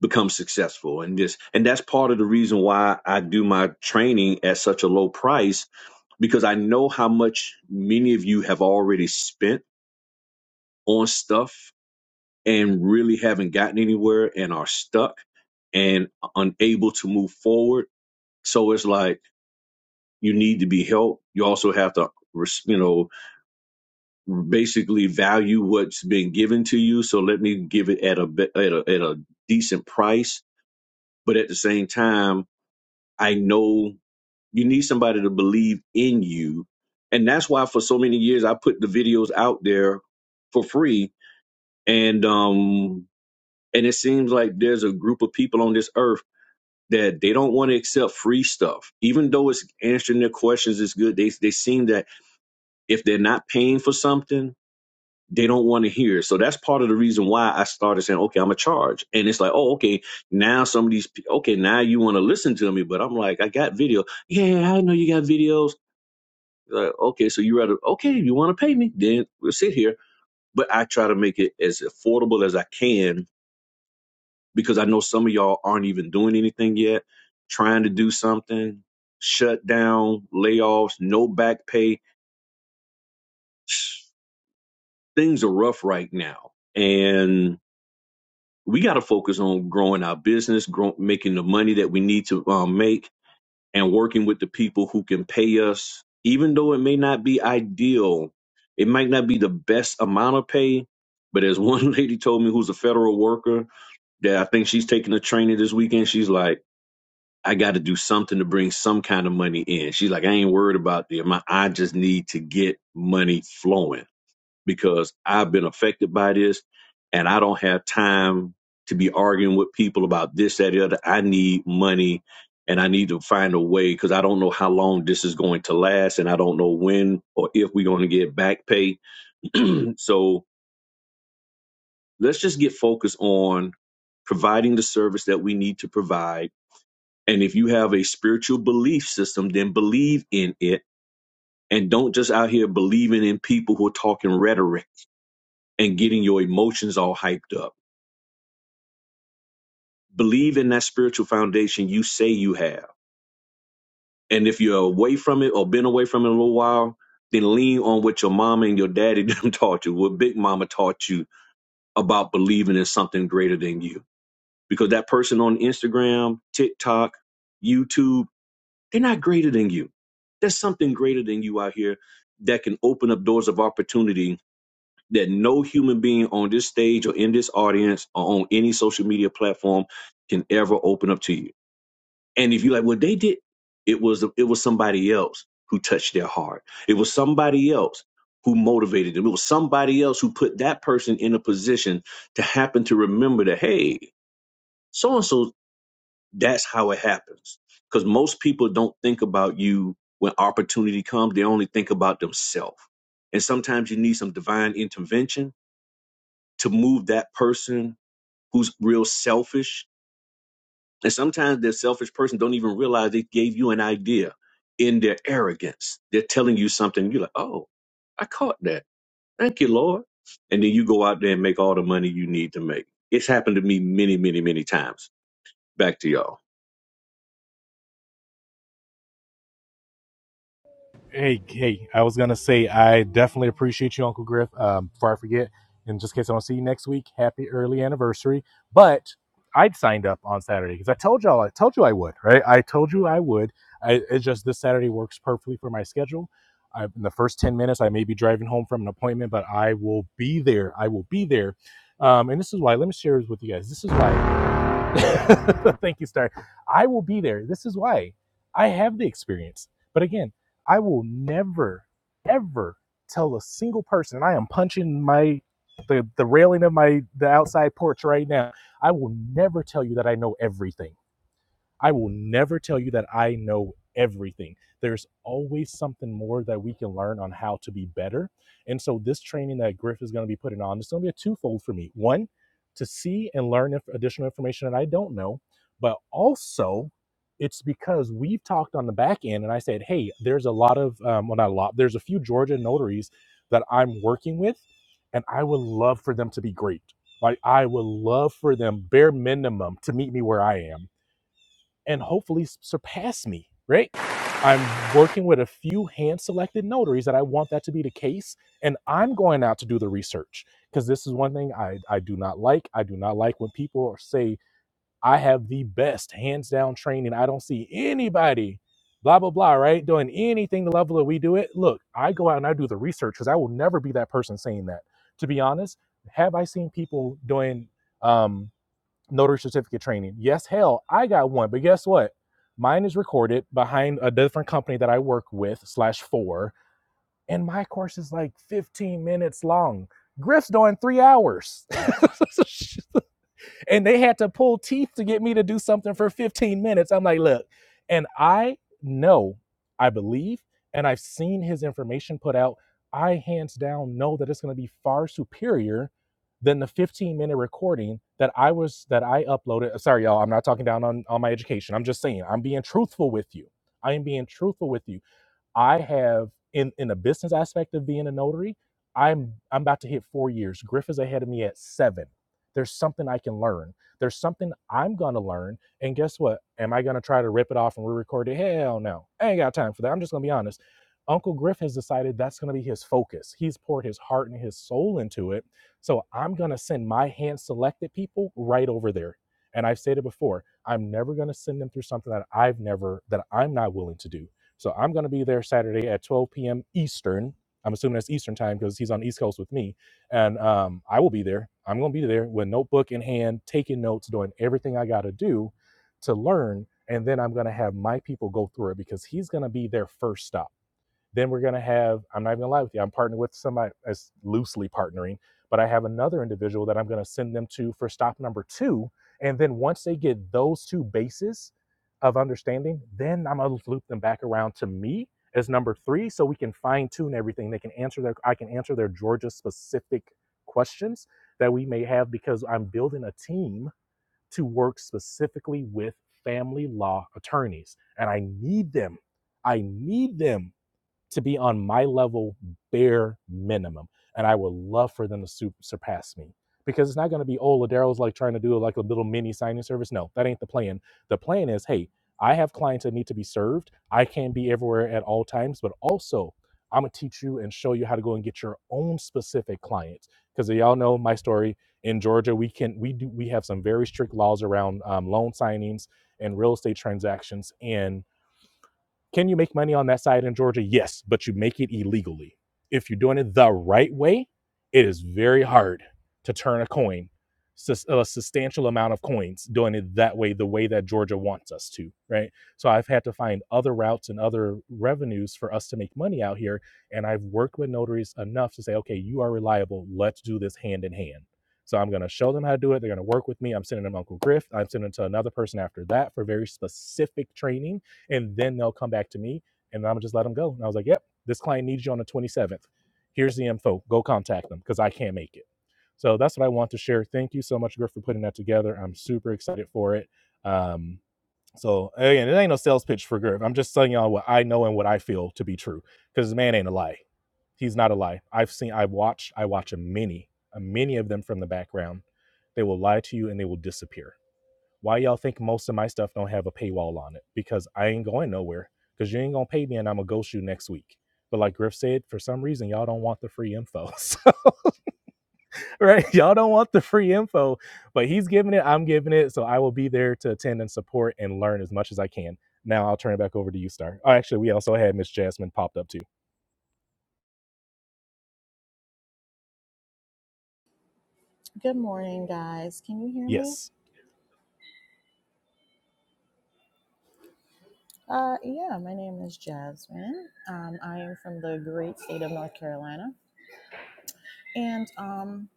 S5: become successful and this and that's part of the reason why I do my training at such a low price because I know how much many of you have already spent on stuff and really haven't gotten anywhere and are stuck and unable to move forward. So it's like you need to be helped. You also have to, res- you know, basically value what's been given to you. So let me give it at a be- at a, at a decent price, but at the same time, I know you need somebody to believe in you, and that's why for so many years I put the videos out there for free, and um, and it seems like there's a group of people on this earth that they don't want to accept free stuff, even though it's answering their questions is good. They they seem that if they're not paying for something, they don't want to hear. it. So that's part of the reason why I started saying, okay, I'm a charge, and it's like, oh, okay, now some of these, pe- okay, now you want to listen to me, but I'm like, I got video. Yeah, I know you got videos. Like, okay, so you rather okay, you want to pay me, then we'll sit here. But I try to make it as affordable as I can because I know some of y'all aren't even doing anything yet, trying to do something, shut down, layoffs, no back pay. Things are rough right now. And we got to focus on growing our business, grow, making the money that we need to um, make, and working with the people who can pay us, even though it may not be ideal. It might not be the best amount of pay, but as one lady told me who's a federal worker, that I think she's taking a training this weekend, she's like, I got to do something to bring some kind of money in. She's like, I ain't worried about the amount. I just need to get money flowing because I've been affected by this and I don't have time to be arguing with people about this, that, the other. I need money and I need to find a way because I don't know how long this is going to last and I don't know when or if we're going to get back pay. so let's just get focused on providing the service that we need to provide and if you have a spiritual belief system, then believe in it and don't just out here believing in people who are talking rhetoric and getting your emotions all hyped up. Believe in that spiritual foundation you say you have. And if you're away from it or been away from it a little while, then lean on what your mama and your daddy them taught you, what big mama taught you about believing in something greater than you. Because that person on Instagram, TikTok, YouTube, They're not greater than you. There's something greater than you out here that can open up doors of opportunity that no human being on this stage or in this audience or on any social media platform can ever open up to you. And if you're like, well, they did, it was it was somebody else who touched their heart. It was somebody else who motivated them. It was somebody else who put that person in a position to happen to remember that, hey, so and so that's how it happens. Because most people don't think about you when opportunity comes, they only think about themselves. And sometimes you need some divine intervention to move that person who's real selfish. And sometimes that selfish person don't even realize they gave you an idea in their arrogance. They're telling you something, you're like, oh, I caught that. Thank you, Lord. And then you go out there and make all the money you need to make. It's happened to me many, many, many times. Back to y'all.
S4: Hey, hey, I was gonna say I definitely appreciate you, Uncle Griff. Um, before I forget, in just case I don't see you next week, happy early anniversary. But I'd signed up on Saturday because I told y'all, I told you I would, right? I told you I would. I, it's just this Saturday works perfectly for my schedule. I, in the first ten minutes, I may be driving home from an appointment, but I will be there. I will be there. Um, and this is why. Let me share this with you guys. This is why Thank you, Star. I will be there. This is why I have the experience. But again, I will never, ever tell a single person. And I am punching my the the railing of my the outside porch right now. I will never tell you that I know everything. I will never tell you that I know everything. There's always something more that we can learn on how to be better. And so, this training that Griff is going to be putting on, it's going to be a twofold for me. One, to see and learn if additional information that I don't know, but also it's because we've talked on the back end and I said, hey, there's a lot of, um, well, not a lot, there's a few Georgia notaries that I'm working with, and I would love for them to be great. Like, I would love for them, bare minimum, to meet me where I am and hopefully s- surpass me, right? I'm working with a few hand selected notaries that I want that to be the case. And I'm going out to do the research because this is one thing I, I do not like. I do not like when people say, I have the best hands down training. I don't see anybody, blah, blah, blah, right? Doing anything the level that we do it. Look, I go out and I do the research because I will never be that person saying that. To be honest, have I seen people doing, um, notary certificate training. Yes, hell, I got one, but guess what? Mine is recorded behind a different company that I work with slash for, and my course is like 15 minutes long. Griff's doing three hours. and they had to pull teeth to get me to do something for 15 minutes. I'm like, look, and I know, I believe, and I've seen his information put out. I hands down know that it's going to be far superior than the 15 minute recording that I was that I uploaded. Uh, Sorry, y'all, I'm not talking down on, on my education. I'm just saying I'm being truthful with you. I am being truthful with you. I have in in the business aspect of being a notary, I'm I'm about to hit four years. Griff is ahead of me at seven. There's something I can learn. There's something I'm gonna learn. And guess what? Am I gonna try to rip it off and re-record it? Hell no. I ain't got time for that. I'm just gonna be honest. Uncle Griff has decided that's gonna be his focus. He's poured his heart and his soul into it. So I'm gonna send my hand selected people right over there. And I've said it before, I'm never gonna send them through something that I've never that I'm not willing to do so I'm going to be there Saturday at 12 p.m. Eastern. I'm assuming that's Eastern time because he's on the East Coast with me. And um, I will be there. I'm going to be there with notebook in hand, taking notes, doing everything I got to do to learn. And then I'm going to have my people go through it because he's going to be their first stop then we're going to have, I'm not even going to lie with you, I'm partnering with somebody as loosely partnering, but I have another individual that I'm going to send them to for stop number two. And then once they get those two bases of understanding, then I'm going to loop them back around to me as number three so we can fine tune everything. They can answer their, I can answer their Georgia specific questions that we may have because I'm building a team to work specifically with family law attorneys and I need them. I need them to be on my level bare minimum. And I would love for them to su- surpass me because it's not going to be, oh, Ladero's like trying to do like a little mini signing service. No, that ain't the plan. The plan is, hey, I have clients that need to be served. I can't be everywhere at all times, but also I'm going to teach you and show you how to go and get your own specific clients. Because y'all know my story in Georgia, we can we do we have some very strict laws around um, loan signings and real estate transactions. And can you make money on that side in Georgia? Yes, but you make it illegally. If you're doing it the right way, it is very hard to turn a coin, a substantial amount of coins, doing it that way, the way that Georgia wants us to, right? So I've had to find other routes and other revenues for us to make money out here. And I've worked with notaries enough to say, okay, you are reliable. Let's do this hand in hand. So I'm going to show them how to do it. They're going to work with me. I'm sending them Uncle Griff. I'm sending them to another person after that for very specific training and then they'll come back to me and I'm gonna just let them go. And I was like, yep, this client needs you on the 27th. Here's the info. Go contact them because I can't make it. So that's what I want to share. Thank you so much, Griff, for putting that together. I'm super excited for it. Um, so again, it ain't no sales pitch for Griff. I'm just telling y'all what I know and what I feel to be true because this man ain't a lie. He's not a lie. I've seen, I've watched, I watch a many, a many of them from the background. They will lie to you and they will disappear why y'all think most of my stuff don't have a paywall on it? Because I ain't going nowhere. Because you ain't gonna pay me, and I'm gonna ghost you next week. But like Griff said, for some reason y'all don't want the free info, right? Y'all don't want the free info, but he's giving it, I'm giving it, so I will be there to attend and support and learn as much as I can. Now I'll turn it back over to you, Star. Oh, actually, we also had Miss Jasmine popped up too.
S6: Good morning, guys. Can you hear me?
S4: Yes.
S6: Uh, yeah, my name is Jasmine. Um, I am from the great state of North Carolina. And um,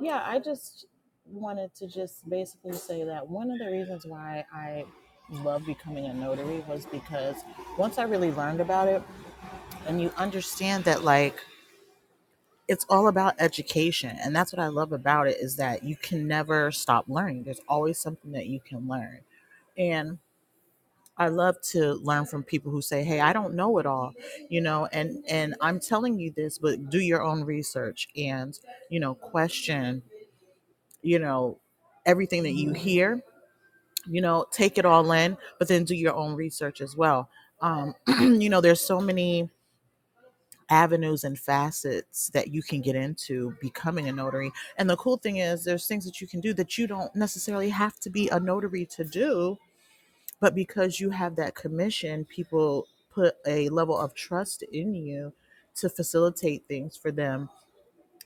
S6: yeah, I just wanted to just basically say that one of the reasons why I love becoming a notary was because once I really learned about it and you understand that, like, it's all about education. And that's what I love about it is that you can never stop learning. There's always something that you can learn. and. I love to learn from people who say, "Hey, I don't know it all," you know, and and I'm telling you this, but do your own research and you know question, you know, everything that you hear, you know, take it all in, but then do your own research as well. Um, you know, there's so many avenues and facets that you can get into becoming a notary. And the cool thing is there's things that you can do that you don't necessarily have to be a notary to do but because you have that commission people put a level of trust in you to facilitate things for them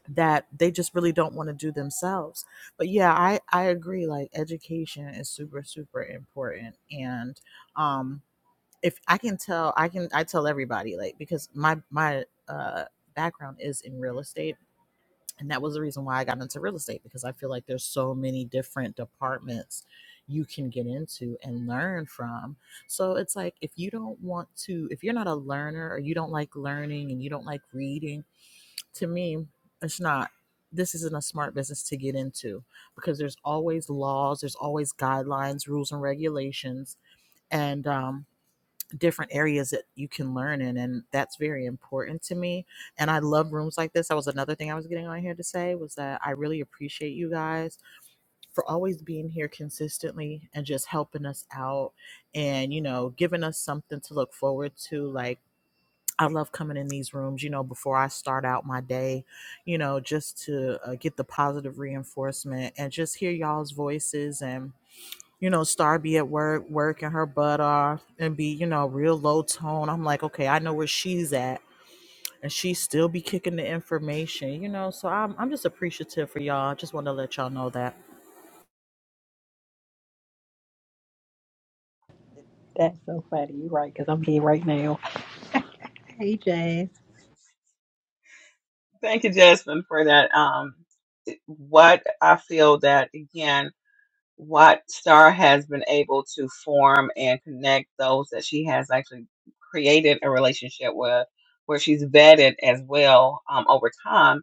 S6: that they just really don't want to do themselves but yeah i i agree like education is super super important and um if i can tell i can i tell everybody like because my my uh background is in real estate and that was the reason why I got into real estate because I feel like there's so many different departments you can get into and learn from. So it's like if you don't want to if you're not a learner or you don't like learning and you don't like reading, to me it's not this isn't a smart business to get into because there's always laws, there's always guidelines, rules and regulations and um different areas that you can learn in and that's very important to me and i love rooms like this that was another thing i was getting on here to say was that i really appreciate you guys for always being here consistently and just helping us out and you know giving us something to look forward to like I love coming in these rooms, you know, before I start out my day, you know, just to uh, get the positive reinforcement and just hear y'all's voices and you know, Star be at work, working her butt off and be, you know, real low tone. I'm like, okay, I know where she's at. And she still be kicking the information, you know. So I'm I'm just appreciative for y'all. I just want to let y'all know that.
S1: That's so funny. You're right, because I'm here right now. Hey, Jazz.
S3: Thank you, Jasmine, for that. Um, what I feel that again. what Star has been able to form and connect those that she has actually created a relationship with, where she's vetted as well um, over time,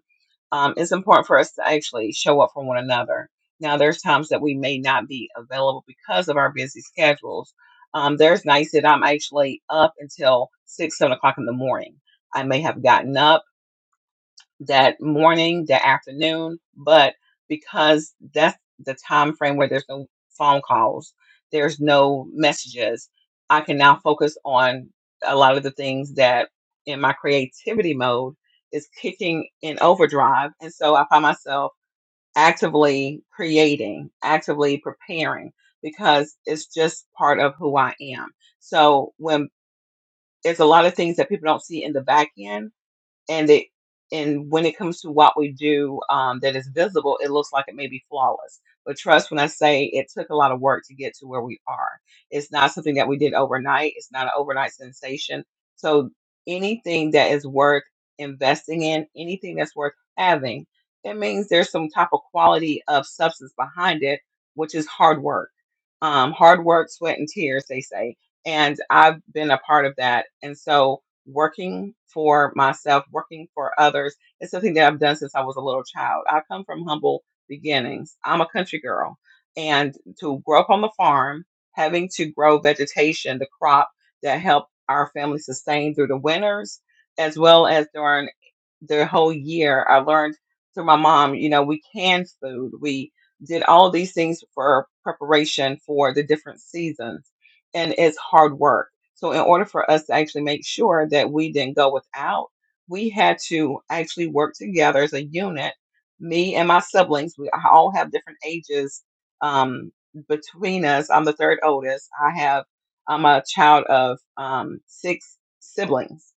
S3: um, it's important for us to actually show up for one another. Now, there's times that we may not be available because of our busy schedules. Um, there's nights that I'm actually up until six, seven o'clock in the morning. I may have gotten up that morning, that afternoon, but because that's the time frame where there's no phone calls, there's no messages, I can now focus on a lot of the things that in my creativity mode is kicking in overdrive. And so I find myself actively creating, actively preparing because it's just part of who I am. So when there's a lot of things that people don't see in the back end and it and when it comes to what we do um, that is visible, it looks like it may be flawless. But trust when I say it took a lot of work to get to where we are. It's not something that we did overnight. It's not an overnight sensation. So anything that is worth investing in, anything that's worth having, that means there's some type of quality of substance behind it, which is hard work. Um, hard work, sweat, and tears, they say. And I've been a part of that. And so working for myself, working for others. It's something that I've done since I was a little child. I come from humble beginnings. I'm a country girl. And to grow up on the farm, having to grow vegetation, the crop that helped our family sustain through the winters, as well as during the whole year, I learned through my mom, you know, we canned food. We did all these things for preparation for the different seasons. And it's hard work so, in order for us to actually make sure that we didn't go without, we had to actually work together as a unit. Me and my siblings, we all have different ages um, between us. I'm the third oldest. I have, I'm a child of um, six siblings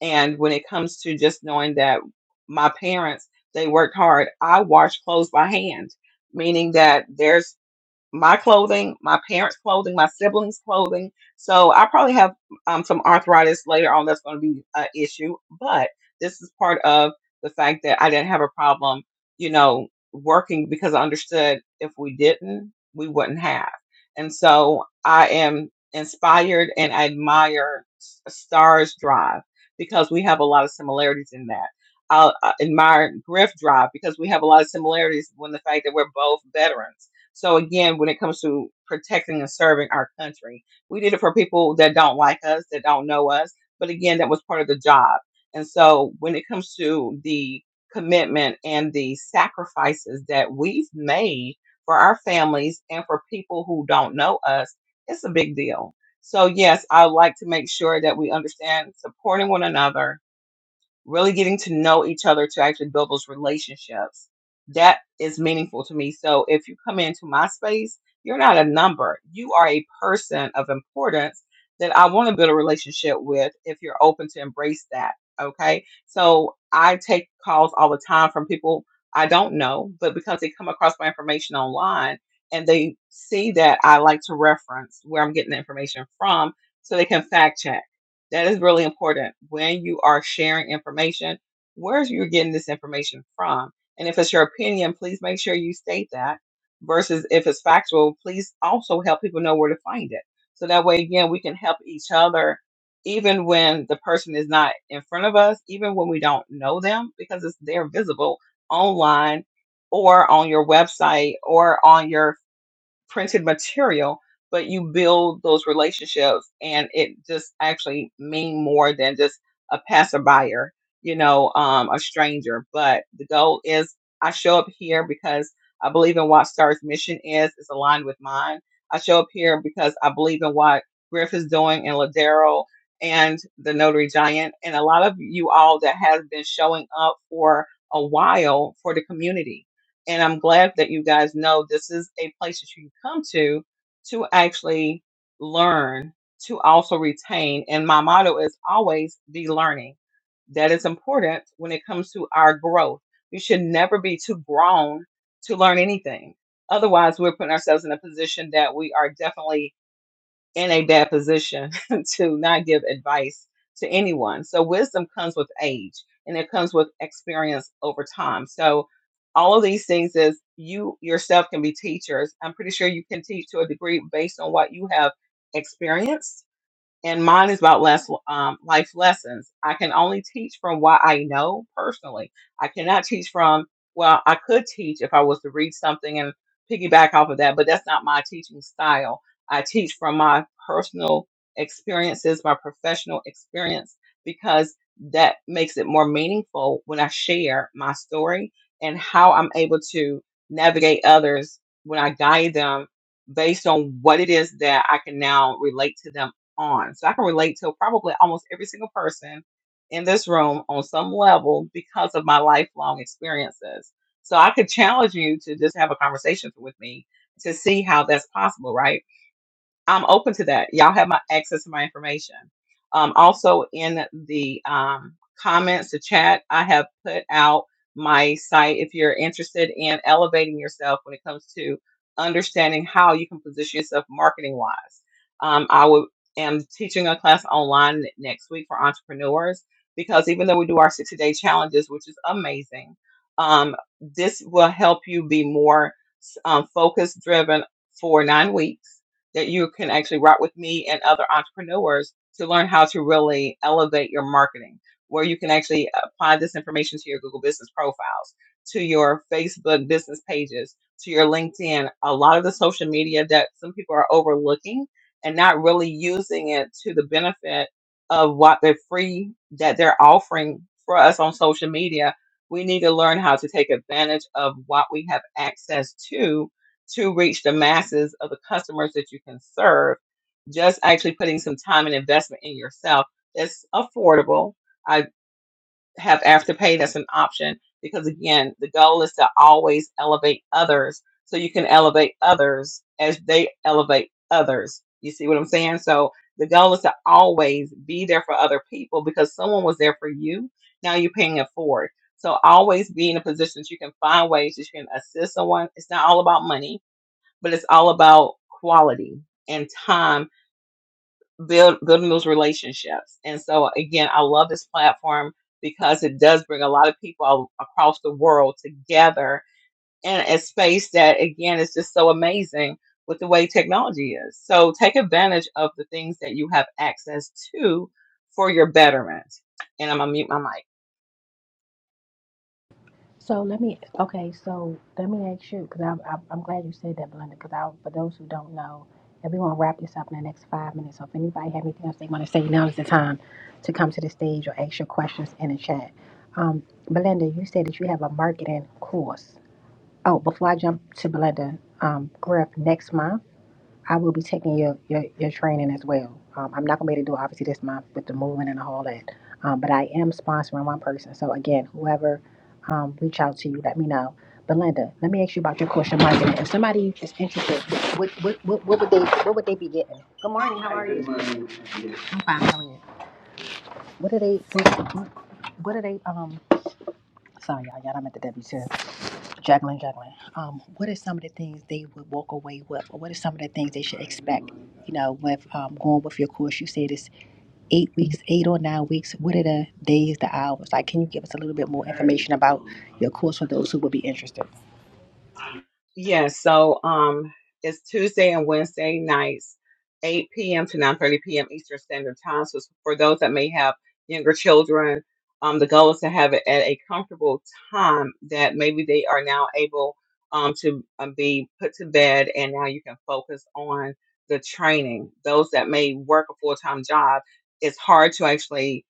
S3: and when it comes to just knowing that my parents they worked hard i wash clothes by hand meaning that there's my clothing, my parents' clothing, my siblings' clothing. So I probably have um, some arthritis later on that's going to be an issue. But this is part of the fact that I didn't have a problem, you know, working because I understood if we didn't, we wouldn't have. And so I am inspired and I admire S- Stars Drive because we have a lot of similarities in that. I I admire Griff Drive because we have a lot of similarities when the fact that we're both veterans so again, when it comes to protecting and serving our country, we did it for people that don't like us, that don't know us. But again, that was part of the job. And so when it comes to the commitment and the sacrifices that we've made for our families and for people who don't know us, it's a big deal. So yes, I would like to make sure that we understand supporting one another really getting to know each other to actually build those relationships. That is meaningful to me. So if you come into my space, you're not a number. You are a person of importance that I want to build a relationship with if you're open to embrace that. Okay. So I take calls all the time from people I don't know, but because they come across my information online and they see that I like to reference where I'm getting the information from so they can fact check that is really important. When you are sharing information, where's you're getting this information from? And if it's your opinion, please make sure you state that. Versus if it's factual, please also help people know where to find it. So that way, again, we can help each other, even when the person is not in front of us, even when we don't know them, because it's they're visible online or on your website or on your printed material, but you build those relationships and it just actually mean more than just a passerby, you know, um, a stranger. But the goal is I show up here because I believe in what Star's mission is, it's aligned with mine. I show up here because I believe in what Griff is doing and Ladero and the Notary Giant and a lot of you all that has been showing up for a while for the community and I'm glad that you guys know this is a place that you can come to to actually learn, to also retain. And my motto is always be learning. That is important when it comes to our growth. We should never be too grown to learn anything. Otherwise, we're putting ourselves in a position that we are definitely in a bad position to not give advice to anyone. So wisdom comes with age and it comes with experience over time. So all of these things is you yourself can be teachers. I'm pretty sure you can teach to a degree based on what you have experienced and mine is about less um, life lessons. I can only teach from what I know personally. I cannot teach from well, I could teach if I was to read something and piggyback off of that, but that's not my teaching style. I teach from my personal experiences, my professional experience, because that makes it more meaningful when I share my story and how I'm able to navigate others when I guide them based on what it is that I can now relate to them on. So I can relate to probably almost every single person in this room on some level because of my lifelong experiences. So I could challenge you to just have a conversation with me to see how that's possible, right? I'm open to that. Y'all have my access to my information. Um, also in the um, comments, the chat, I have put out my site if you're interested in elevating yourself when it comes to understanding how you can position yourself marketing wise. Um, I will am teaching a class online next week for entrepreneurs because even though we do our 60 day challenges, which is amazing, um, this will help you be more um, focus driven for nine weeks that you can actually rock with me and other entrepreneurs to learn how to really elevate your marketing, where you can actually apply this information to your Google business profiles, to your Facebook business pages, to your LinkedIn, a lot of the social media that some people are overlooking and not really using it to the benefit of what they're free that they're offering for us on social media. We need to learn how to take advantage of what we have access to to reach the masses of the customers that you can serve, just actually putting some time and investment in yourself that's affordable. I have afterpay that's an option because again, the goal is to always elevate others so you can elevate others as they elevate others. You see what I'm saying? So the goal is to always be there for other people because someone was there for you. Now you're paying it forward. So always be in a position that you can find ways that you can assist someone. It's not all about money but it's all about quality and time build, building those relationships and so again i love this platform because it does bring a lot of people across the world together in a space that again is just so amazing with the way technology is so take advantage of the things that you have access to for your betterment and i'm gonna mute my mic
S1: So let me, okay, so let me ask you, because I, I, I'm glad you said that, Belinda, because I, for those who don't know, and we want to wrap this up in the next five minutes. So if anybody have anything else they want to say, now is the time to come to the stage or ask your questions in the chat. Um, Belinda, you said that you have a marketing course. Oh, before I jump to Belinda, um, Griff, next month I will be taking your your, your training as well. Um, I'm not gonna be able to do it obviously this month with the moving and all that, um, but I am sponsoring one person. So again, whoever um, reach out to you, let me know. Belinda, let me ask you about your course of marketing. If somebody is interested, what what, what, what would they what would they be getting? Good morning. How are you? I'm fine. How are you? What are they? What, what are they? Um, sorry, y'all. Y'all, I'm at the W two. Jacqueline, Jacqueline, um, what are some of the things they would walk away with, or what are some of the things they should expect? You know, with um, going with your course, you said it's eight weeks, eight or nine weeks. What are the days, the hours? Like, can you give us a little bit more information about your course for those who would be interested?
S3: Yeah, so um, it's Tuesday and Wednesday nights, 8 p.m. to 9:30 p.m. Eastern Standard Time. So it's for those that may have younger children, um, the goal is to have it at a comfortable time that maybe they are now able um, to um, be put to bed, and now you can focus on the training. Those that may work a full-time job, it's hard to actually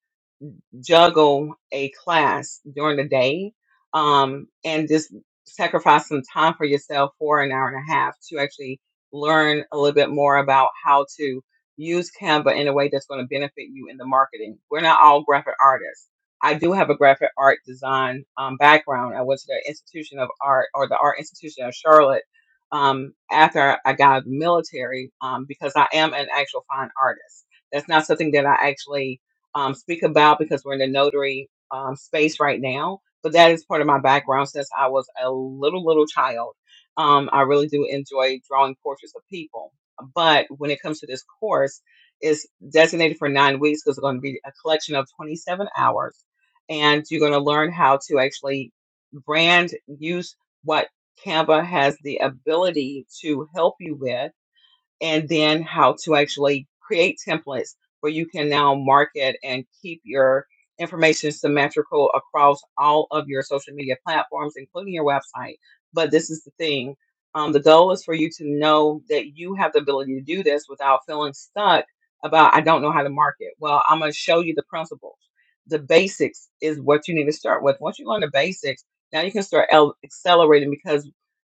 S3: juggle a class during the day um, and just sacrifice some time for yourself for an hour and a half to actually learn a little bit more about how to use Canva in a way that's going to benefit you in the marketing. We're not all graphic artists. I do have a graphic art design um, background. I went to the Institution of Art or the Art Institution of Charlotte um, after I got out of the military um, because I am an actual fine artist. That's not something that I actually um, speak about because we're in the notary um, space right now. But that is part of my background since I was a little, little child. Um, I really do enjoy drawing portraits of people. But when it comes to this course, it's designated for nine weeks because it's going to be a collection of 27 hours. And you're going to learn how to actually brand, use what Canva has the ability to help you with and then how to actually create templates where you can now market and keep your information symmetrical across all of your social media platforms, including your website. But this is the thing um, the goal is for you to know that you have the ability to do this without feeling stuck about, I don't know how to market. Well, I'm going to show you the principles. The basics is what you need to start with. Once you learn the basics, now you can start el- accelerating because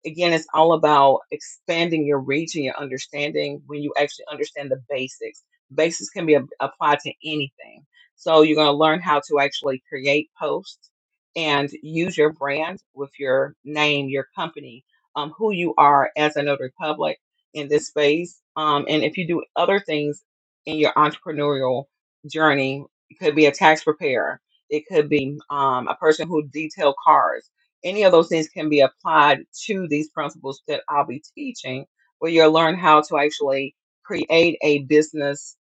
S3: again, it's all about expanding your reach and your understanding when you actually understand the basics. Basics can be a- applied to anything. So you're going to learn how to actually create posts and use your brand with your name, your company, um, who you are as a notary public in this space. Um, and if you do other things in your entrepreneurial journey, it could be a tax preparer. It could be um, a person who detail cars any of those things can be applied to these principles that I'll be teaching, where you'll learn how to actually create a business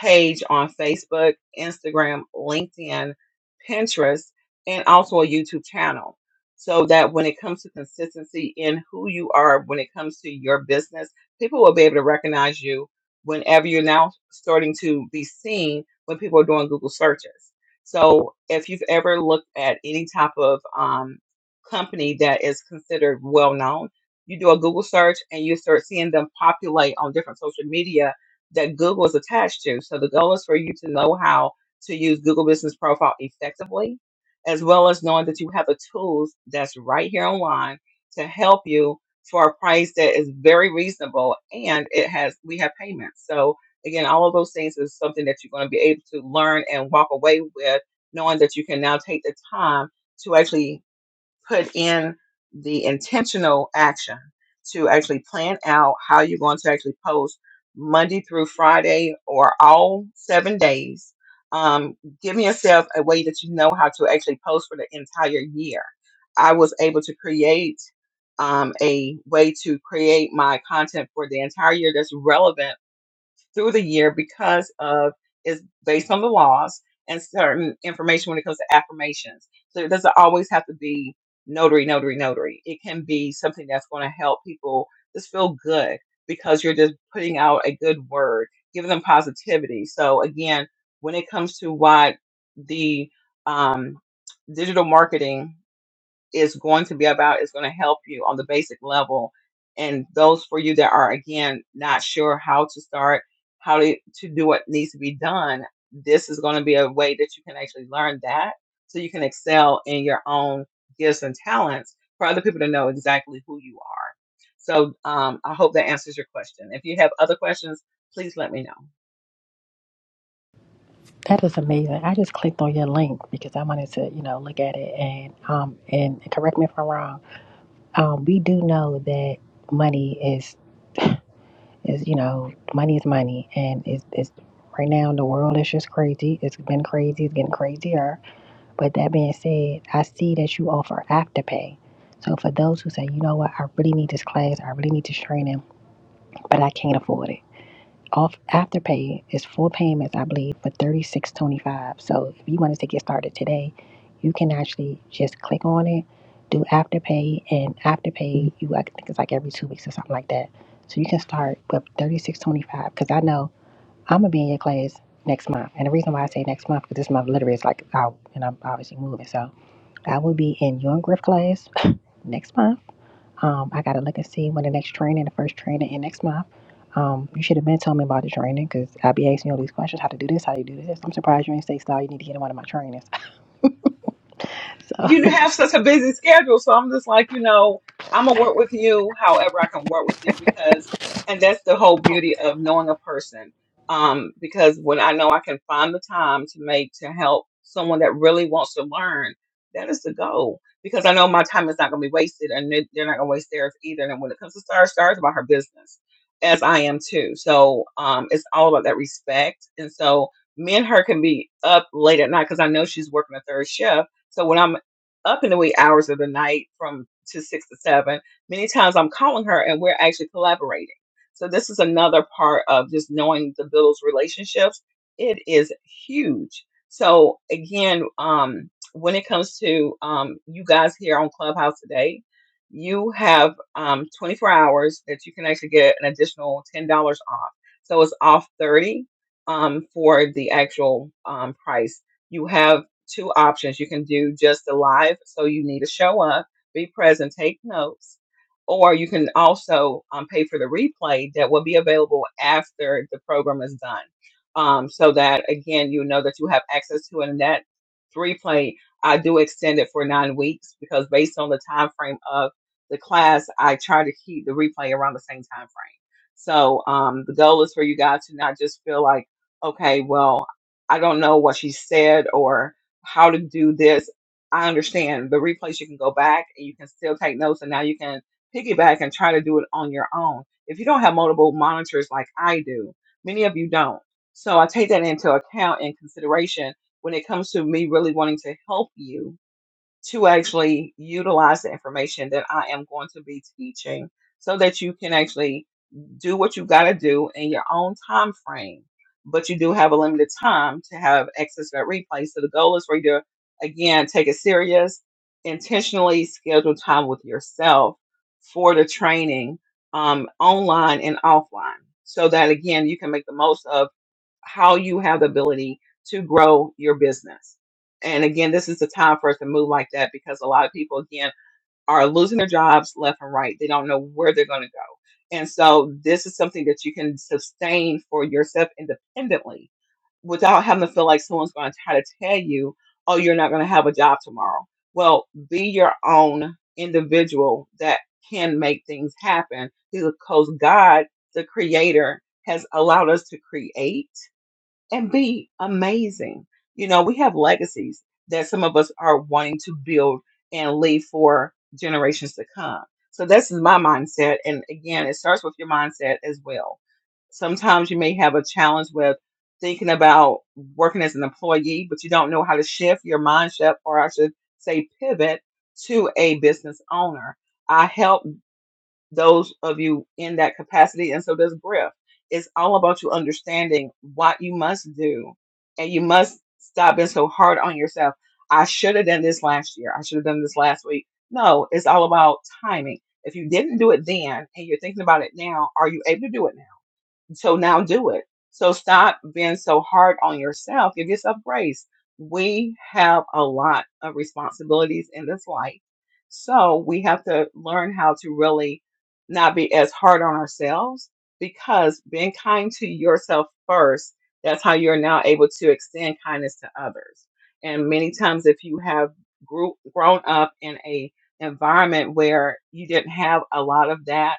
S3: page on Facebook, Instagram, LinkedIn, Pinterest, and also a YouTube channel. So that when it comes to consistency in who you are, when it comes to your business, people will be able to recognize you whenever you're now starting to be seen when people are doing Google searches. So if you've ever looked at any type of um, company that is considered well known. You do a Google search and you start seeing them populate on different social media that Google is attached to. So the goal is for you to know how to use Google Business Profile effectively, as well as knowing that you have the tools that's right here online to help you for a price that is very reasonable and it has we have payments. So again, all of those things is something that you're going to be able to learn and walk away with knowing that you can now take the time to actually put in the intentional action to actually plan out how you're going to actually post Monday through Friday or all seven days. Um, giving yourself a way that you know how to actually post for the entire year. I was able to create um, a way to create my content for the entire year that's relevant through the year because of it's based on the laws and certain information when it comes to affirmations. So it doesn't always have to be notary, notary, notary. It can be something that's going to help people just feel good because you're just putting out a good word, giving them positivity. So again, when it comes to what the um, digital marketing is going to be about is going to help you on the basic level. And those for you that are, again, not sure how to start, how to, to do what needs to be done, this is going to be a way that you can actually learn that so you can excel in your own gifts and talents for other people to know exactly who you are. So um, I hope that answers your question. If you have other questions, please let me know.
S1: That is amazing. I just clicked on your link because I wanted to, you know, look at it and um and correct me if I'm wrong. Um, we do know that money is. Is you know, money is money, and it's it's right now the world is just crazy. It's been crazy. It's getting crazier. But that being said, I see that you offer afterpay. So for those who say, you know what, I really need this class, I really need this training, but I can't afford it off afterpay is full payments i believe for 36.25 so if you wanted to get started today you can actually just click on it do afterpay and afterpay you i think it's like every two weeks or something like that so you can start with 36.25 because i know i'm gonna be in your class next month and the reason why i say next month because this month literally is like out and i'm obviously moving so i will be in your griff class next month um, I gotta look and see when the next training, the first training in next month. Um, you should have been telling me about the training because I'll be asking you all these questions, how to do this, how to do this. I'm surprised you ain't say style, you need to get in one of my trainings. So
S3: you have such a busy schedule. So I'm just like, you know, I'm gonna work with you however I can work with you because, and that's the whole beauty of knowing a person. Um, because when I know I can find the time to make to help someone that really wants to learn, that is the goal. Because I know my time is not gonna be wasted, and they- they're not gonna waste theirs either. And when it comes to Star, Star's about her business, as I am too. So um, it's all about that respect. And so me and her can be up late at night because I know she's working a third shift. So when I'm up in the wee hours of the night from to six to seven. Many times I'm calling her and we're actually collaborating. So this is another part of just knowing the Biddles relationships. It is huge. So again, um, when it comes to um, you guys here on Clubhouse today, you have um, 24 hours that you can actually get an additional $10 off. So it's off 30 um, for the actual um, price. You have two options. You can do just the live, so you need to show up, be present, take notes, or you can also um, pay for the replay that will be available after the program is done. Um, so that again, you know that you have access to it. And that replay, I do extend it for nine weeks because based on the time frame of the class, I try to keep the replay around the same time frame. So um, the goal is for you guys to not just feel like, okay, well, I don't know what she said, or how to do this. I understand the replays, you can go back and you can still take notes, and now you can piggyback and try to do it on your own. If you don't have multiple monitors like I do, many of you don't. So I take that into account and consideration when it comes to me really wanting to help you to actually utilize the information that I am going to be teaching so that you can actually do what you got to do in your own time frame. But you do have a limited time to have access to that replay. So the goal is for you to, again, take it serious, intentionally schedule time with yourself for the training um, online and offline so that, again, you can make the most of how you have the ability to grow your business. And again, this is the time for us to move like that because a lot of people, again, are losing their jobs left and right. They don't know where they're going to go. And so this is something that you can sustain for yourself independently without having to feel like someone's going to try to tell you, oh, you're not going to have a job tomorrow. Well, be your own individual that can make things happen because God, the creator, has allowed us to create and be amazing. You know, we have legacies that some of us are wanting to build and leave for generations to come. So that's my mindset. And again, it starts with your mindset as well. Sometimes you may have a challenge with thinking about working as an employee, but you don't know how to shift your mindset, or I should say, pivot to a business owner. I help those of you in that capacity. And so does Griff. It's all about you understanding what you must do. And you must stop being so hard on yourself. I should have done this last year. I should have done this last week. No, it's all about timing. If you didn't do it then and you're thinking about it now, are you able to do it now? So now do it. So stop being so hard on yourself. Give yourself grace. We have a lot of responsibilities in this life. So we have to learn how to really not be as hard on ourselves because being kind to yourself first, that's how you're now able to extend kindness to others. And many times if you have grew, grown up in a environment where you didn't have a lot of that,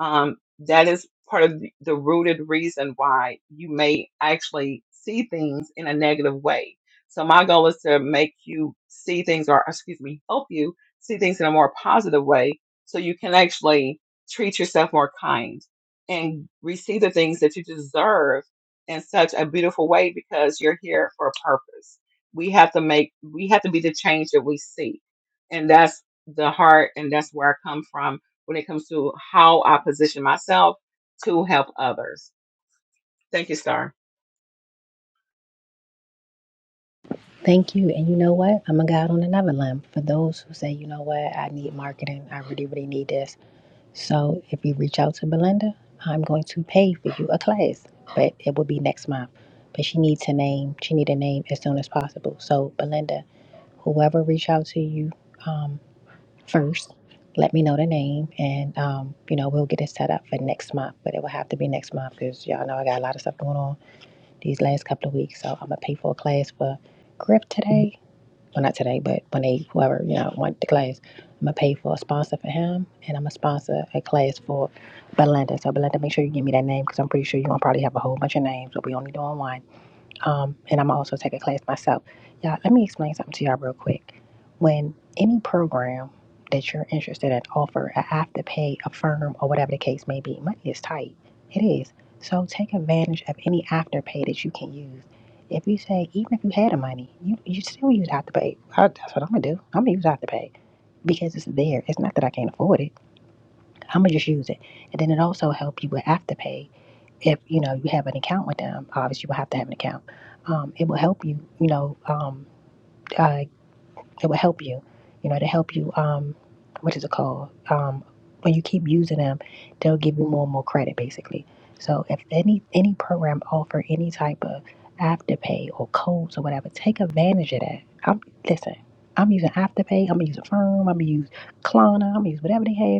S3: um, that is part of the the rooted reason why you may actually see things in a negative way. So my goal is to make you see things or excuse me, help you see things in a more positive way so you can actually treat yourself more kind and receive the things that you deserve in such a beautiful way because you're here for a purpose. We have to make we have to be the change that we seek. And that's the heart and that's where I come from when it comes to how I position myself to help others. Thank you, Star.
S1: thank you. And you know what? I'm gonna go out on another limb. For those who say, you know what, I need marketing, I really, really need this. So if you reach out to Belinda, I'm going to pay for you a class, but it will be next month. But she needs a name. She need a name as soon as possible. So Belinda, whoever reach out to you, um, first. Let me know the name, and um, you know we'll get it set up for next month. But it will have to be next month because y'all know I got a lot of stuff going on these last couple of weeks. So I'm gonna pay for a class for Griff today. Well, not today, but when they whoever you know want the class, I'm gonna pay for a sponsor for him, and I'm gonna sponsor a class for Belinda. So Belinda, make sure you give me that name because I'm pretty sure you're gonna probably have a whole bunch of names, but we only doing one um, and I'm also take a class myself. Y'all, let me explain something to y'all real quick. When any program that you're interested in offer I have to pay, a firm, or whatever the case may be, money is tight. It is. So take advantage of any afterpay that you can use. If you say, even if you had the money, you, you still use afterpay. I, that's what I'm gonna do. I'm gonna use afterpay because it's there. It's not that I can't afford it. I'm gonna just use it, and then it also help you with afterpay if you know you have an account with them obviously you will have to have an account um, it will help you you know um, uh, it will help you you know to help you um, what is it called um, when you keep using them they'll give you more and more credit basically so if any any program offer any type of afterpay or codes or whatever take advantage of that i'm listen i'm using afterpay i'm gonna use a firm i'm gonna use klarna i'm gonna use whatever they have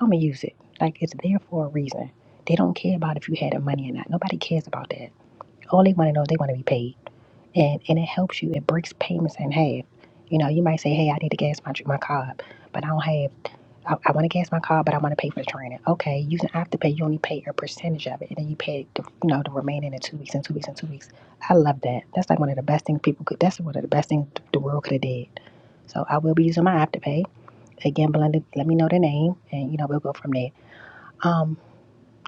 S1: I'm gonna use it. Like it's there for a reason. They don't care about if you had the money or not. Nobody cares about that. All they want to know is they want to be paid, and and it helps you. It breaks payments in half. You know, you might say, "Hey, I need to gas my my car, up, but I don't have. I, I want to gas my car, but I want to pay for the training. Okay, you can have to pay. You only pay a percentage of it, and then you pay the you know the remaining in two weeks and two weeks and two weeks. I love that. That's like one of the best things people could. That's one of the best things the world could have did. So I will be using my afterpay again. Belinda, let me know the name, and you know we'll go from there. Um,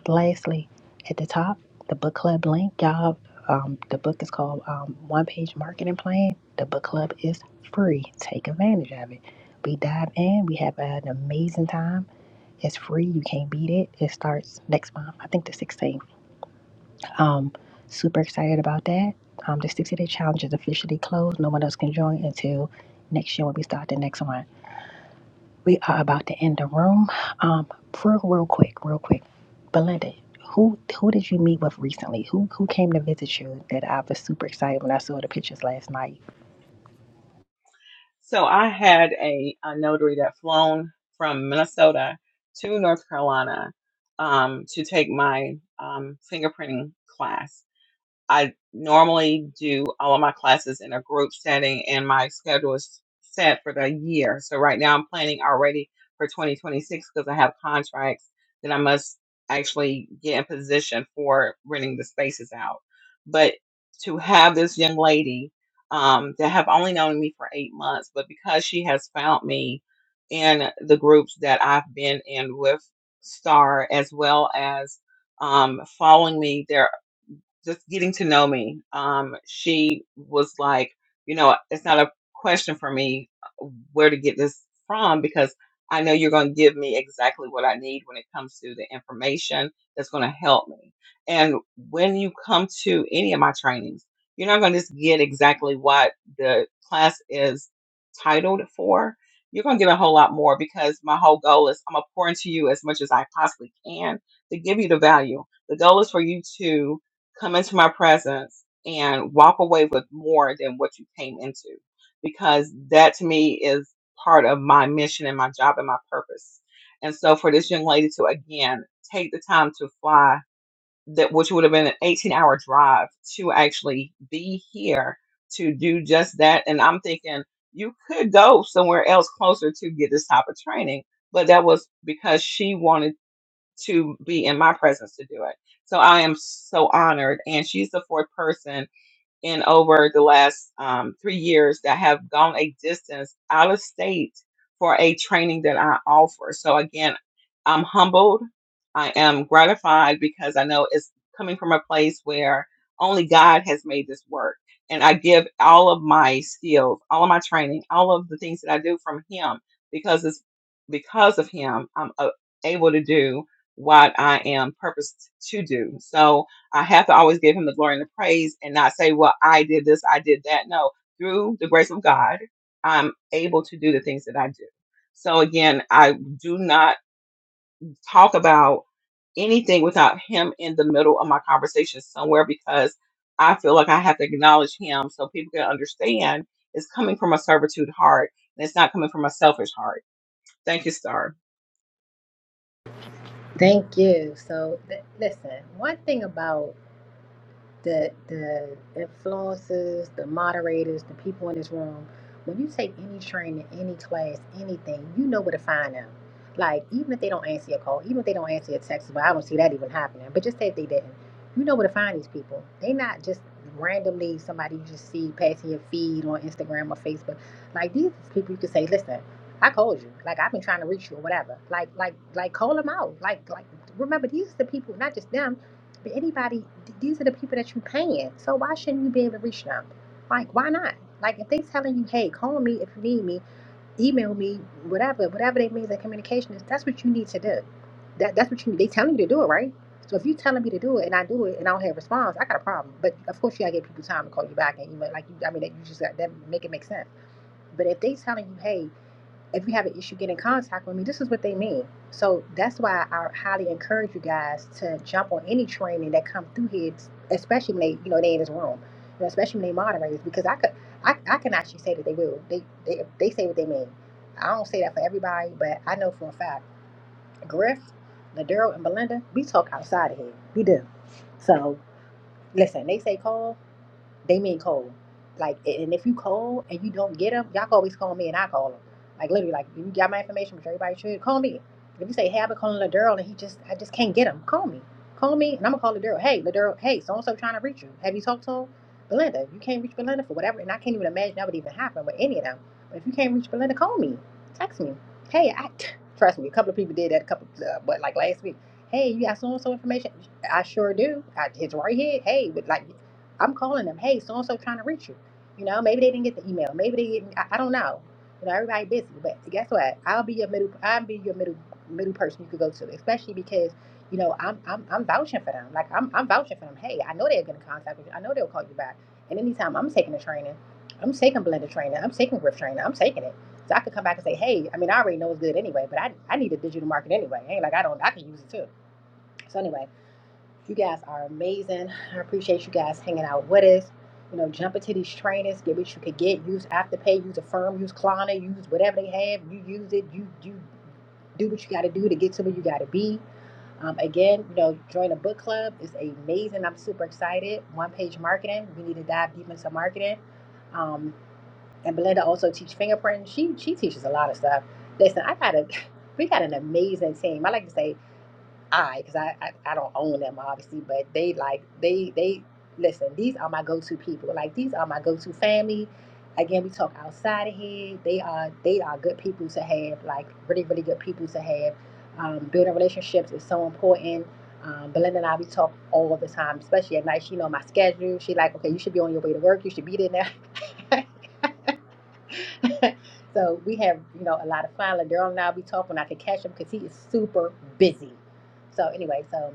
S1: Lastly, at the top, the book club link, y'all. Um, the book is called um, One Page Marketing Plan. The book club is free. Take advantage of it. We dive in. We have an amazing time. It's free. You can't beat it. It starts next month. I think the 16th. Um, super excited about that. Um, the 60 day challenge is officially closed. No one else can join until next year when we start the next one. We are about to end the room. Um, real, real quick, real quick. Belinda, who who did you meet with recently? Who who came to visit you? That I was super excited when I saw the pictures last night.
S3: So I had a, a notary that flown from Minnesota to North Carolina um, to take my um, fingerprinting class I normally do all of my classes in a group setting, and my schedule is set for the year. So right now, I'm planning already for 2026 because I have contracts that I must actually get in position for renting the spaces out. But to have this young lady um, that have only known me for eight months, but because she has found me in the groups that I've been in with Star, as well as um, following me there just getting to know me. Um, she was like, you know, it's not a question for me uh, where to get this from because I know you're going to give me exactly what I need when it comes to the information that's going to help me. And when you come to any of my trainings, you're not going to just get exactly what the class is titled for. You're going to get a whole lot more because my whole goal is I'm going to pour into you as much as I possibly can to give you the value. The goal is for you to come into my presence and walk away with more than what you came into because that to me is part of my mission and my job and my purpose and so for this young lady to again take the time to fly that which would have been an 18 hour drive to actually be here to do just that and i'm thinking you could go somewhere else closer to get this type of training but that was because she wanted to be in my presence to do it. So I am so honored. And she's the fourth person in over the last um, three years that have gone a distance out of state for a training that I offer. So again, I'm humbled. I am gratified because I know it's coming from a place where only God has made this work. And I give all of my skills, all of my training, all of the things that I do from Him because it's because of Him I'm uh, able to do what I am purposed to do. So, I have to always give him the glory and the praise and not say, well, I did this, I did that. No, through the grace of God, I'm able to do the things that I do. So again, I do not talk about anything without him in the middle of my conversation somewhere because I feel like I have to acknowledge him so people can understand it's coming from a servitude heart and it's not coming from a selfish heart. Thank you, Star.
S1: Thank you. So, th- listen, one thing about the the influencers, the moderators, the people in this room, when you take any training, any class, anything, you know where to find them. Like even if they don't answer your call, even if they don't answer your text, but I don't see that even happening. But just say if they didn't, you know where to find these people. They not just randomly somebody you just see passing your feed on Instagram or Facebook. Like these people you could say, listen, I called you. Like I've been trying to reach you or whatever. Like like like call them out. Like like remember these are the people, not just them but anybody, these are the people that you're paying. So why shouldn't you be able to reach them? Like, why not? Like, if they telling you, hey, call me if you need me, email me, whatever, whatever they means that communication is, that's what you need to do. That that's what you need. They telling you to do it, right? So if you telling me to do it and I do it and I don't have a response, I got a problem. But of course, you gotta give people time to call you back and email. Like, you, I mean, you just got that make it make sense. But if they telling you, hey, if you have an issue get in contact with me, this is what they mean. So that's why I highly encourage you guys to jump on any training that come through here, especially when they, you know, they in this room, you know, especially when they moderators, because I could, I, I can actually say that they will. They, they, they say what they mean. I don't say that for everybody, but I know for a fact, Griff, Ladero, and Belinda, we talk outside of here. We do. So listen, they say call. They mean cold. Like, and if you cold and you don't get them, y'all can always call me and I call them. Like literally, like you got my information, which everybody should call me. If you say, "Hey, I've been calling Ladurl and he just, I just can't get him," call me. Call me, and I'm gonna call Ladurl. Hey, Ladurl. Hey, so and so trying to reach you. Have you talked to him? Belinda, you can't reach Belinda for whatever, and I can't even imagine that would even happen with any of them. But if you can't reach Belinda, call me. Text me. Hey, I trust me. A couple of people did that. A couple, uh, but like last week. Hey, you got so and so information? I sure do. I, it's right here. Hey, but like I'm calling them, hey, so and so trying to reach you. You know, maybe they didn't get the email. Maybe they didn't. I, I don't know. You know, everybody busy. But guess what? I'll be your middle. I'll be your middle middle person you could go to, especially because you know I'm I'm, I'm vouching for them. Like I'm I'm vouching for them. Hey, I know they are gonna contact with you. I know they'll call you back. And anytime I'm taking a training, I'm taking blended training. I'm taking grip training. I'm taking it. So I could come back and say, hey, I mean, I already know it's good anyway, but I, I need a digital market anyway. Ain't like I don't I can use it too. So anyway. You guys are amazing. I appreciate you guys hanging out with us. You know, jump into these trainings, get what you could get. Use Afterpay, use Affirm, use Klarna, use whatever they have. You use it. You you do what you got to do to get to where you got to be. Um, again, you know, join a book club It's amazing. I'm super excited. One page marketing. We need to dive deep into marketing. Um, and Belinda also teaches fingerprinting. She she teaches a lot of stuff. Listen, I got a we got an amazing team. I like to say I, because I, I I don't own them obviously, but they like they they listen. These are my go-to people. Like these are my go-to family. Again, we talk outside of here. They are they are good people to have. Like really really good people to have. Um, building relationships is so important. Um, Belinda and I we talk all the time, especially at night. She know my schedule. She like okay, you should be on your way to work. You should be there now. so we have you know a lot of fun. Like Daryl and I we talk when I can catch him because he is super busy. So anyway, so.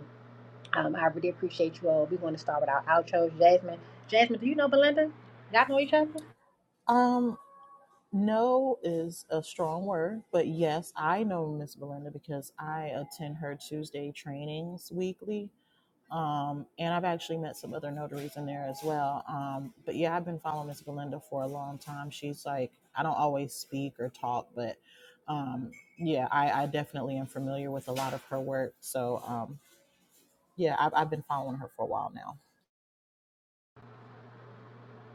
S1: Um, I really appreciate you all. We're going to start with our outros. Jasmine, Jasmine, do you know Belinda? Y'all know each other?
S6: Um, no is a strong word, but yes, I know Miss Belinda because I attend her Tuesday trainings weekly. Um, and I've actually met some other notaries in there as well. Um, but yeah, I've been following Miss Belinda for a long time. She's like, I don't always speak or talk, but um, yeah, I, I definitely am familiar with a lot of her work. So um, yeah, I've, I've been following her for a while now.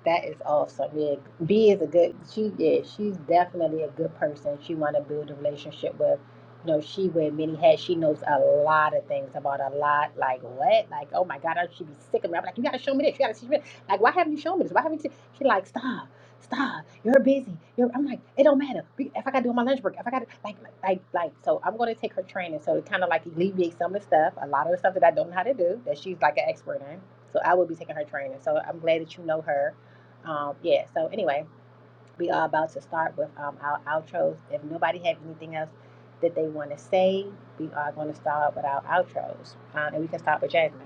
S1: That is awesome. Yeah, B is a good. She yeah, she's definitely a good person. She want to build a relationship with. You know, she wear many hats. She knows a lot of things about a lot. Like what? Like oh my God, I should be sick of me. I'm like, you gotta show me this. You gotta teach me. This. Like why haven't you shown me this? Why haven't you? She like stop, stop. You're busy. You're. I'm like it don't matter. We- If I gotta do my lunch break, if I gotta like like like. like, So I'm gonna take her training. So it kind of like alleviates some of the stuff. A lot of the stuff that I don't know how to do that she's like an expert in. So I will be taking her training. So I'm glad that you know her um, yeah, so anyway, we are about to start with um, our outros. If nobody have anything else that they want to say, we are going to start with our outros. Uh, and we can start with Jasmine.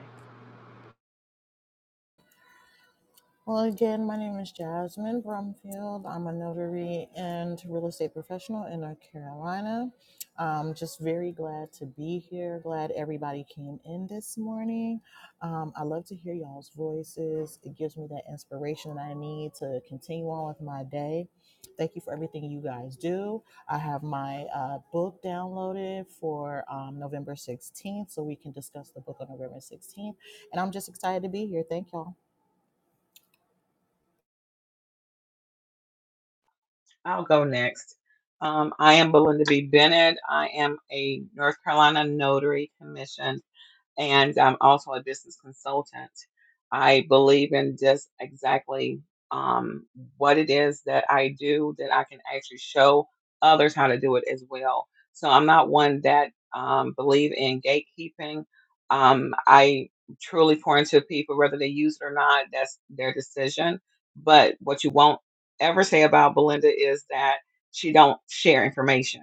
S6: Well, again, my name is Jasmine Brumfield. I'm a notary and real estate professional in North Carolina. Um, just very glad to be here. Glad everybody came in this morning. Um, I love to hear y'all's voices. It gives me that inspiration that I need to continue on with my day. Thank you for everything you guys do. I have my uh, book downloaded for um, November 16th, so we can discuss the book on November 16th and I'm just excited to be here. Thank y'all.
S3: I'll go next. Um, I am Belinda B. Bennett. I am a North Carolina Notary Commission and I'm also a business consultant. I believe in just exactly um, what it is that I do that I can actually show others how to do it as well. So I'm not one that um, believe in gatekeeping. Um, I truly pour into people, whether they use it or not. That's their decision. But what you won't ever say about Belinda is that she don't share information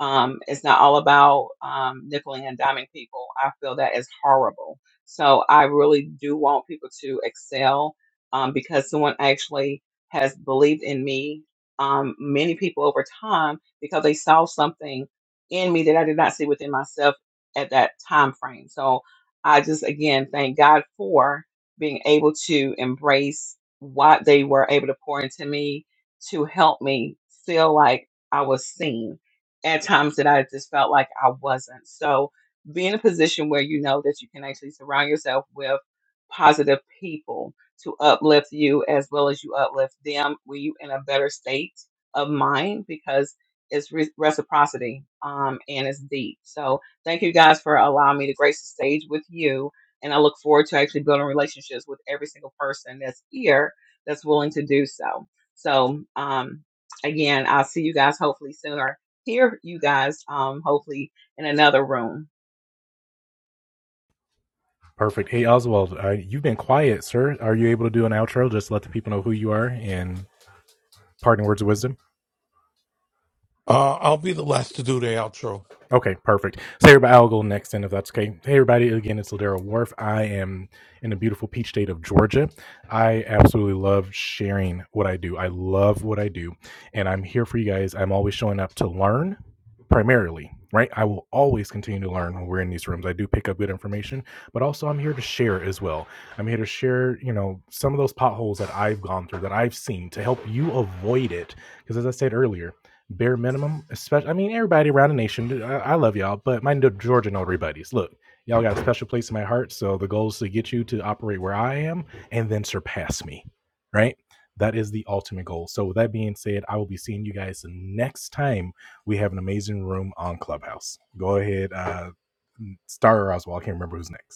S3: um, it's not all about um, nickel and diming people. I feel that is horrible. So I really do want people to excel um, because someone actually has believed in me. Um, many people over time because they saw something in me that I did not see within myself at that time frame. So I just again thank God for being able to embrace what they were able to pour into me to help me feel like I was seen at times that I just felt like I wasn't. So be in a position where you know that you can actually surround yourself with positive people to uplift you as well as you uplift them when you in a better state of mind because it's re- reciprocity um, and it's deep. So thank you guys for allowing me to grace the stage with you. And I look forward to actually building relationships with every single person that's here that's willing to do so. So um, again, I'll see you guys hopefully sooner hear you guys um hopefully in another room.
S4: Perfect. Hey, Oswald, uh, you've been quiet, sir. Are you able to do an outro? Just let the people know who you are and parting words of wisdom.
S2: Uh, I'll be the last to do the outro.
S4: Okay, perfect. So everybody, I'll go next then if that's okay. Hey everybody, again, it's Ladero Worth. I am in the beautiful peach state of Georgia. I absolutely love sharing what I do. I love what I do. And I'm here for you guys. I'm always showing up to learn primarily, right? I will always continue to learn when we're in these rooms. I do pick up good information, but also I'm here to share as well. I'm here to share, you know, some of those potholes that I've gone through, that I've seen to help you avoid it. Because as I said earlier, bare minimum. Especially, I mean, everybody around the nation. I, I love y'all, but my N- Georgia notary buddies. Look, y'all got a special place in my heart. So the goal is to get you to operate where I am and then surpass me. Right. That is the ultimate goal. So with that being said, I will be seeing you guys the next time we have an amazing room on Clubhouse. Go ahead, uh, Star or Oswald. I can't remember who's next.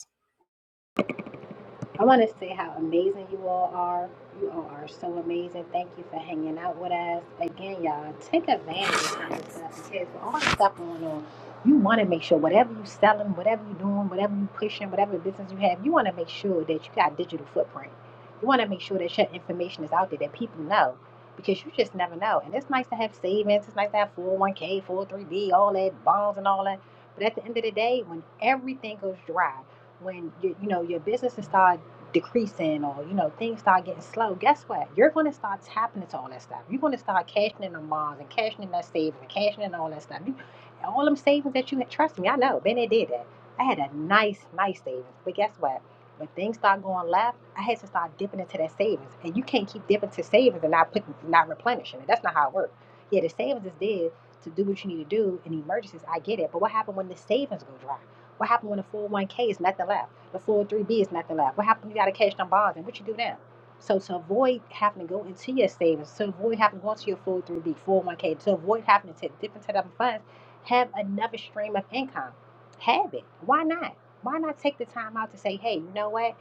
S1: I want to say how amazing you all are. You all are so amazing. Thank you for hanging out with us. Again, y'all, take advantage of this stuff because all the stuff going on, you want to make sure whatever you're selling, whatever you're doing, whatever you're pushing, whatever business you have, you want to make sure that you got a digital footprint. You want to make sure that your information is out there, that people know. Because you just never know. And it's nice to have savings. It's nice to have 401k, 403b, all that, bonds and all that. But at the end of the day, when everything goes dry, when you, you know your business is started decreasing or you know things start getting slow guess what you're going to start tapping into all that stuff you're going to start cashing in on moms and cashing in that savings and cashing in all that stuff you, all them savings that you had trust me i know Benny did that i had a nice nice savings but guess what when things start going left i had to start dipping into that savings and you can't keep dipping to savings and not putting not replenishing it that's not how it works yeah the savings is there to do what you need to do in emergencies i get it but what happened when the savings go dry what happened when the 401k is nothing left the 403B is not allowed. What happens if you got to cash them bonds and what you do now? So to avoid having to go into your savings, to avoid having to go into your 403B, 401K, to avoid having to take different type of funds, have another stream of income. Have it. Why not? Why not take the time out to say, hey, you know what?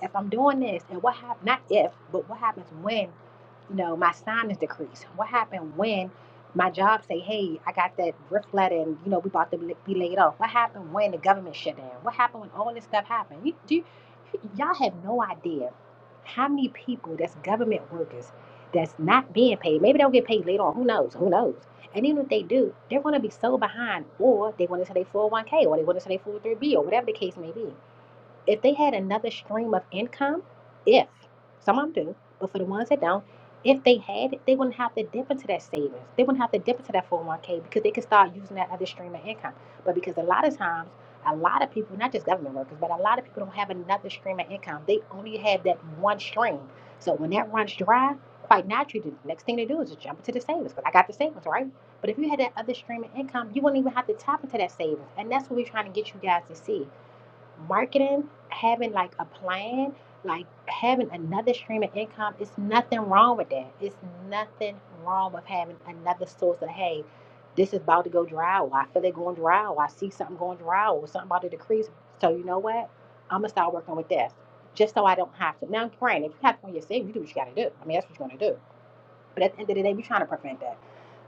S1: If I'm doing this, and what happens, not if, but what happens when you know, my sinus decrease? What happened when my job say, hey, I got that rift letter and, you know, we about to be laid off? What happened when the government shut down? What happened when all this stuff happened? You, do you, y'all have no idea how many people that's government workers that's not being paid. Maybe they'll get paid later on. Who knows? Who knows? And even if they do, they're going to be so behind or they want to say they 401k or they want to say they 403b or whatever the case may be if they had another stream of income, if some of them do, but for the ones that don't, if they had it, they wouldn't have to dip into that savings. They wouldn't have to dip into that 401k because they could start using that other stream of income. But because a lot of times, a lot of people, not just government workers, but a lot of people don't have another stream of income. They only have that one stream. So when that runs dry, quite naturally, the next thing they do is just jump into the savings because I got the savings, right? But if you had that other stream of income, you wouldn't even have to tap into that savings. And that's what we're trying to get you guys to see marketing, having like a plan, like having another stream of income, it's nothing wrong with that. It's nothing wrong with having another source of, hey, this is about to go dry. Or I feel it going dry. Or I see something going dry or something about to decrease. So you know what? I'm going to start working with this just so I don't have to. Now, granted, if you have to when you're saving, you do what you got to do. I mean, that's what you're going to do. But at the end of the day, we're trying to prevent that.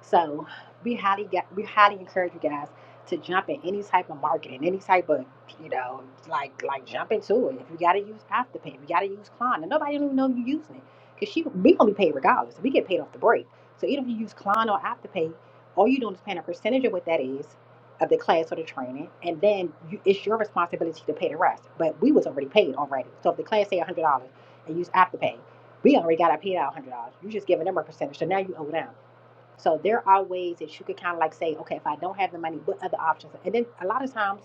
S1: So we highly got, we highly encourage you guys to jump in any type of marketing, any type of you know, like like jump into it. If you gotta use Afterpay, if you gotta use Klarna, and nobody don't even know you're using it. Cause she we gonna be paid regardless. We get paid off the break. So even if you use Klarna or Afterpay, all you doing is paying a percentage of what that is of the class or the training, and then you, it's your responsibility to pay the rest. But we was already paid already. So if the class say one hundred dollars and use Afterpay we already got our paid out one hundred dollars. You are just giving them a percentage, so now you owe them. So there are ways that you could kind of like say, okay, if I don't have the money, what other options? And then a lot of times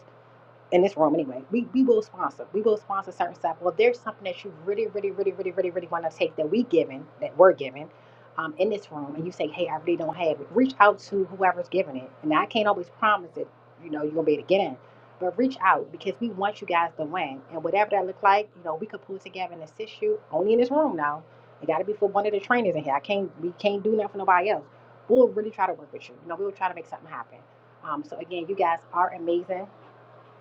S1: in this room anyway, we, we will sponsor. We will sponsor certain stuff. Well, there's something that you really, really, really, really, really, really want to take that we giving, that we're giving, um, in this room, and you say, hey, I really don't have it. Reach out to whoever's giving it. And I can't always promise that, you know, you're gonna be able to get in. But reach out because we want you guys to win. And whatever that look like, you know, we could pull together and assist you only in this room now. It gotta be for one of the trainers in here. I can't we can't do nothing for nobody else. We'll really try to work with you. You know, we will try to make something happen. Um, so again, you guys are amazing.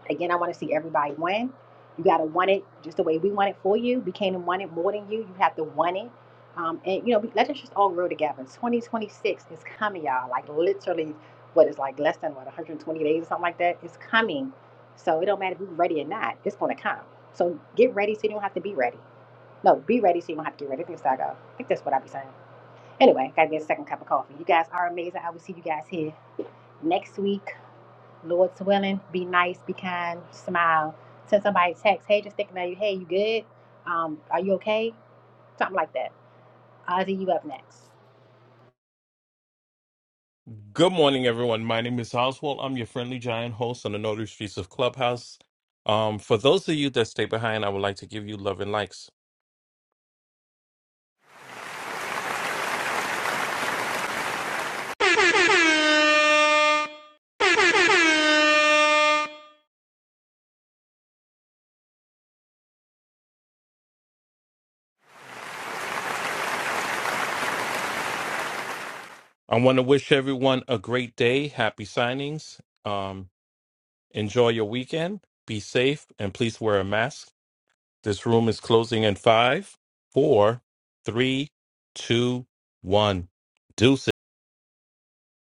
S1: Again, I want to see everybody win. You got to want it just the way we want it for you. We can't want it more than you. You have to want it. Um, and, you know, let's just all grow together. 2026 is coming, y'all. Like, literally, what is like less than, what, 120 days or something like that? It's coming. So it don't matter if you are ready or not. It's going to come. So get ready so you don't have to be ready. No, be ready so you don't have to get ready. I think that's I think that's what I be saying. Anyway, gotta get a second cup of coffee. You guys are amazing. I will see you guys here next week. Lord's willing, be nice, be kind, smile. Send somebody a text, hey, just thinking about you, hey, you good? Um, are you okay? Something like that. Ozzy, you up next.
S2: Good morning, everyone. My name is Oswald. I'm your friendly giant host on the Notary Streets of Clubhouse. Um, for those of you that stay behind, I would like to give you love and likes. I want to wish everyone a great day. Happy signings. Um, enjoy your weekend. Be safe and please wear a mask. This room is closing in five, four, three, two, one. Deuces.